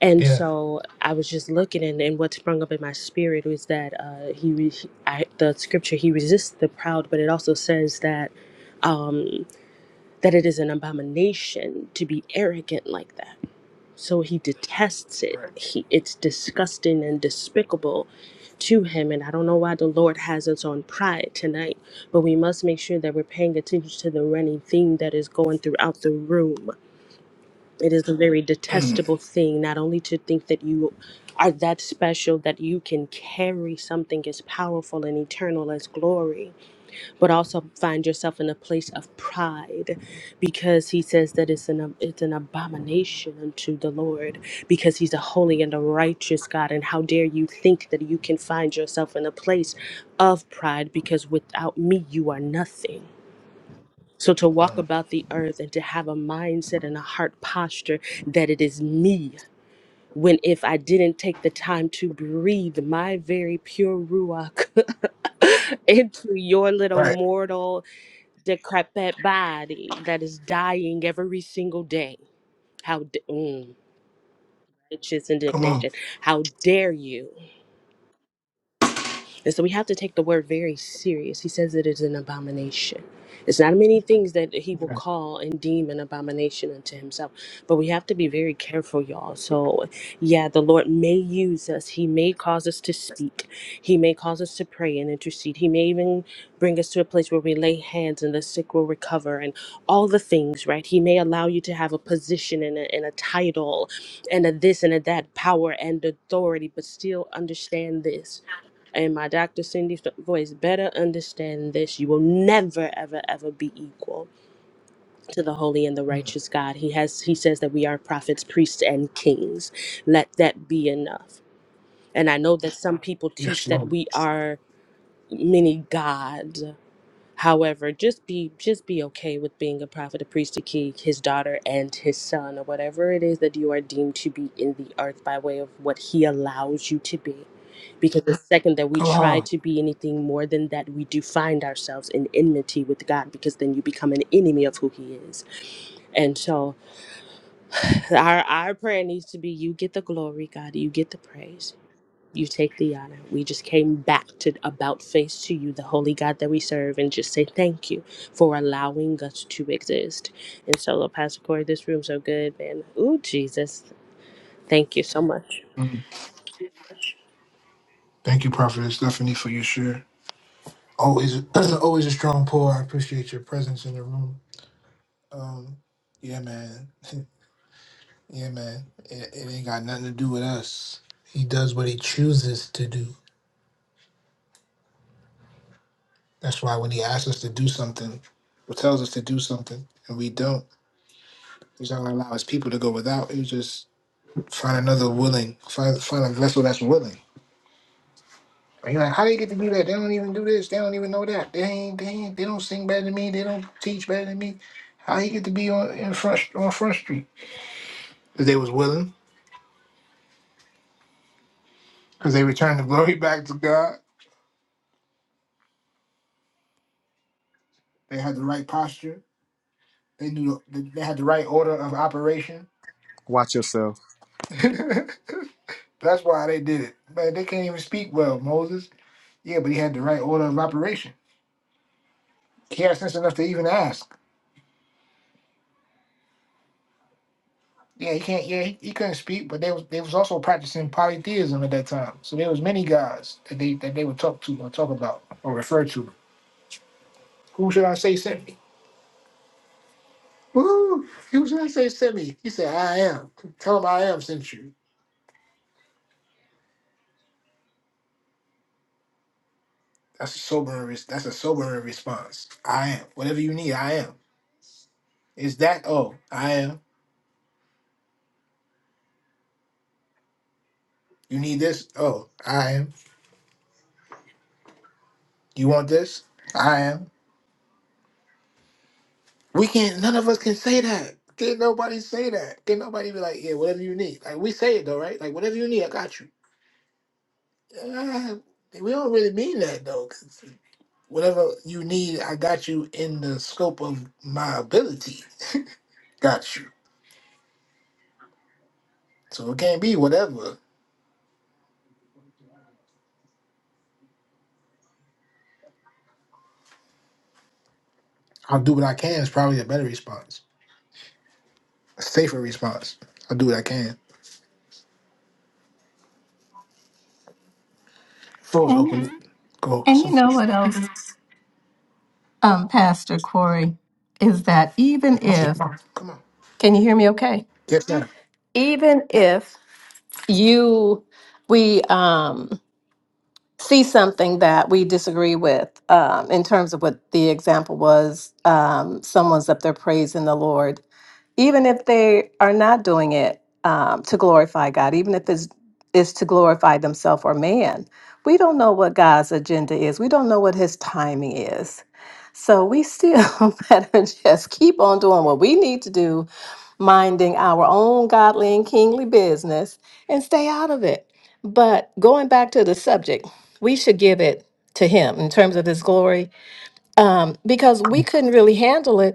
D: And
A: Yeah.
D: so I was just looking, and, and what sprung up in my spirit was that uh, He, re- I, the scripture, He resists the proud, but it also says that um, that it is an abomination to be arrogant like that. So He detests it.
A: Right.
D: He, it's disgusting and despicable to Him. And I don't know why the Lord has us on pride tonight, but we must make sure that we're paying attention to the running theme that is going throughout the room It is a very
A: Mm,
D: detestable thing, not only to think that you are that special, that you can carry something as powerful and eternal as glory, but also find yourself in a place of pride because he says that it's an, it's an abomination unto the Lord because he's a holy and a righteous God. And how dare you think that you can find yourself in a place of pride because without me, you are nothing. So, to walk
A: mm.
D: about the earth and to have a mindset and a heart posture that it is me, when if I didn't take the time to breathe my very pure Ruach into your little
A: right.
D: mortal, decrepit body that is dying every single day, how, d- mm, righteous
A: Come on.
D: indignation, how dare you? And so we have to take the word very serious. He says it is an abomination. It's not many things that he will
A: Yeah.
D: call and deem an abomination unto himself, but we have to be very careful, y'all. So, yeah, the Lord may use us. He may cause us to speak. He may cause us to pray and intercede. He may even bring us to a place where we lay hands and the sick will recover and all the things, right? He may allow you to have a position and a, and a title and a this and a that, power and authority, but still understand this. And my Dr. Cindy's voice better understand this. You will never, ever, ever be equal to the holy and the
A: Mm.
D: righteous God. He has he says that we are prophets, priests, and kings. Let that be enough. And I know that some people teach
A: Yes,
D: that
A: Lord.
D: we are many gods. However, just be just be okay with being a prophet, a priest, a king, his daughter, and his son, or whatever it is that you are deemed to be in the earth by way of what he allows you to be. Because the second that we
A: Come
D: try
A: on.
D: to be anything more than that, we do find ourselves in enmity with God because then you become an enemy of who he is. And so our our prayer needs to be you get the glory, God, you get the praise. You take the honor. We just came back to about face to you, the holy God that we serve, and just say thank you for allowing us to exist. And so, Pastor Corey, this room's so good, man. Ooh, Jesus. Thank you so much.
A: Mm. Thank you, Prophet Stephanie, for your share. Always, always a strong pour. I appreciate your presence in the room. Um, yeah, man. yeah, man. It, it ain't got nothing to do with us. He does what he chooses to do. That's why when he asks us to do something, or tells us to do something, and we don't. He's not gonna allow his people to go without. He just find another willing, find find a vessel that's willing. And you're like, how do you get to do that? They don't even do this. They don't even know that. They ain't. They ain't. They don't sing better than me. They don't teach better than me. How you get to be on in front on front street? Because they was willing. Because they returned the glory back to God. They had the right posture. They knew. The, they had the right order of operation.
F: Watch yourself.
A: that's why they did it. But they can't even speak well, Moses. Yeah, but he had the right order of operation. He had sense enough to even ask. Yeah, he can't. Yeah, he, he couldn't speak, but they was they was also practicing polytheism at that time. So there was many gods that they that they would talk to or talk about or refer to. Who should I say sent me? Woo! Who should I say sent me? He said, "I am." Tell him I am sent you. That's a sobering. res- That's a sobering response. I am. Whatever you need, I am. Is that? Oh, I am. You need this? Oh, I am. You want this? I am. We can't. None of us can say that. Can nobody say that? Can nobody be like, yeah, whatever you need? Like we say it though, right? Like whatever you need, I got you. Uh, we don't really mean that though. 'cause whatever you need, I got you in the scope of my ability. Got you. So it can't be whatever. I'll do what I can is probably a better response, a safer response. I'll do what I can. Floor's
G: And
A: open. Go.
G: and you
A: Some.
G: know what else, um, Pastor Corey, is that even
A: responses.
G: if
A: Come on. Come on.
G: can you hear me okay?
A: Get that.
G: Even if you we um, see something that we disagree with um, in terms of what the example was, um, someone's up there praising the Lord. even if they are not doing it um, to glorify God, even if it's is to glorify themselves or man. We don't know what God's agenda is. We don't know what His timing is. So we still better just keep on doing what we need to do, minding our own godly and kingly business, and stay out of it. But going back to the subject, we should give it to Him in terms of His glory, um, because we couldn't really handle it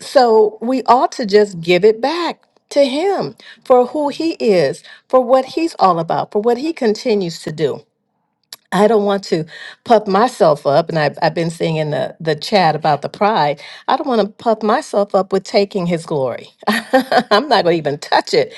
G: so we ought to just give it back to him for who he is, for what he's all about, for what he continues to do. I don't want to puff myself up, and I've, I've been seeing in the, the chat about the pride. I don't want to puff myself up with taking his glory. I'm not going to even touch it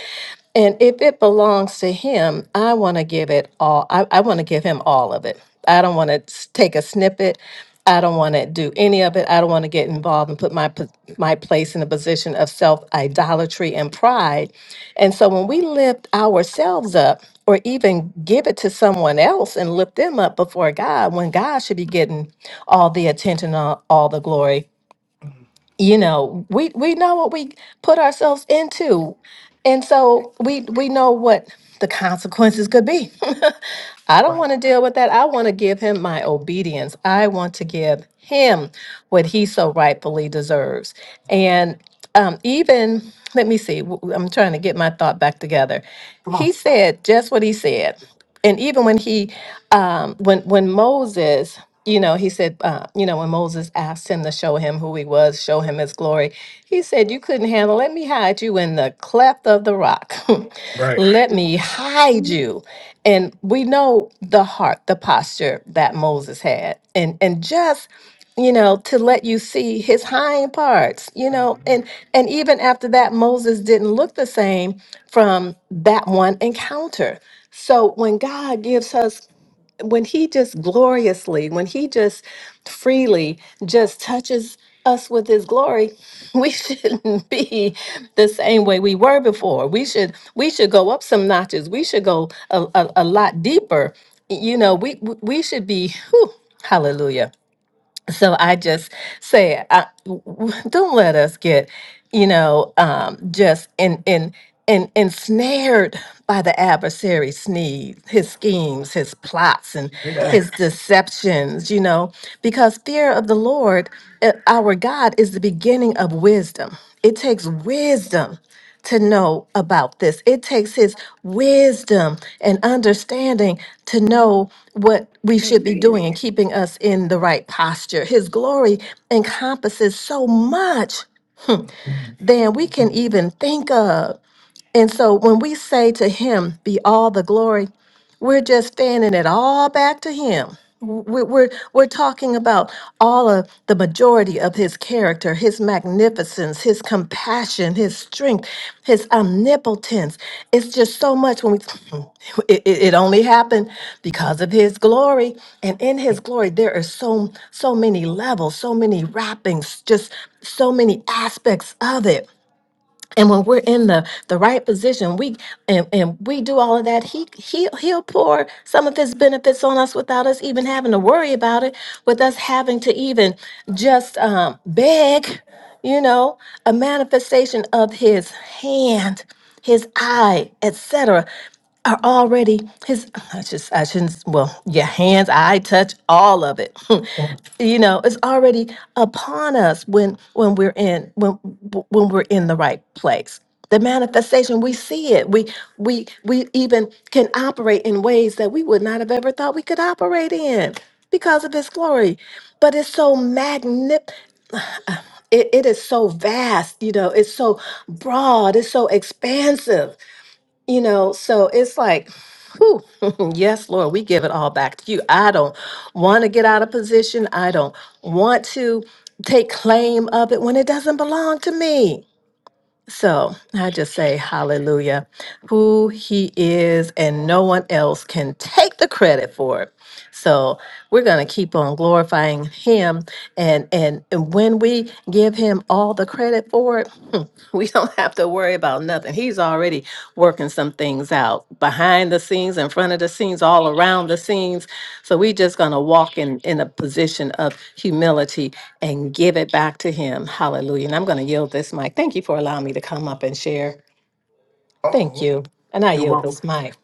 G: and if it belongs to him, I want to give it all. I, I want to give him all of it. I don't want to take a snippet. I don't want to do any of it. I don't want to get involved and put my po- my place in a position of self idolatry and pride. And so when we lift ourselves up, or even give it to someone else and lift them up before God, when God should be getting all the attention, all, all the glory, you know we we know what we put ourselves into and so we we know what the consequences could be I don't
A: Right.
G: want to deal with that. I want to give him my obedience. I want to give him what he so rightfully deserves. And um, even, let me see, w- w- I'm trying to get my thought back together.
A: Come on.
G: He said just what he said. And even when he, um, when when Moses, you know, he said, uh, you know, when Moses asked him to show him who he was, show him his glory, he said, "You couldn't handle. Let me hide you in the cleft of the rock.
A: Right.
G: Let me hide you." And we know the heart, the posture that Moses had. And and just, you know, to let you see his hind parts, you know, and and even after that, Moses didn't look the same from that one encounter. So when God gives us when he just gloriously, when he just freely just touches us with his glory, we shouldn't be the same way we were before. We should we should go up some notches. We should go a, a, a lot deeper. You know, we we we should be whew, hallelujah so I just say, I, w- w- don't let us get, you know, um, just in in in ensnared by the adversary's sneeze, his schemes, his plots, and his deceptions. You know, because fear of the Lord, eh, our God, is the beginning of wisdom. It takes wisdom to know about this. It takes his wisdom and understanding to know what we should be
B: Amen.
G: doing and keeping us in the right posture. His glory encompasses so much
A: Uh
G: than we can even think of. And so when we say to him, be all the glory, we're just fanning it all back to him. We're, we're, we're talking about all of the majority of his character, his magnificence, his compassion, his strength, his omnipotence. It's just so much when we, it, it it only happened because of his glory. And in his glory, there are so, so many levels, so many wrappings, just so many aspects of it. And when we're in the the right position, we and, and we do all of that. He he he'll pour some of his benefits on us without us even having to worry about it, with us having to even just um, beg, you know, a manifestation of his hand, his eye, etc are already his I just I shouldn't well, your hands, I touch all of it. you know, it's already upon us when when we're in when when we're in the right place. The manifestation, we see it. We we we even can operate in ways that we would not have ever thought we could operate in because of his glory. But it's so magnificent. It, it is so vast, you know, it's so broad, it's so expansive you know, so it's like, whew, yes, Lord, we give it all back to you. I don't want to get out of position. I don't want to take claim of it when it doesn't belong to me. So I just say hallelujah, who he is, and no one else can take the credit for it. So we're gonna keep on glorifying him, and and, and when we give him all the credit for it, we don't have to worry about nothing. He's already working some things out behind the scenes, in front of the scenes, all around the scenes. So we just going to walk in, in a position of humility and give it back to Him. Hallelujah. And I'm going to yield this mic. Thank you for allowing me to come up and share. Thank
A: oh.
G: you. And I
A: You're
G: yield
A: welcome.
G: this mic.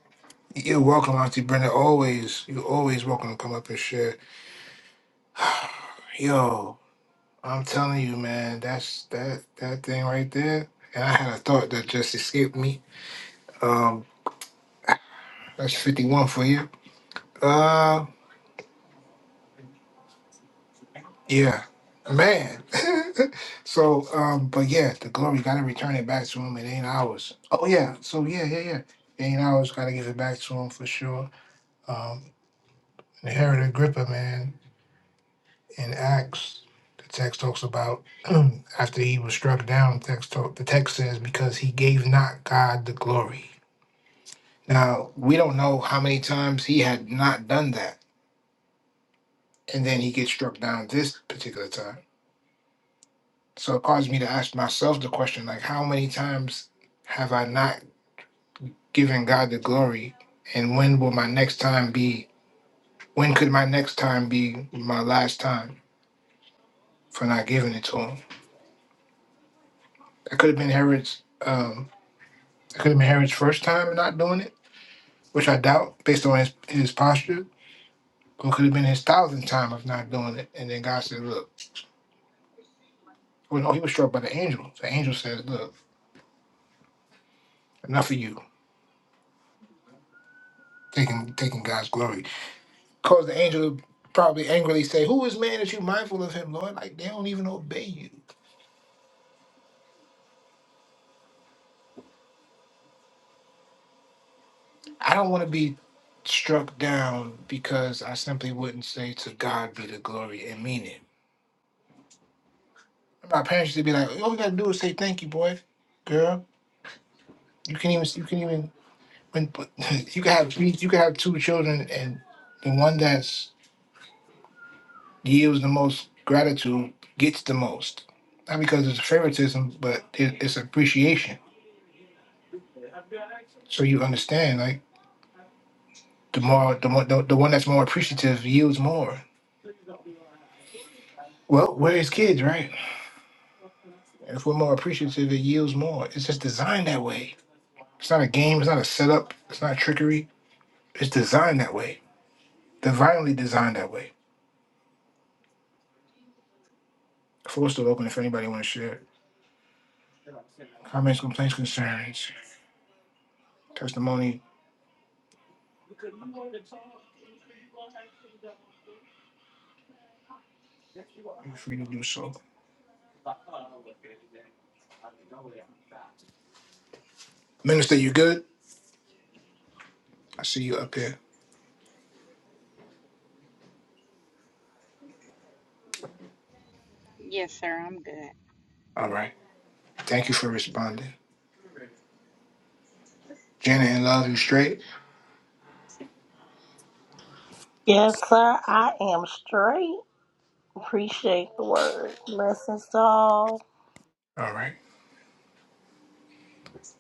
A: You're welcome, Auntie Brenda. Always, you're always welcome to come up and share. Yo, I'm telling you, man, that's that that thing right there. And I had a thought that just escaped me. Um, that's 51 for you. Uh, yeah, man. so, um, but yeah, the glory gotta return it back to him. It ain't ours. Oh yeah. So yeah, yeah, yeah. It ain't ours. Gotta give it back to him for sure. Um, inherit Agrippa, man. in Acts, the text talks about after he was struck down. the Text talk, the text says because he gave not God the glory. Now we don't know how many times he had not done that, and then he gets struck down this particular time. So it caused me to ask myself the question: like, how many times have I not given God the glory, and when will my next time be? When could my next time be my last time for not giving it to him? That could have been Herod's. Um, It could have been Herod's first time not doing it, which I doubt based on his, his posture. Or it could have been his thousandth time of not doing it. And then God said, Look, well, no, he was struck by the angel. The angel says, Look, enough of you taking taking God's glory. Cause the angel to probably angrily say, Who is man that you mindful of him, Lord? Like they don't even obey you. I don't want to be struck down because I simply wouldn't say to God be the glory and mean it. My parents used to be like, all you gotta do is say thank you, boy, girl. You can even you can even when but you can have three, you can have two children and the one that's yields the most gratitude gets the most not because it's favoritism but it, it's appreciation so you understand like the more the, more the, the one that's more appreciative yields more well we're his kids right if we're more appreciative it yields more it's just designed that way it's not a game it's not a setup it's not trickery it's designed that way divinely designed that way floor's still open if anybody want to share comments complaints concerns testimony Feel free to do so. Minister, you good? I see you up here. All right. Thank you for responding. Janet and Love, you straight?
H: Yes, sir. I am straight. Appreciate the word. Blessings to all.
A: All right.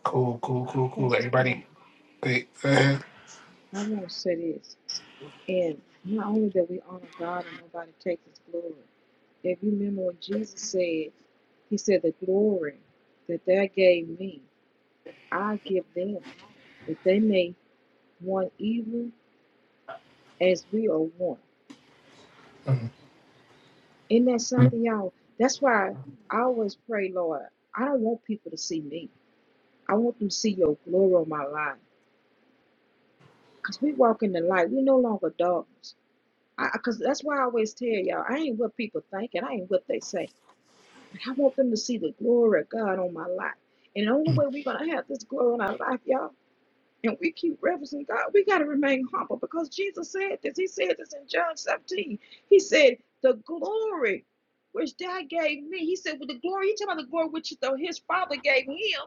A: Cool, cool, cool, cool.
B: Pastor
A: Everybody,
B: Curry,
A: wait, go ahead.
B: I want to say this. And not only that we honor God and nobody takes his glory. If you remember what Jesus said, he said, The glory that they gave me, I give them, that they may one even as we are one.
A: Mhm.
B: Isn't that something, y'all? That's why I always pray, Lord, I don't want people to see me. I want them to see your glory on my life. Because we walk in the light. We're no longer darkness. Because that's why I always tell y'all, I ain't what people think and I ain't what they say. But I want them to see the glory of God on my life. And the only
A: Mhm.
B: way we're going to have this glory on our life, y'all. and we keep referencing God, we got to remain humble because Jesus said this. He said this in John 17. He said, The glory which thou gave me. He said, With the glory, he talking about the glory which his father gave him.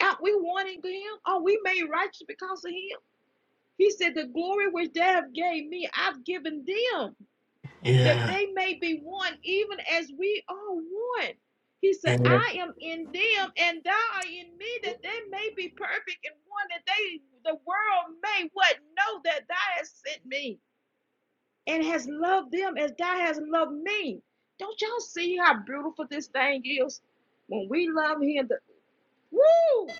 B: Out we wanting him? Are we made righteous because of him? He said, The glory which thou gave me, I've given them that
A: Yeah.
B: they may be one, even as we are one. He said,
A: Yeah.
B: I am in them and thou art in me, that they may be perfect in one, that they the world may what know that thou hast sent me and has loved them as thou hast loved me. Don't y'all see how beautiful this thing is? When we love him, the woo!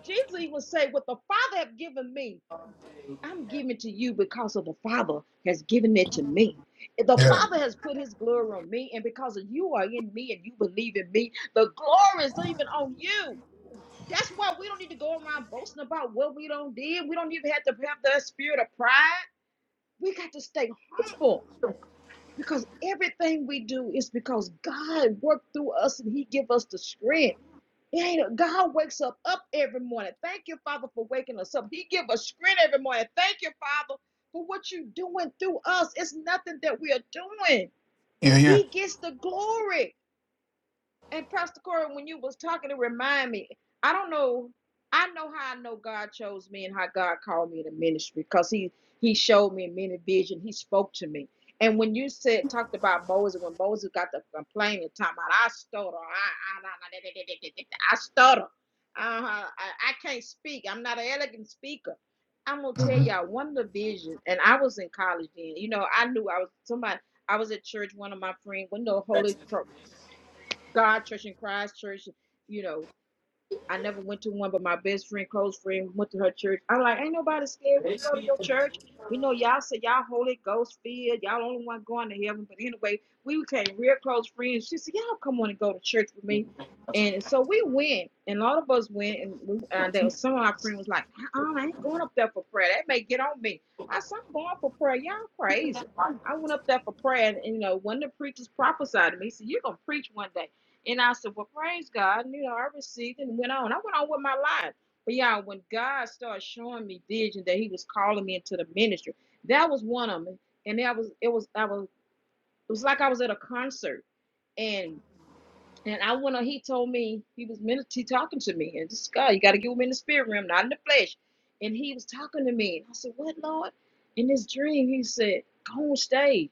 B: Jesus even say, What the Father have given me. I'm giving to you because of the Father has given it to me. The
A: Yeah.
B: Father has put his glory on me, and because of you are in me and you believe in me, the glory is even on you. That's why we don't need to go around boasting about what we don't did. We don't even have to have that spirit of pride. We got to stay humble because everything we do is because God worked through us and He give us the strength. It ain't God wakes up up every morning. Thank you, Father, for waking us up. He give us strength every morning. Thank you, Father, for what you are doing through us. It's nothing that we are doing.
A: Yeah. Yeah.
B: He gets the glory. And Pastor Corey, when you was talking, it remind me. I don't know. I know how I know God chose me and how God called me to ministry because He He showed me many visions. He spoke to me. And when you said talked about Moses, when Moses got the complaining, talking about I stutter, I I, I, stutter, uh-huh. I, I can't speak. I'm not an elegant speaker. I'm gonna tell
A: Mhm.
B: y'all one of the vision, and I was in college then. You know, I knew I was somebody. I was at church. One of my friends, we know Holy Cro- God Church and Christ Church. You know, I never went to one, but my best friend, close friend, went to her church. I'm like, ain't nobody scared. We'll go to your church. We know y'all say y'all Holy Ghost filled. Y'all only one going to heaven. But anyway, we became real close friends. She said, y'all come on and go to church with me. And so we went, and a lot of us went, and we, uh, there was some of our friends was like, uh-uh, I ain't going up there for prayer. That may get on me. I said, I'm going for prayer. Y'all crazy. I went up there for prayer, and, and you know, one of the preachers prophesied to me. He said, You're going to preach one day. And I said, Well, praise God. And, you know, I received it and went on. I went on with my life. But yeah, when God started showing me vision that He was calling me into the ministry, that was one of them. And that was it was I was it was like I was at a concert and and I went on, he told me he was min- he talking to me and this God, you gotta get him in the spirit realm, not in the flesh. And he was talking to me. And I said, What Lord? In this dream, he said, Go on stage.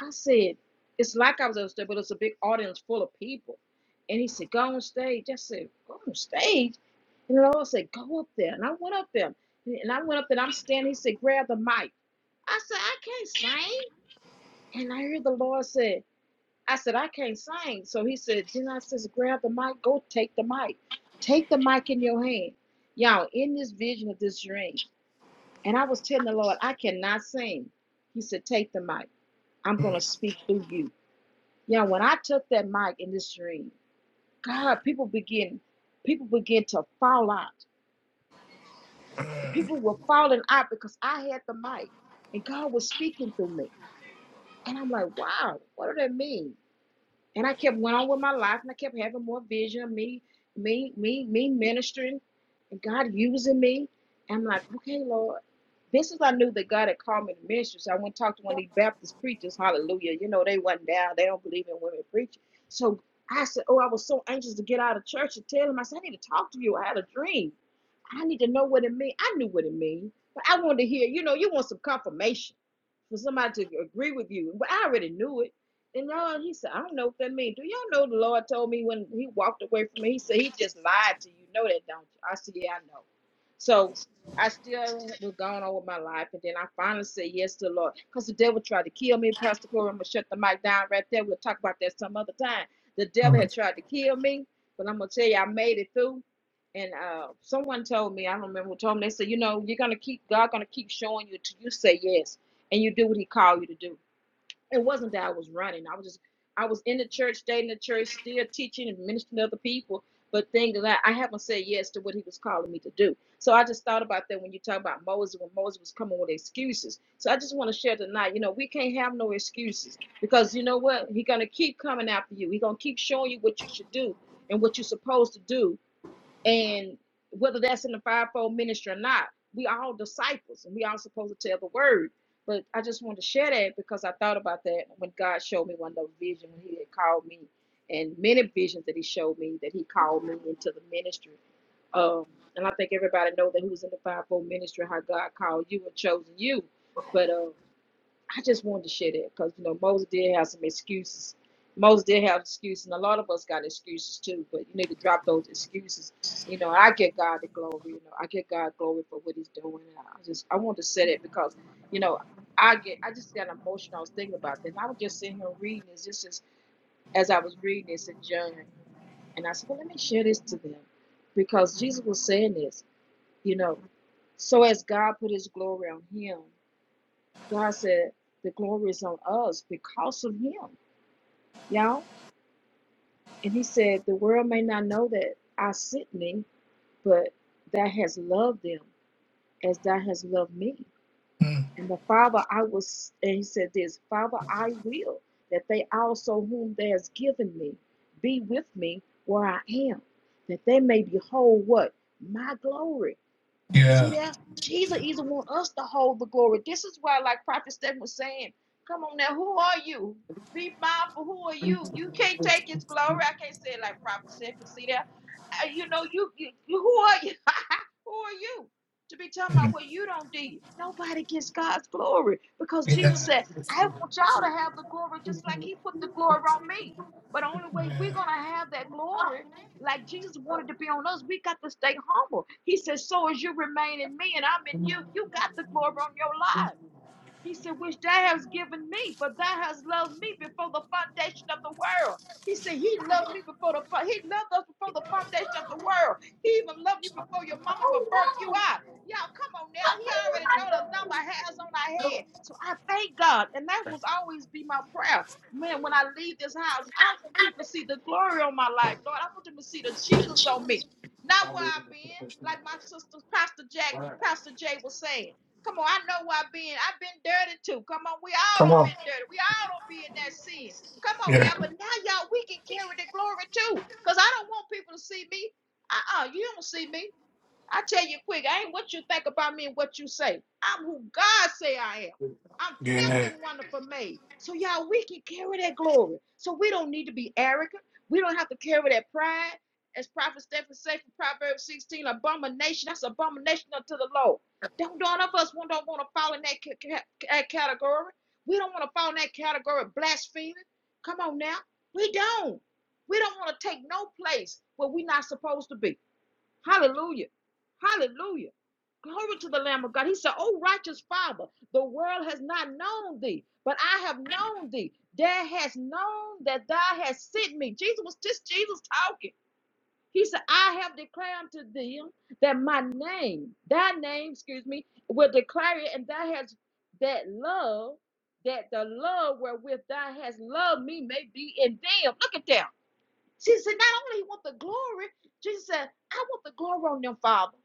B: I said, it's like I was on stage, but it's a big audience full of people. And he said, go on stage. I said, go on stage. And the Lord said, go up there. And I went up there. And I went up there and I'm standing. He said, grab the mic. I said, I can't sing. And I heard the Lord said, I said, I can't sing. So he said, then I says, grab the mic, go take the mic. Take the mic in your hand. Y'all, in this vision of this dream. And I was telling the Lord, I cannot sing. He said, take the mic. I'm going
A: Mhm.
B: to speak through you. Yeah, when I took that mic in this dream, God, people begin, people begin to fall out. People were falling out because I had the mic, and God was speaking through me. And I'm like, wow, what do that mean? And I kept went on with my life, and I kept having more vision, me, me, me, me ministering, and God using me. I'm like, okay, Lord. This is I knew that God had called me to ministry. So I went and talked to one of these Baptist preachers. Hallelujah. You know, they wasn't down. They don't believe in women preaching. So I said, Oh, I was so anxious to get out of church and tell him. I said, I need to talk to you. I had a dream. I need to know what it means. I knew what it means, but I wanted to hear, you know, you want some confirmation for somebody to agree with you. But I already knew it. And y'all, he said, I don't know what that means. Do y'all know the Lord told me when he walked away from me? He said, He just lied to you. You Know that, don't you? I said, Yeah, I know. So I still was going on with my life. And then I finally said yes to the Lord because the devil tried to kill me. Pastor Corey, I'm going to shut the mic down right there. We'll talk about that some other time. The devil had
A: Mhm.
B: tried to kill me, but I'm going to tell you, I made it through and uh, someone told me, I don't remember who told me, they said, you know, you're gonna keep God gonna keep showing you until you say yes and you do what He called you to do. It wasn't that I was running. I was just I was in the church, dating the church, still teaching and ministering to other people, but things that I, I haven't said yes to what He was calling me to do. So I just thought about that when you talk about Moses, when Moses was coming with excuses. So I just want to share tonight, you know, we can't have no excuses because you know what? He's gonna keep coming after you. He's gonna keep showing you what you should do and what you're supposed to do and whether that's in the fivefold ministry or not, we all disciples and we all supposed to tell the word. But I just wanted to share that because I thought about that when God showed me one of those visions when He had called me, and many visions that He showed me that He called me into the ministry. Um, and I think everybody know that who's in the fivefold ministry, how God called you and chosen you. But um, I just wanted to share that because you know Moses did have some excuses. Moses did have excuses, and a lot of us got excuses too. But you need to drop those excuses. You know, I give God the glory. You know, I give God glory for what He's doing. And I just I want to say that because you know I get I just got emotional. I was thinking about this. And I was just sitting here reading this. This is as I was reading this in John, and I said, well, let me share this to them because Jesus was saying this. You know, so as God put His glory on Him God said, The glory is on us because of him, y'all. And he said, The world may not know that I sent me, but thou has loved them as thou has loved me.
A: Mhm.
B: And the Father I was and he said this, Father, I will that they also whom thou hast given me be with me where I am, that they may behold what? My glory See
A: Yeah.
B: that? Jesus either want us to hold the glory. This is why, like Prophet Stephen was saying, come on now, who are you? Be mindful, who are you? You can't take his glory. I can't say it like Prophet Stephen. See that? Uh, You know, you, you, you who are you? who are you? To be talking about
A: Mhm.
B: what you don't do. Nobody gets God's glory. Because Jesus
A: Yeah.
B: said, I want y'all to have the glory just like he put the glory on me. But the only way we're
A: Yeah.
B: gonna have that glory like Jesus wanted to be on us, we got to stay humble. He says, So as you remain in me and I'm in you, you got the glory on your life. He said, which thou hast given me, for thou hast loved me before the foundation of the world. He said, He loved me before the He loved us before the foundation of the world. He even loved you before your mama would birth you out. Y'all, come on now. He already know the number of hairs on our head. So I thank God, and that will always be my prayer. Man, when I leave this house, I want people to see the glory on my life, Lord. I want them to see the Jesus on me, not where I've been. Like my sister, Pastor Jack, Pastor Jay was saying. Come on, I know where I've been. I've been dirty too. Come on, we all
A: Come
B: don't
A: on.
B: been dirty. We all don't be in that sin. Come on
A: Yeah.
B: now, but now y'all, we can carry the glory too. Cause I don't want people to see me. Uh-uh, you don't see me. I tell you quick, I ain't what you think about me and what you say. I'm who God say I am. I'm fifth
A: Yeah.
B: and wonderful made. So y'all, we can carry that glory. So we don't need to be arrogant. We don't have to carry that pride. As Prophet Stephen said from Proverbs 16, abomination, that's abomination unto the Lord. Don't none of us we don't want to fall in that, that category. We don't want to fall in that category of blaspheming. Come on now. We don't. We don't want to take no place where we're not supposed to be. Hallelujah. Hallelujah. Glory to the Lamb of God. He said, "O righteous Father, the world has not known thee, but I have known thee. Thou has known that thou hast sent me. Jesus was just Jesus talking. He said, I have declared to them that my name, thy name, excuse me, will declare it, and thou has that love, that the love wherewith thou hast loved me may be in them. Look at them. She said, Not only you want the glory, Jesus said, I want the glory on them, Father,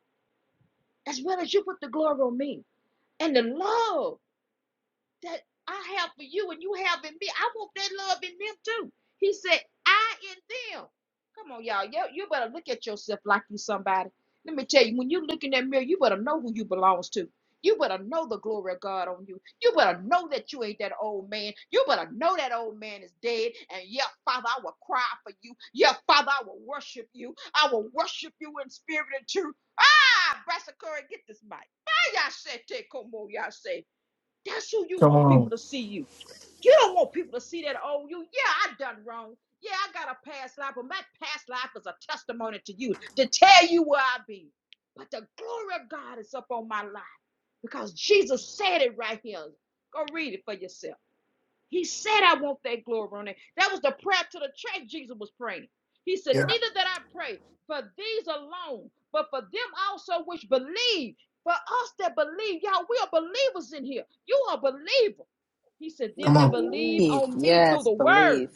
B: as well as you put the glory on me and the love that I have for you and you have in me. I want that love in them too. He said, I in them. Come on, y'all. You, you better look at yourself like you somebody. Let me tell you, when you look in that mirror, you better know who you belongs to. You better know the glory of God on you. You better know that you ain't that old man. You better know that old man is dead. And yeah, Father, I will cry for you. Yeah, Father, I will worship you. I will worship you in spirit and truth. I, Brasa Curry, get this mic. Ah, y'all say, take, come on, y'all say. That's who you
A: Come
B: want people
A: on.
B: to see you. You don't want people to see that, oh, you, yeah, I done wrong. Yeah, I got a past life, but my past life is a testimony to you to tell you where I be. But the glory of God is up on my life because Jesus said it right here. Go read it for yourself. He said, I want that glory on it. That was the prayer to the church Jesus was praying. He said,
A: Yeah.
B: Neither that I pray for these alone, but for them also which believe. For us that believe, y'all, we are believers in here. You are a believer. He said,
A: Come
B: Them that
A: on.
B: believe
G: Believe.
B: on me through
G: Yes,
B: the word.
G: believe.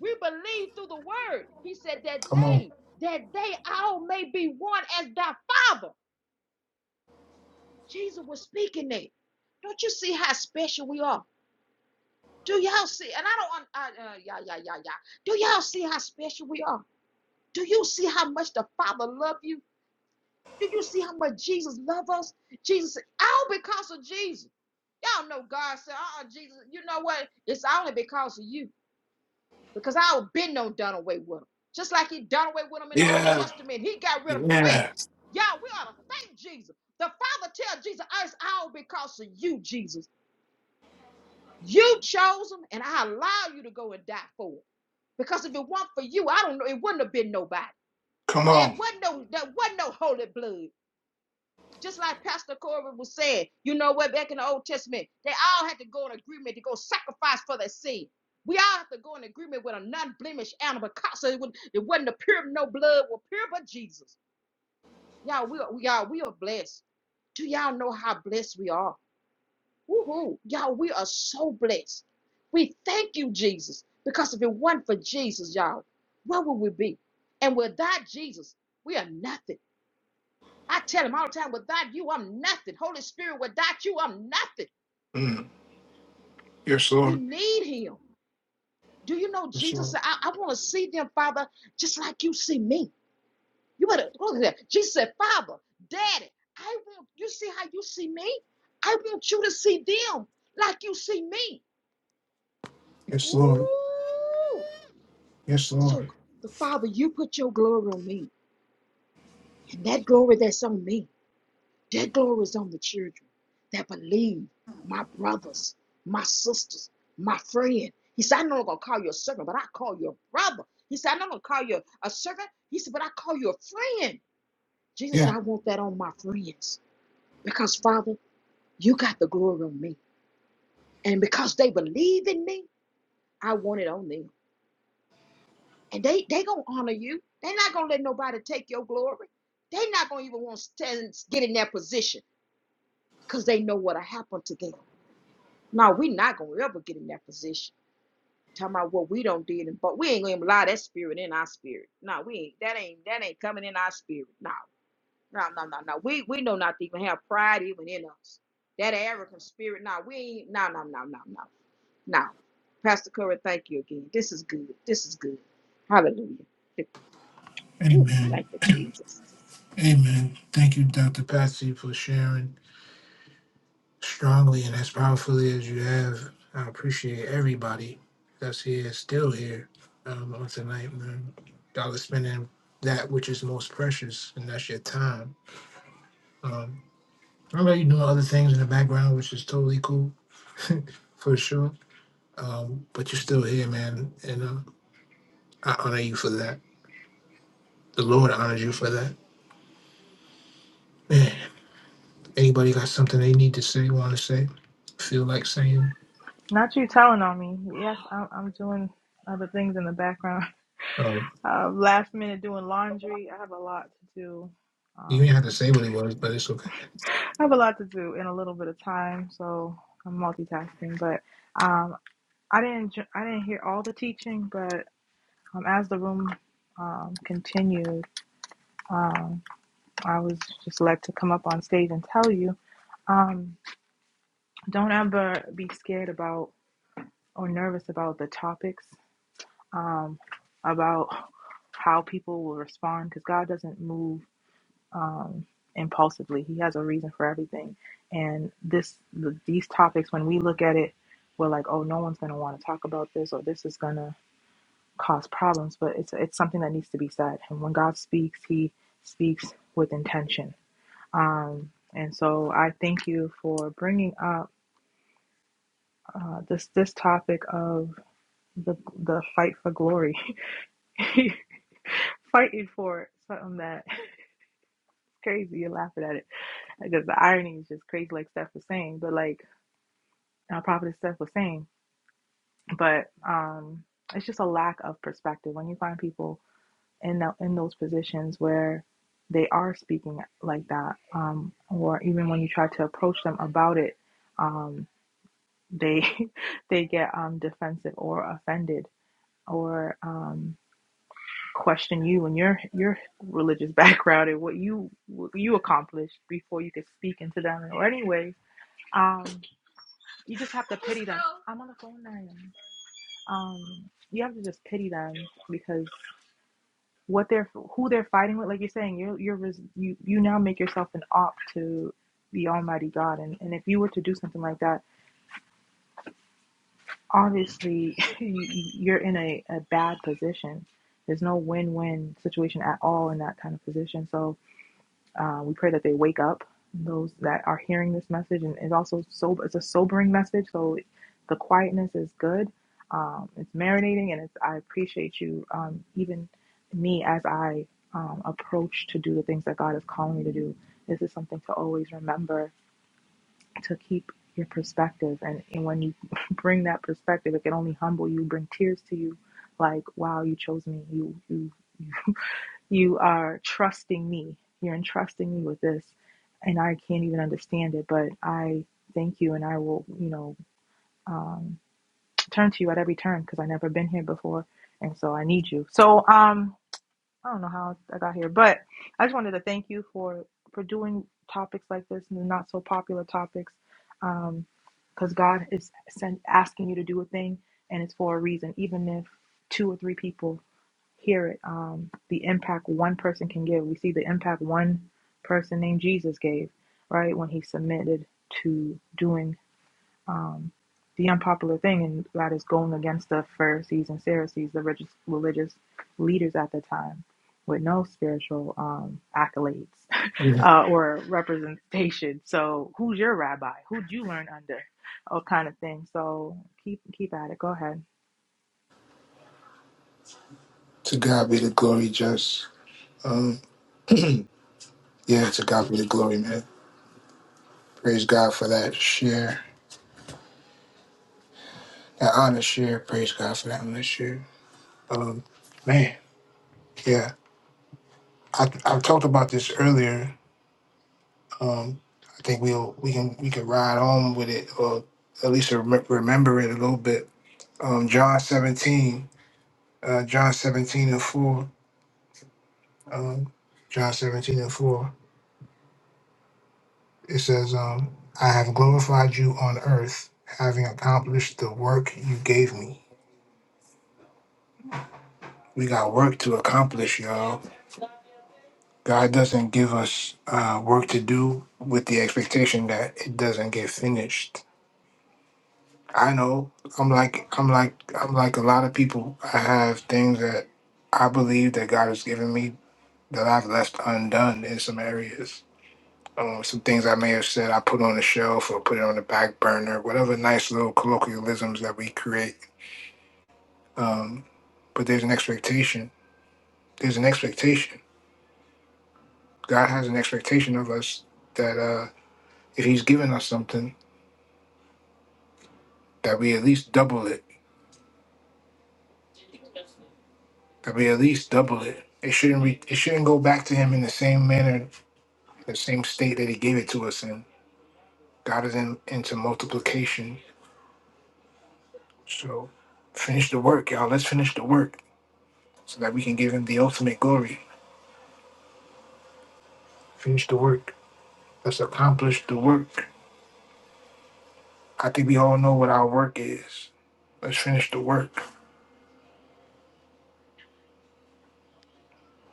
B: We believe through the word. He said, That
A: Come on.
B: they, that they all may be one as thy Father. Jesus was speaking that. Don't you see how special we are? Do y'all see? And I don't want, I, uh, yeah, yeah, yeah, yeah. Do y'all see how special we are? Do you see how much the Father loves you? Do you see how much Jesus loves us? Jesus, said, all because of Jesus. Y'all know God said, uh-uh, Jesus, you know what? It's only because of you. Because I would been no done away with him. Just like he done away with him in the Old
A: Yeah.
B: Testament. He got rid of him quick.
A: Yeah.
B: Y'all, we ought to thank Jesus. The Father tells Jesus, "Uh, it's all because of you, Jesus. You chose him, and I allow you to go and die for it. Because if it weren't for you, I don't know, it wouldn't have been nobody.
A: Come
B: Well, It
A: on.
B: wasn't no, there wasn't no holy blood. Just like Pastor Corey was saying, you know what, back in the Old Testament, they all had to go in agreement to go sacrifice for their sin. We all have to go in agreement with a non-blemished animal, 'cause it, would, it wasn't a pure, no blood, was pure but Jesus. Y'all, we are, y'all, we are blessed. Do y'all know how blessed we are? Woohoo. Y'all, we are so blessed. We thank you, Jesus, because if it weren't for Jesus, y'all, where would we be? And without Jesus, we are nothing. I tell him all the time, without you, I'm nothing. Holy Spirit, without you, I'm nothing.
A: Mm. Yes,
B: We
A: Lord.
B: need him. Do you know
A: Yes,
B: Jesus
A: Lord.
B: said, I, I want to see them, Father, just like you see me. You better look at that. Jesus said, Father, Daddy, I want you see how you see me? I want you to see them like you see me.
A: Yes, Lord.
B: Ooh.
A: Yes,
B: So,
A: Lord.
B: the Father, you put your glory on me. And that glory that's on me, that glory is on the children that believe, my brothers, my sisters, my friend. He said, I'm not going to call you a servant, but I call you a brother. He said, I'm not going to call you a servant. He said, but I call you a friend. Jesus,
A: Yeah.
B: I want that on my friends because, Father, you got the glory on me. And because they believe in me, I want it on them. And they they gonna honor you. They're not gonna let nobody take your glory. They're not gonna even want to stand, get in that position because they know what'll happen to them. No, we're not gonna ever get in that position. Talking about what we don't did, and but we ain't gonna allow that spirit in our spirit. No, we ain't. That ain't that ain't coming in our spirit. No, no, no, no, no. We we know not to even have pride even in us. That arrogant spirit. No, we ain't. No, no, no, no, no, no. Pastor Curry, thank you again. This is good. This is good. Hallelujah. Whew,
A: Amen.
B: thank you, Jesus.
A: Amen. Thank you, Dr. Patsy, for sharing strongly and as powerfully as you have. I appreciate everybody that's here, still here um, on tonight, man. Y'all are spending that which is most precious, and that's your time. Um, I know you're doing other things in the background, which is totally cool, for sure. Um, but you're still here, man. And uh, I honor you for that. The Lord honors you for that. man. Anybody got something they need to say, want to say, feel like saying?
I: Not you telling on me. Yes, I'm, I'm doing other things in the background.
A: Oh,
I: Uh, last minute doing laundry. I have a lot to do.
A: you not
I: Um,
A: have to say what it was, but it's okay.
I: I have a lot to do in a little bit of time, so I'm multitasking. But um, I didn't jo- I didn't hear all the teaching, but um, as the room um, continued, um, I was just led to come up on stage and tell you um, don't ever be scared about or nervous about the topics um, about how people will respond because God doesn't move um, impulsively. He has a reason for everything. And this, the, these topics, when we look at it, we're like, oh, no one's going to want to talk about this, or this is going to cause problems. But it's it's something that needs to be said. And when God speaks, He speaks with intention. Um, and so I thank you for bringing up uh, this this topic of the the fight for glory. fighting for something that crazy. You're laughing at it because the irony is just crazy, like Steph was saying, but like uh, Prophet Steph was saying. But um, it's just a lack of perspective when you find people in the, in those positions where they are speaking like that, um, or even when you try to approach them about it, um, they they get um, defensive or offended or. um, question you and your your religious background and what you what you accomplished before you could speak into them. Or anyway, um, you just have to pity them. I'm on the phone now. Um, you have to just pity them because what they're who they're fighting with. Like you're saying, you're you're res- you you now make yourself an op to the Almighty God, and and if you were to do something like that, obviously you, you're in a, a bad position. There's no win-win situation at all in that kind of position. So Uh, we pray that they wake up, those that are hearing this message, and it's also so It's a sobering message, so the quietness is good. Um, it's marinating, and it's. I appreciate you, um, even me as I um, approach to do the things that God is calling me to do. This is something to always remember to keep your perspective, and, and when you bring that perspective, it can only humble you, bring tears to you. Like, wow, you chose me. You, You you you are trusting me. You're entrusting me with this, and I can't even understand it. But I thank you, and I will, you know, um, turn to you at every turn because I've never been here before, and so I need you. So um, I don't know how I got here, but I just wanted to thank you for for doing topics like this and the not so popular topics. Um, because God is send, asking you to do a thing and it's for a reason, even if two or three people hear it. Um, the impact one person can give. We see the impact one person named Jesus gave, right, when he submitted to doing um, the unpopular thing, and that is going against the Pharisees and Sadducees, the religious, religious leaders at the time, with no spiritual um, accolades
A: Yeah.
I: uh, or representation. So, who's your rabbi? Who'd you learn under? Oh, kind of thing. So, keep keep at it. Go ahead.
A: To God be the glory, just. Um, yeah, to God be the glory, man. Praise God for that share, that honest share. Praise God for that honest share. Um, man, yeah. I I talked about this earlier. I think we'll we can we can ride on with it, or at least rem- remember it a little bit. Um, John seventeen, uh, John seventeen and four. um, John 17 and 4, it says, um, I have glorified you on earth, having accomplished the work you gave me. We got work to accomplish, y'all. God doesn't give us uh, work to do with the expectation that it doesn't get finished. I know I'm like I'm like I'm like a lot of people. I have things that I believe that God has given me that I've left undone in some areas um, some things I may have said I put on the shelf or put it on the back burner, whatever nice little colloquialisms that we create. Um, but there's an expectation. There's an expectation. God has an expectation of us that uh, if He's given us something, that we at least double it. That we at least double it. It shouldn't re- it shouldn't go back to Him in the same manner, the same state that He gave it to us in. God is in, into multiplication. So finish the work, y'all. Let's finish the work so that we can give Him the ultimate glory. Finish the work. Let's accomplish the work. I think we all know what our work is. Let's finish the work.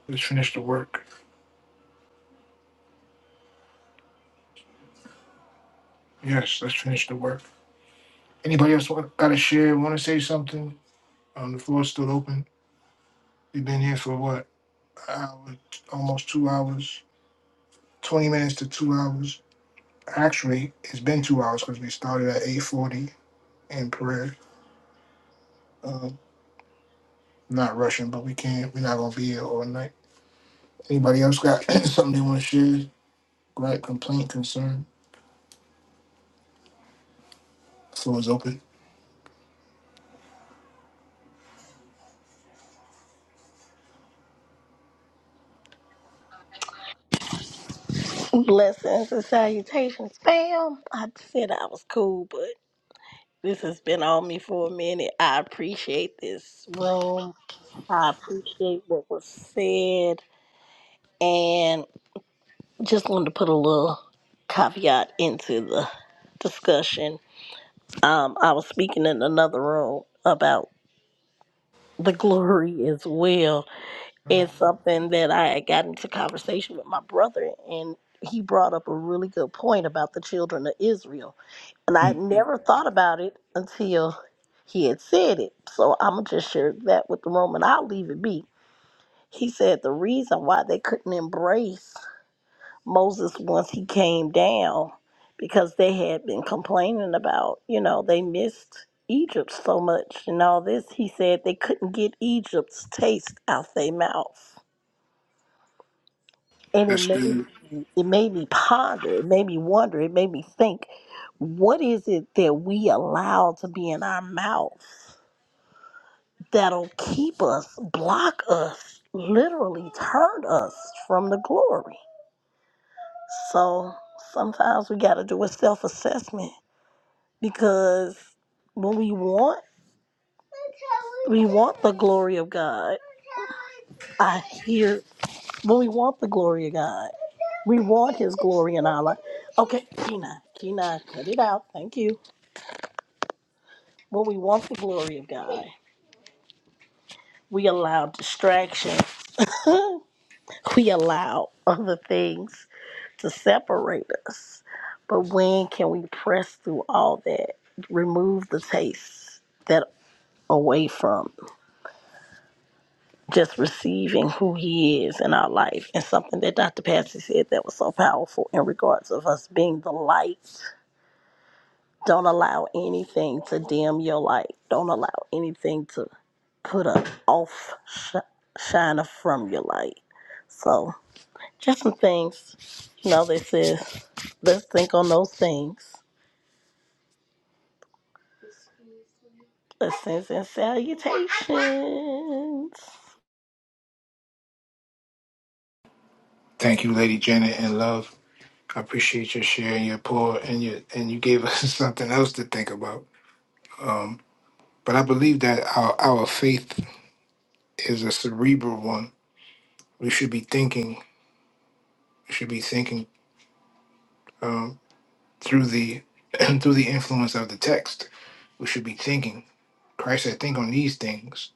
A: Let's finish the work. Yes, let's finish the work. Anybody else want, got to share? Want to say something? Um, the floor's still open. We've been here for what? An hour, almost two hours. Twenty minutes to two hours. Actually, it's been two hours because we started at eight forty in prayer. Um, not rushing, but we can't. We're not gonna be here all night. Anybody else got something they want to share? Right? Complaint, concern. Floor is open.
H: Blessings and salutations, fam. I said I was cool, but this has been on me for a minute. I appreciate this room. I appreciate what was said. And just wanted to put a little caveat into the discussion. Um, I was speaking in another room about the glory as well It's something that I had gotten into conversation with my brother, and he brought up a really good point about the children of Israel. And I
A: Hmm.
H: had never thought about it until he had said it. So I'm going to just share that with the room, and I'll leave it be. He said the reason why they couldn't embrace Moses once he came down because they had been complaining about, you know, they missed Egypt so much and all this. He said they couldn't get Egypt's taste out their mouth and it
A: That's
H: made
A: good.
H: me, it made me ponder it made me wonder it made me think what is it that we allow to be in our mouth that'll keep us block us literally turn us from the glory so sometimes we got to do a self-assessment because when we want we want the glory of god i hear When we want the glory of God. We want His glory in our life. Okay, Kina, Kina, cut it out. Thank you. When we want the glory of God. We allow distraction. We allow other things to separate us. But when can we press through all that? Remove the taste that away from just receiving who he is in our life and something that Dr. Patsy said that was so powerful in regards of us being the light Don't allow anything to dim your light. Don't allow anything to put a off sh- shiner from your light. So, just some things. You know, this is let's think on those things. Blessings and salutations.
A: Thank you, Lady Janet, and love. I appreciate your sharing your pour and your and you gave us something else to think about. Um, but I believe that our our faith is a cerebral one. We should be thinking. We should be thinking um, through the through the influence of the text. We should be thinking. Christ said, "Think on these things."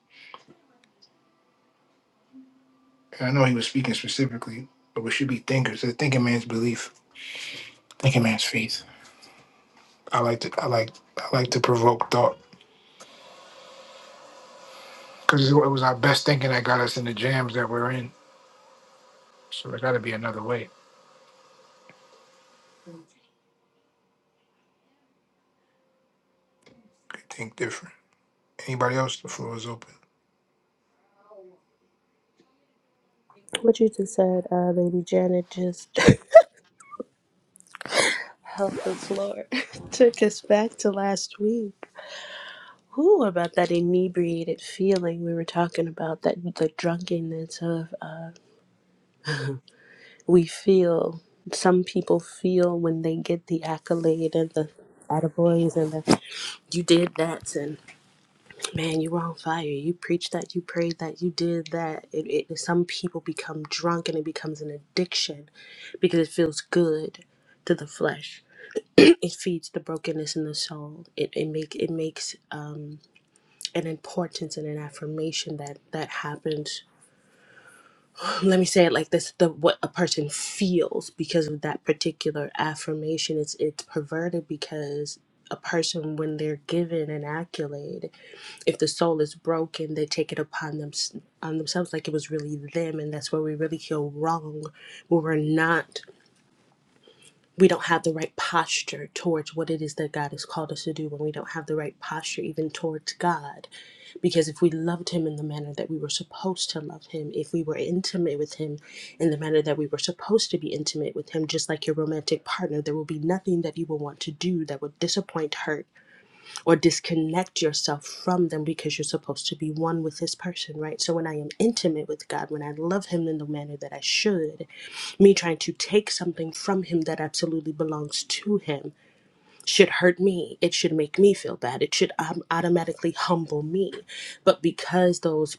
A: And I know He was speaking specifically, but we should be thinkers. A thinking man's belief. Thinking man's faith. I like to. I like. I like to provoke thought. because it was our best thinking that got us in the jams that we're in. So there got to be another way. Okay, Think different. Anybody else? The floor is open.
D: What you just said, uh, Lady Janet, just helped us, Lord. Took us back to last week. Ooh, about that inebriated feeling we were talking about, that the drunkenness of we feel some people feel when they get the accolade and the attaboys and the you did that and man you were on fire you preached that you prayed that you did that it, it some people become drunk and it becomes an addiction because it feels good to the flesh it feeds the brokenness in the soul it, it make it makes um, an importance and an affirmation that that happens let me say it like this the what a person feels because of that particular affirmation it's it's perverted because a person when they're given an accolade if the soul is broken they take it upon them on themselves like it was really them and that's where we really feel wrong where we're not we don't have the right posture towards what it is that God has called us to do when we don't have the right posture even towards God. Because if we loved Him in the manner that we were supposed to love Him, if we were intimate with Him in the manner that we were supposed to be intimate with Him, just like your romantic partner, there will be nothing that you will want to do that would disappoint, hurt, or disconnect yourself from them because you're supposed to be one with this person, right? So when I am intimate with God, when I love Him in the manner that I should, me trying to take something from him that absolutely belongs to him should hurt me. It should make me feel bad. It should um, automatically humble me. But because those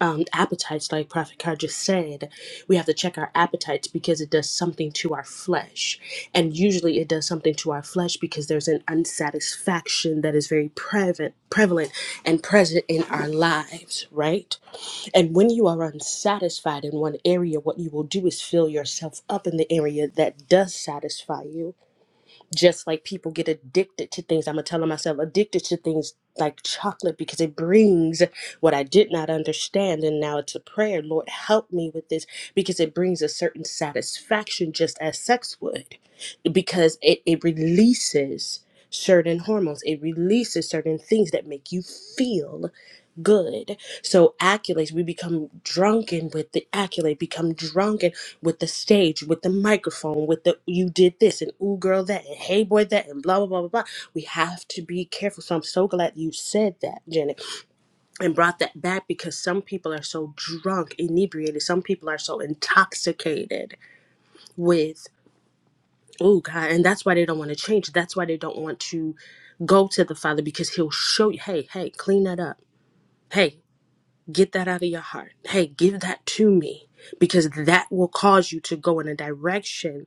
D: um, appetites, like Prophet Carr just said, we have to check our appetites because it does something to our flesh. And usually it does something to our flesh because there's an unsatisfaction that is very prevalent, prevalent and present in our lives, right? And when you are unsatisfied in one area, what you will do is fill yourself up in the area that does satisfy you. Just like people get addicted to things. I'm going to tell myself addicted to things like chocolate because it brings what I did not understand. And now it's a prayer. Lord, help me with this because it brings a certain satisfaction, just as sex would, because it, it releases certain hormones, it releases certain things that make you feel good. So accolades, we become drunken with the accolade, become drunken with the stage, with the microphone, with the you did this and ooh girl that and hey boy that and blah blah blah blah blah. We have to be careful. So I'm so glad you said that, Janet, and brought that back because some people are so drunk, inebriated. Some people are so intoxicated with ooh God, and that's why they don't want to change. That's why they don't want to go to the Father because He'll show you. Hey, hey, clean that up. Hey. Get that out of your heart. Hey, give that to me because that will cause you to go in a direction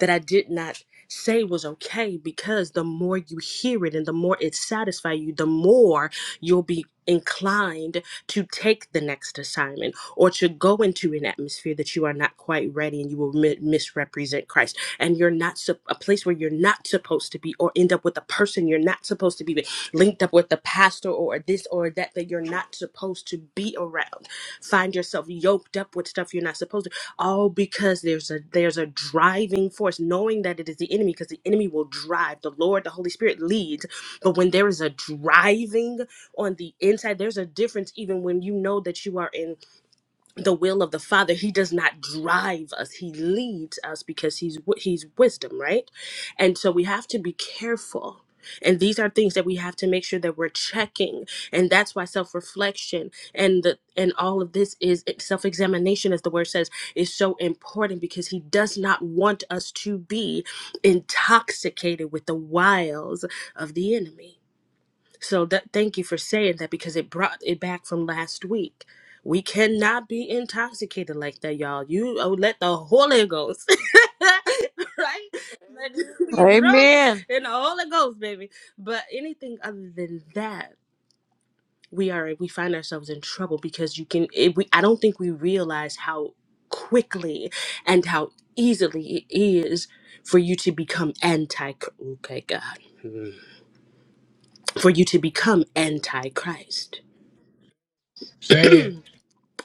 D: that I did not say was okay because the more you hear it and the more it satisfies you, the more you'll be inclined to take the next assignment or to go into an atmosphere that you are not quite ready and you will mi- misrepresent Christ and you're not sup- a place where you're not supposed to be or end up with a person you're not supposed to be with, linked up with a pastor or this or that that you're not supposed to be around find yourself yoked up with stuff you're not supposed all because there's a there's a driving force knowing that it is the enemy because the enemy will drive the lord the holy spirit leads but when there is a driving on the inside there's a difference even when you know that you are in the will of the father he does not drive us he leads us because he's wi- he's wisdom right and so we have to be careful and these are things that we have to make sure that we're checking and that's why self-reflection and the and all of this is self-examination as the word says is so important because he does not want us to be intoxicated with the wiles of the enemy so that thank you for saying that because it brought it back from last week. We cannot be intoxicated like that, y'all. You oh, let the Holy Ghost, right? Let you be drunk
B: Amen.
D: in the Holy Ghost, baby. But anything other than that, we are we find ourselves in trouble because you can. It, we I don't think we realize how quickly and how easily it is for you to become anti. Okay, God, for you to become anti Christ
A: Say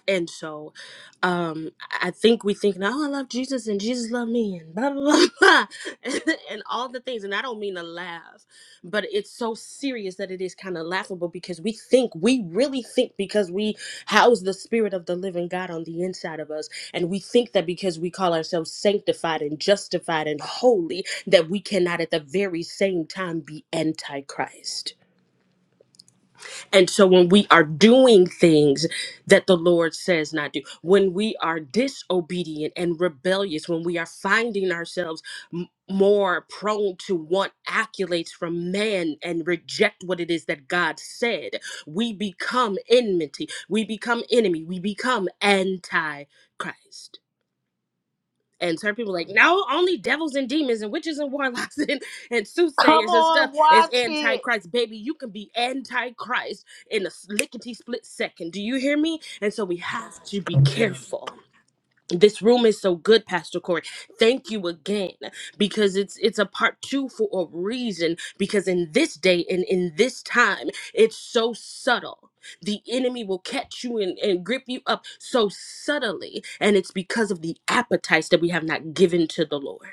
D: And so, um, I think we think now, oh, I love Jesus and Jesus loved me and blah blah blah, blah and all the things. And I don't mean to laugh, but it's so serious that it is kind of laughable because we think we really think because we house the spirit of the living God on the inside of us, and we think that because we call ourselves sanctified and justified and holy, that we cannot at the very same time be antichrist and so when we are doing things that the Lord says not do, when we are disobedient and rebellious, when we are finding ourselves m- more prone to want accolades from man and reject what it is that God said, we become enmity, we become enemy, we become anti Christ and certain people are like no only devils and demons and witches and warlocks and, and
H: Come
D: soothsayers and stuff
H: on,
D: is
H: watch it.
D: antichrist baby you can be antichrist in a lickety split second do you hear me and so we have to be
A: it.
D: careful this room is so good pastor corey thank you again because it's it's a part two for a reason because in this day and in this time it's so subtle the enemy will catch you and, and grip you up so subtly and it's because of the appetites that we have not given to the lord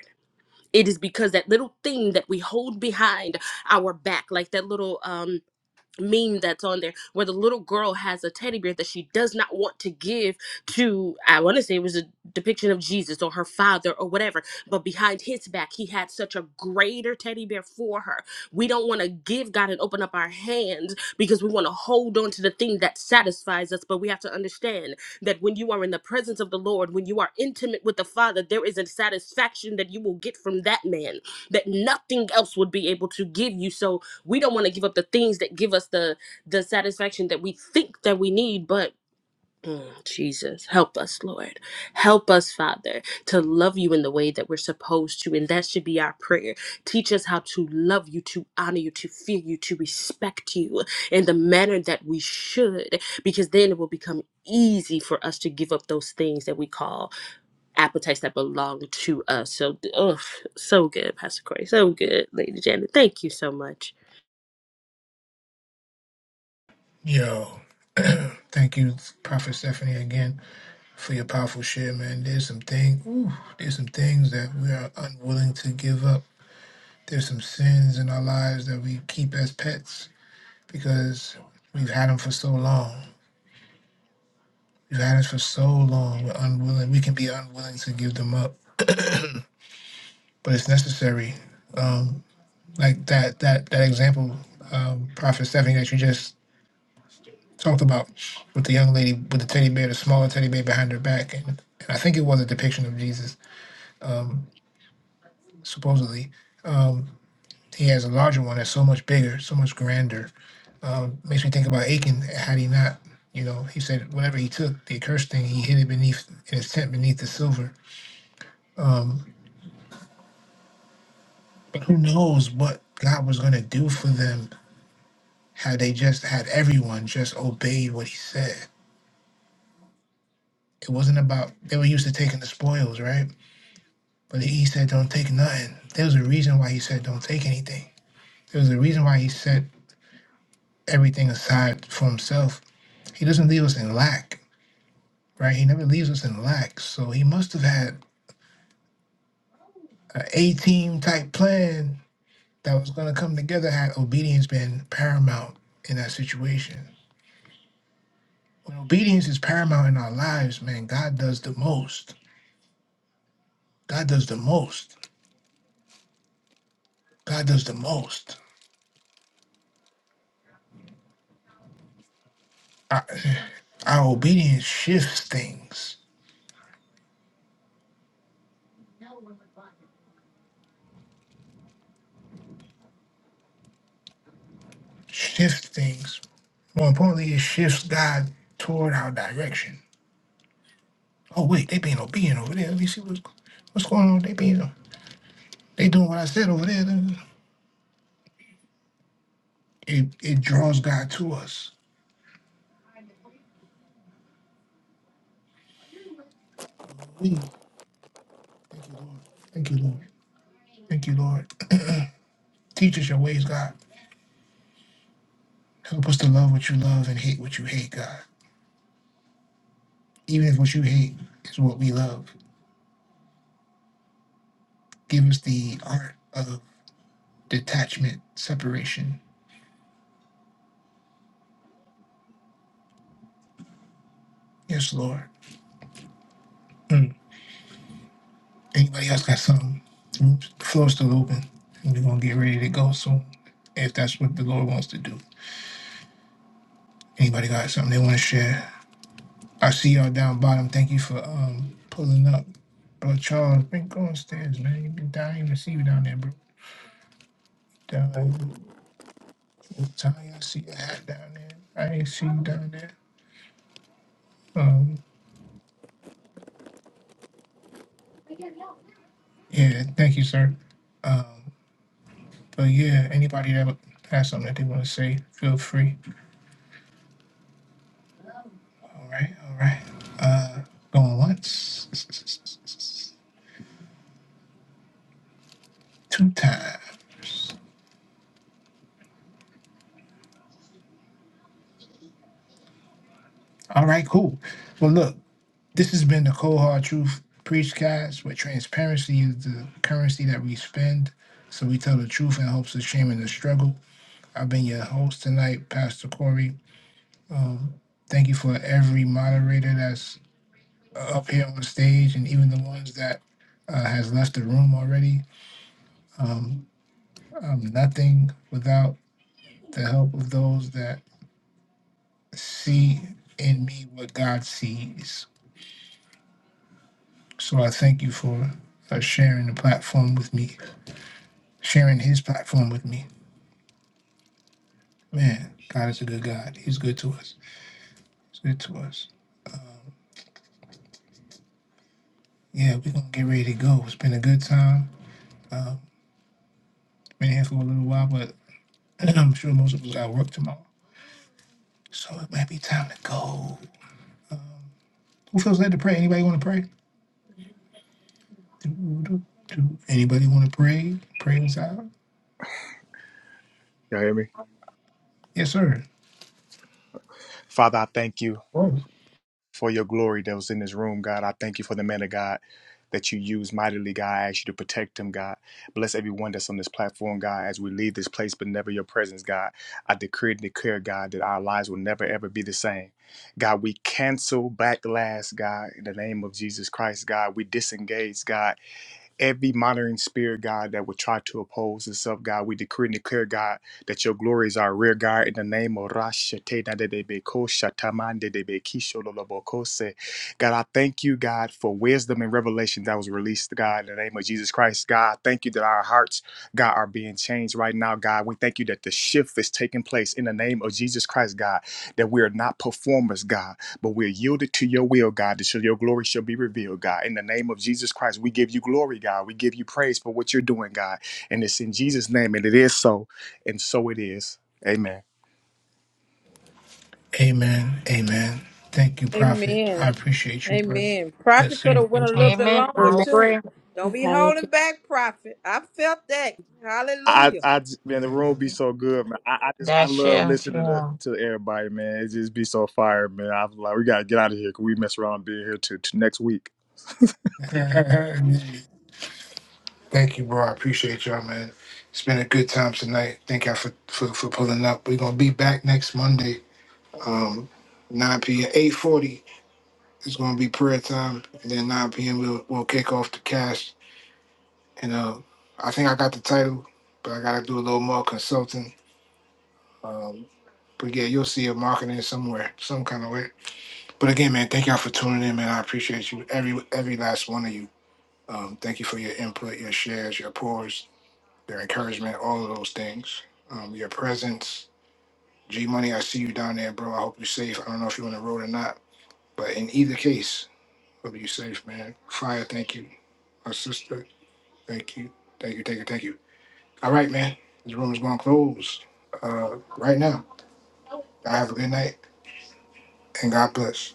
D: it is because that little thing that we hold behind our back like that little um meme that's on there where the little girl has a teddy bear that she does not want to give to i want to say it was a depiction of jesus or her father or whatever but behind his back he had such a greater teddy bear for her we don't want to give god and open up our hands because we want to hold on to the thing that satisfies us but we have to understand that when you are in the presence of the lord when you are intimate with the father there is a satisfaction that you will get from that man that nothing else would be able to give you so we don't want to give up the things that give us the the satisfaction that we think that we need but mm, jesus help us lord help us father to love you in the way that we're supposed to and that should be our prayer teach us how to love you to honor you to fear you to respect you in the manner that we should because then it will become easy for us to give up those things that we call appetites that belong to us so ugh, so good pastor corey so good lady janet thank you so much
A: Yo, thank you, Prophet Stephanie, again for your powerful share, man. There's some things, ooh, there's some things that we are unwilling to give up. There's some sins in our lives that we keep as pets because we've had them for so long. We've had it for so long. We're unwilling. We can be unwilling to give them up, but it's necessary. Um, like that that that example, um, Prophet Stephanie that you just talked about with the young lady with the teddy bear, the smaller teddy bear behind her back, and, and I think it was a depiction of Jesus supposedly. Um, he has a larger one that's so much bigger, so much grander. Makes me think about Achan. Had he not, you know, he said whatever he took, the accursed thing, he hid it beneath in his tent beneath the silver. But who knows what God was going to do for them had they just had everyone just obeyed what he said It wasn't about they were used to taking the spoils, right? But he said, "Don't take nothing." There was a reason why he said, "Don't take anything." There was a reason why he set everything aside for himself. He doesn't leave us in lack, right? He never leaves us in lack. So he must have had an A-team type plan that was going to come together had obedience been paramount in that situation. When obedience is paramount in our lives, man, God does the most. God does the most. God does the most. Our obedience shifts things, shifts things. More importantly, it shifts God toward our direction. Oh wait, they being obedient over there. Let me see what's what's going on. They being they doing what I said over there. It it draws God to us. We- Thank you, Lord. Thank you, Lord. Thank you, Lord. Teach us your ways, God. Help us to love what you love and hate what you hate, God. Even if what you hate is what we love. Give us the art of detachment, separation. Yes, Lord. Mm. Anybody else got something? Oops, the floor's still open. We're gonna get ready to go soon, if that's what the Lord wants to do. Anybody got something they want to share? I see y'all down bottom. Thank you for um pulling up, bro. Charles, been going stairs, man. You been down, I didn't even see you down there, bro. Down there, Tanya, I see your hat down there. I ain't see you down there. Um, yeah, thank you, sir. Um, but yeah, anybody that has something that they want to say, feel free. All right, all right. Uh, going once, two times. All right, cool. Well, look, this has been the Cold Hard Truth Preachcast, where transparency is the currency that we spend, so we tell the truth in hopes of shaming the struggle. I've been your host tonight, Pastor Corey. Thank you for every moderator that's up here on stage, and even the ones that uh, has left the room already. Um, I'm nothing without the help of those that see in me what God sees. So I thank you for uh, sharing the platform with me, sharing His platform with me. Man, God is a good God. He's good to us. He's good to us. Yeah, we're gonna get ready to go. It's been a good time. Been here for a little while, but I'm sure most of us got work tomorrow, so it might be time to go. Who feels led to pray? Anybody want to pray? Do, do, do. Anybody want to pray? Pray us out.
F: Y'all hear me?
A: Yes, sir.
F: Father, I thank you. for your glory that was in this room, God. I thank you for the man of God that you use mightily, God. I ask you to protect him, God. Bless everyone that's on this platform, God, as we leave this place, but never your presence, God. I decree and declare, God, that our lives will never, ever be the same. God, we cancel backlash, God, in the name of Jesus Christ, God. We disengage, God, every monitoring spirit, God, that would try to oppose itself, God. We decree and declare, God, that your glory is our rear guard in the name of Rasha Te Na De Rashate Nadebeko Shatamande Debekisho Lolobokose. God, I thank you, God, for wisdom and revelation that was released, God, in the name of Jesus Christ. God, I thank you that our hearts, God, are being changed right now, God. We thank you that the shift is taking place in the name of Jesus Christ, God, that we are not performers, God. But we're yielded to your will, God, that shall- your glory shall be revealed, God. In the name of Jesus Christ, we give you glory, God. We give you praise for what you're doing, God. And it's in Jesus' name, and it is so, and so it is. Amen.
A: Amen. Amen. Thank you, Prophet. I
B: Amen.
A: appreciate you, brother.
B: Amen.
A: Yes,
B: Prophet could
A: sir.
B: have went a
A: Yes,
B: little bit
J: Amen.
B: longer
J: I
B: too.
J: agree.
B: Don't be
D: I agree.
B: holding back, prophet. I felt that.
F: I,
B: Hallelujah.
F: I, j- man, the room be so good, man. I, I just, I
J: That
F: love
J: shift,
F: listening to,
J: yeah.
F: to everybody, man. It just be so fire, man. I was like, we gotta get out of here, cause we mess around being here to, to next week.
A: sir. Thank you, bro. I appreciate y'all, man. It's been a good time tonight. Thank y'all for, for, for pulling up. We're gonna be back next Monday, um, 9 p.m. 8:40 It's gonna be prayer time, and then 9 p.m. we'll we'll kick off the cast. And uh, I think I got the title, but I gotta do a little more consulting. Um, but yeah, you'll see a marketing somewhere, some kind of way. But again, man, thank y'all for tuning in, man. I appreciate you, every every last one of you. Um, thank you for your input, your shares, your pours, your encouragement, all of those things. Um, your presence, G Money. I see you down there, bro. I hope you're safe. I don't know if you're on the road or not, but in either case, hope you're safe, man. Fire, thank you. My sister, thank you, thank you, thank you, thank you. All right, man. This room is going to close uh, right now. Y'all have a good night and God bless.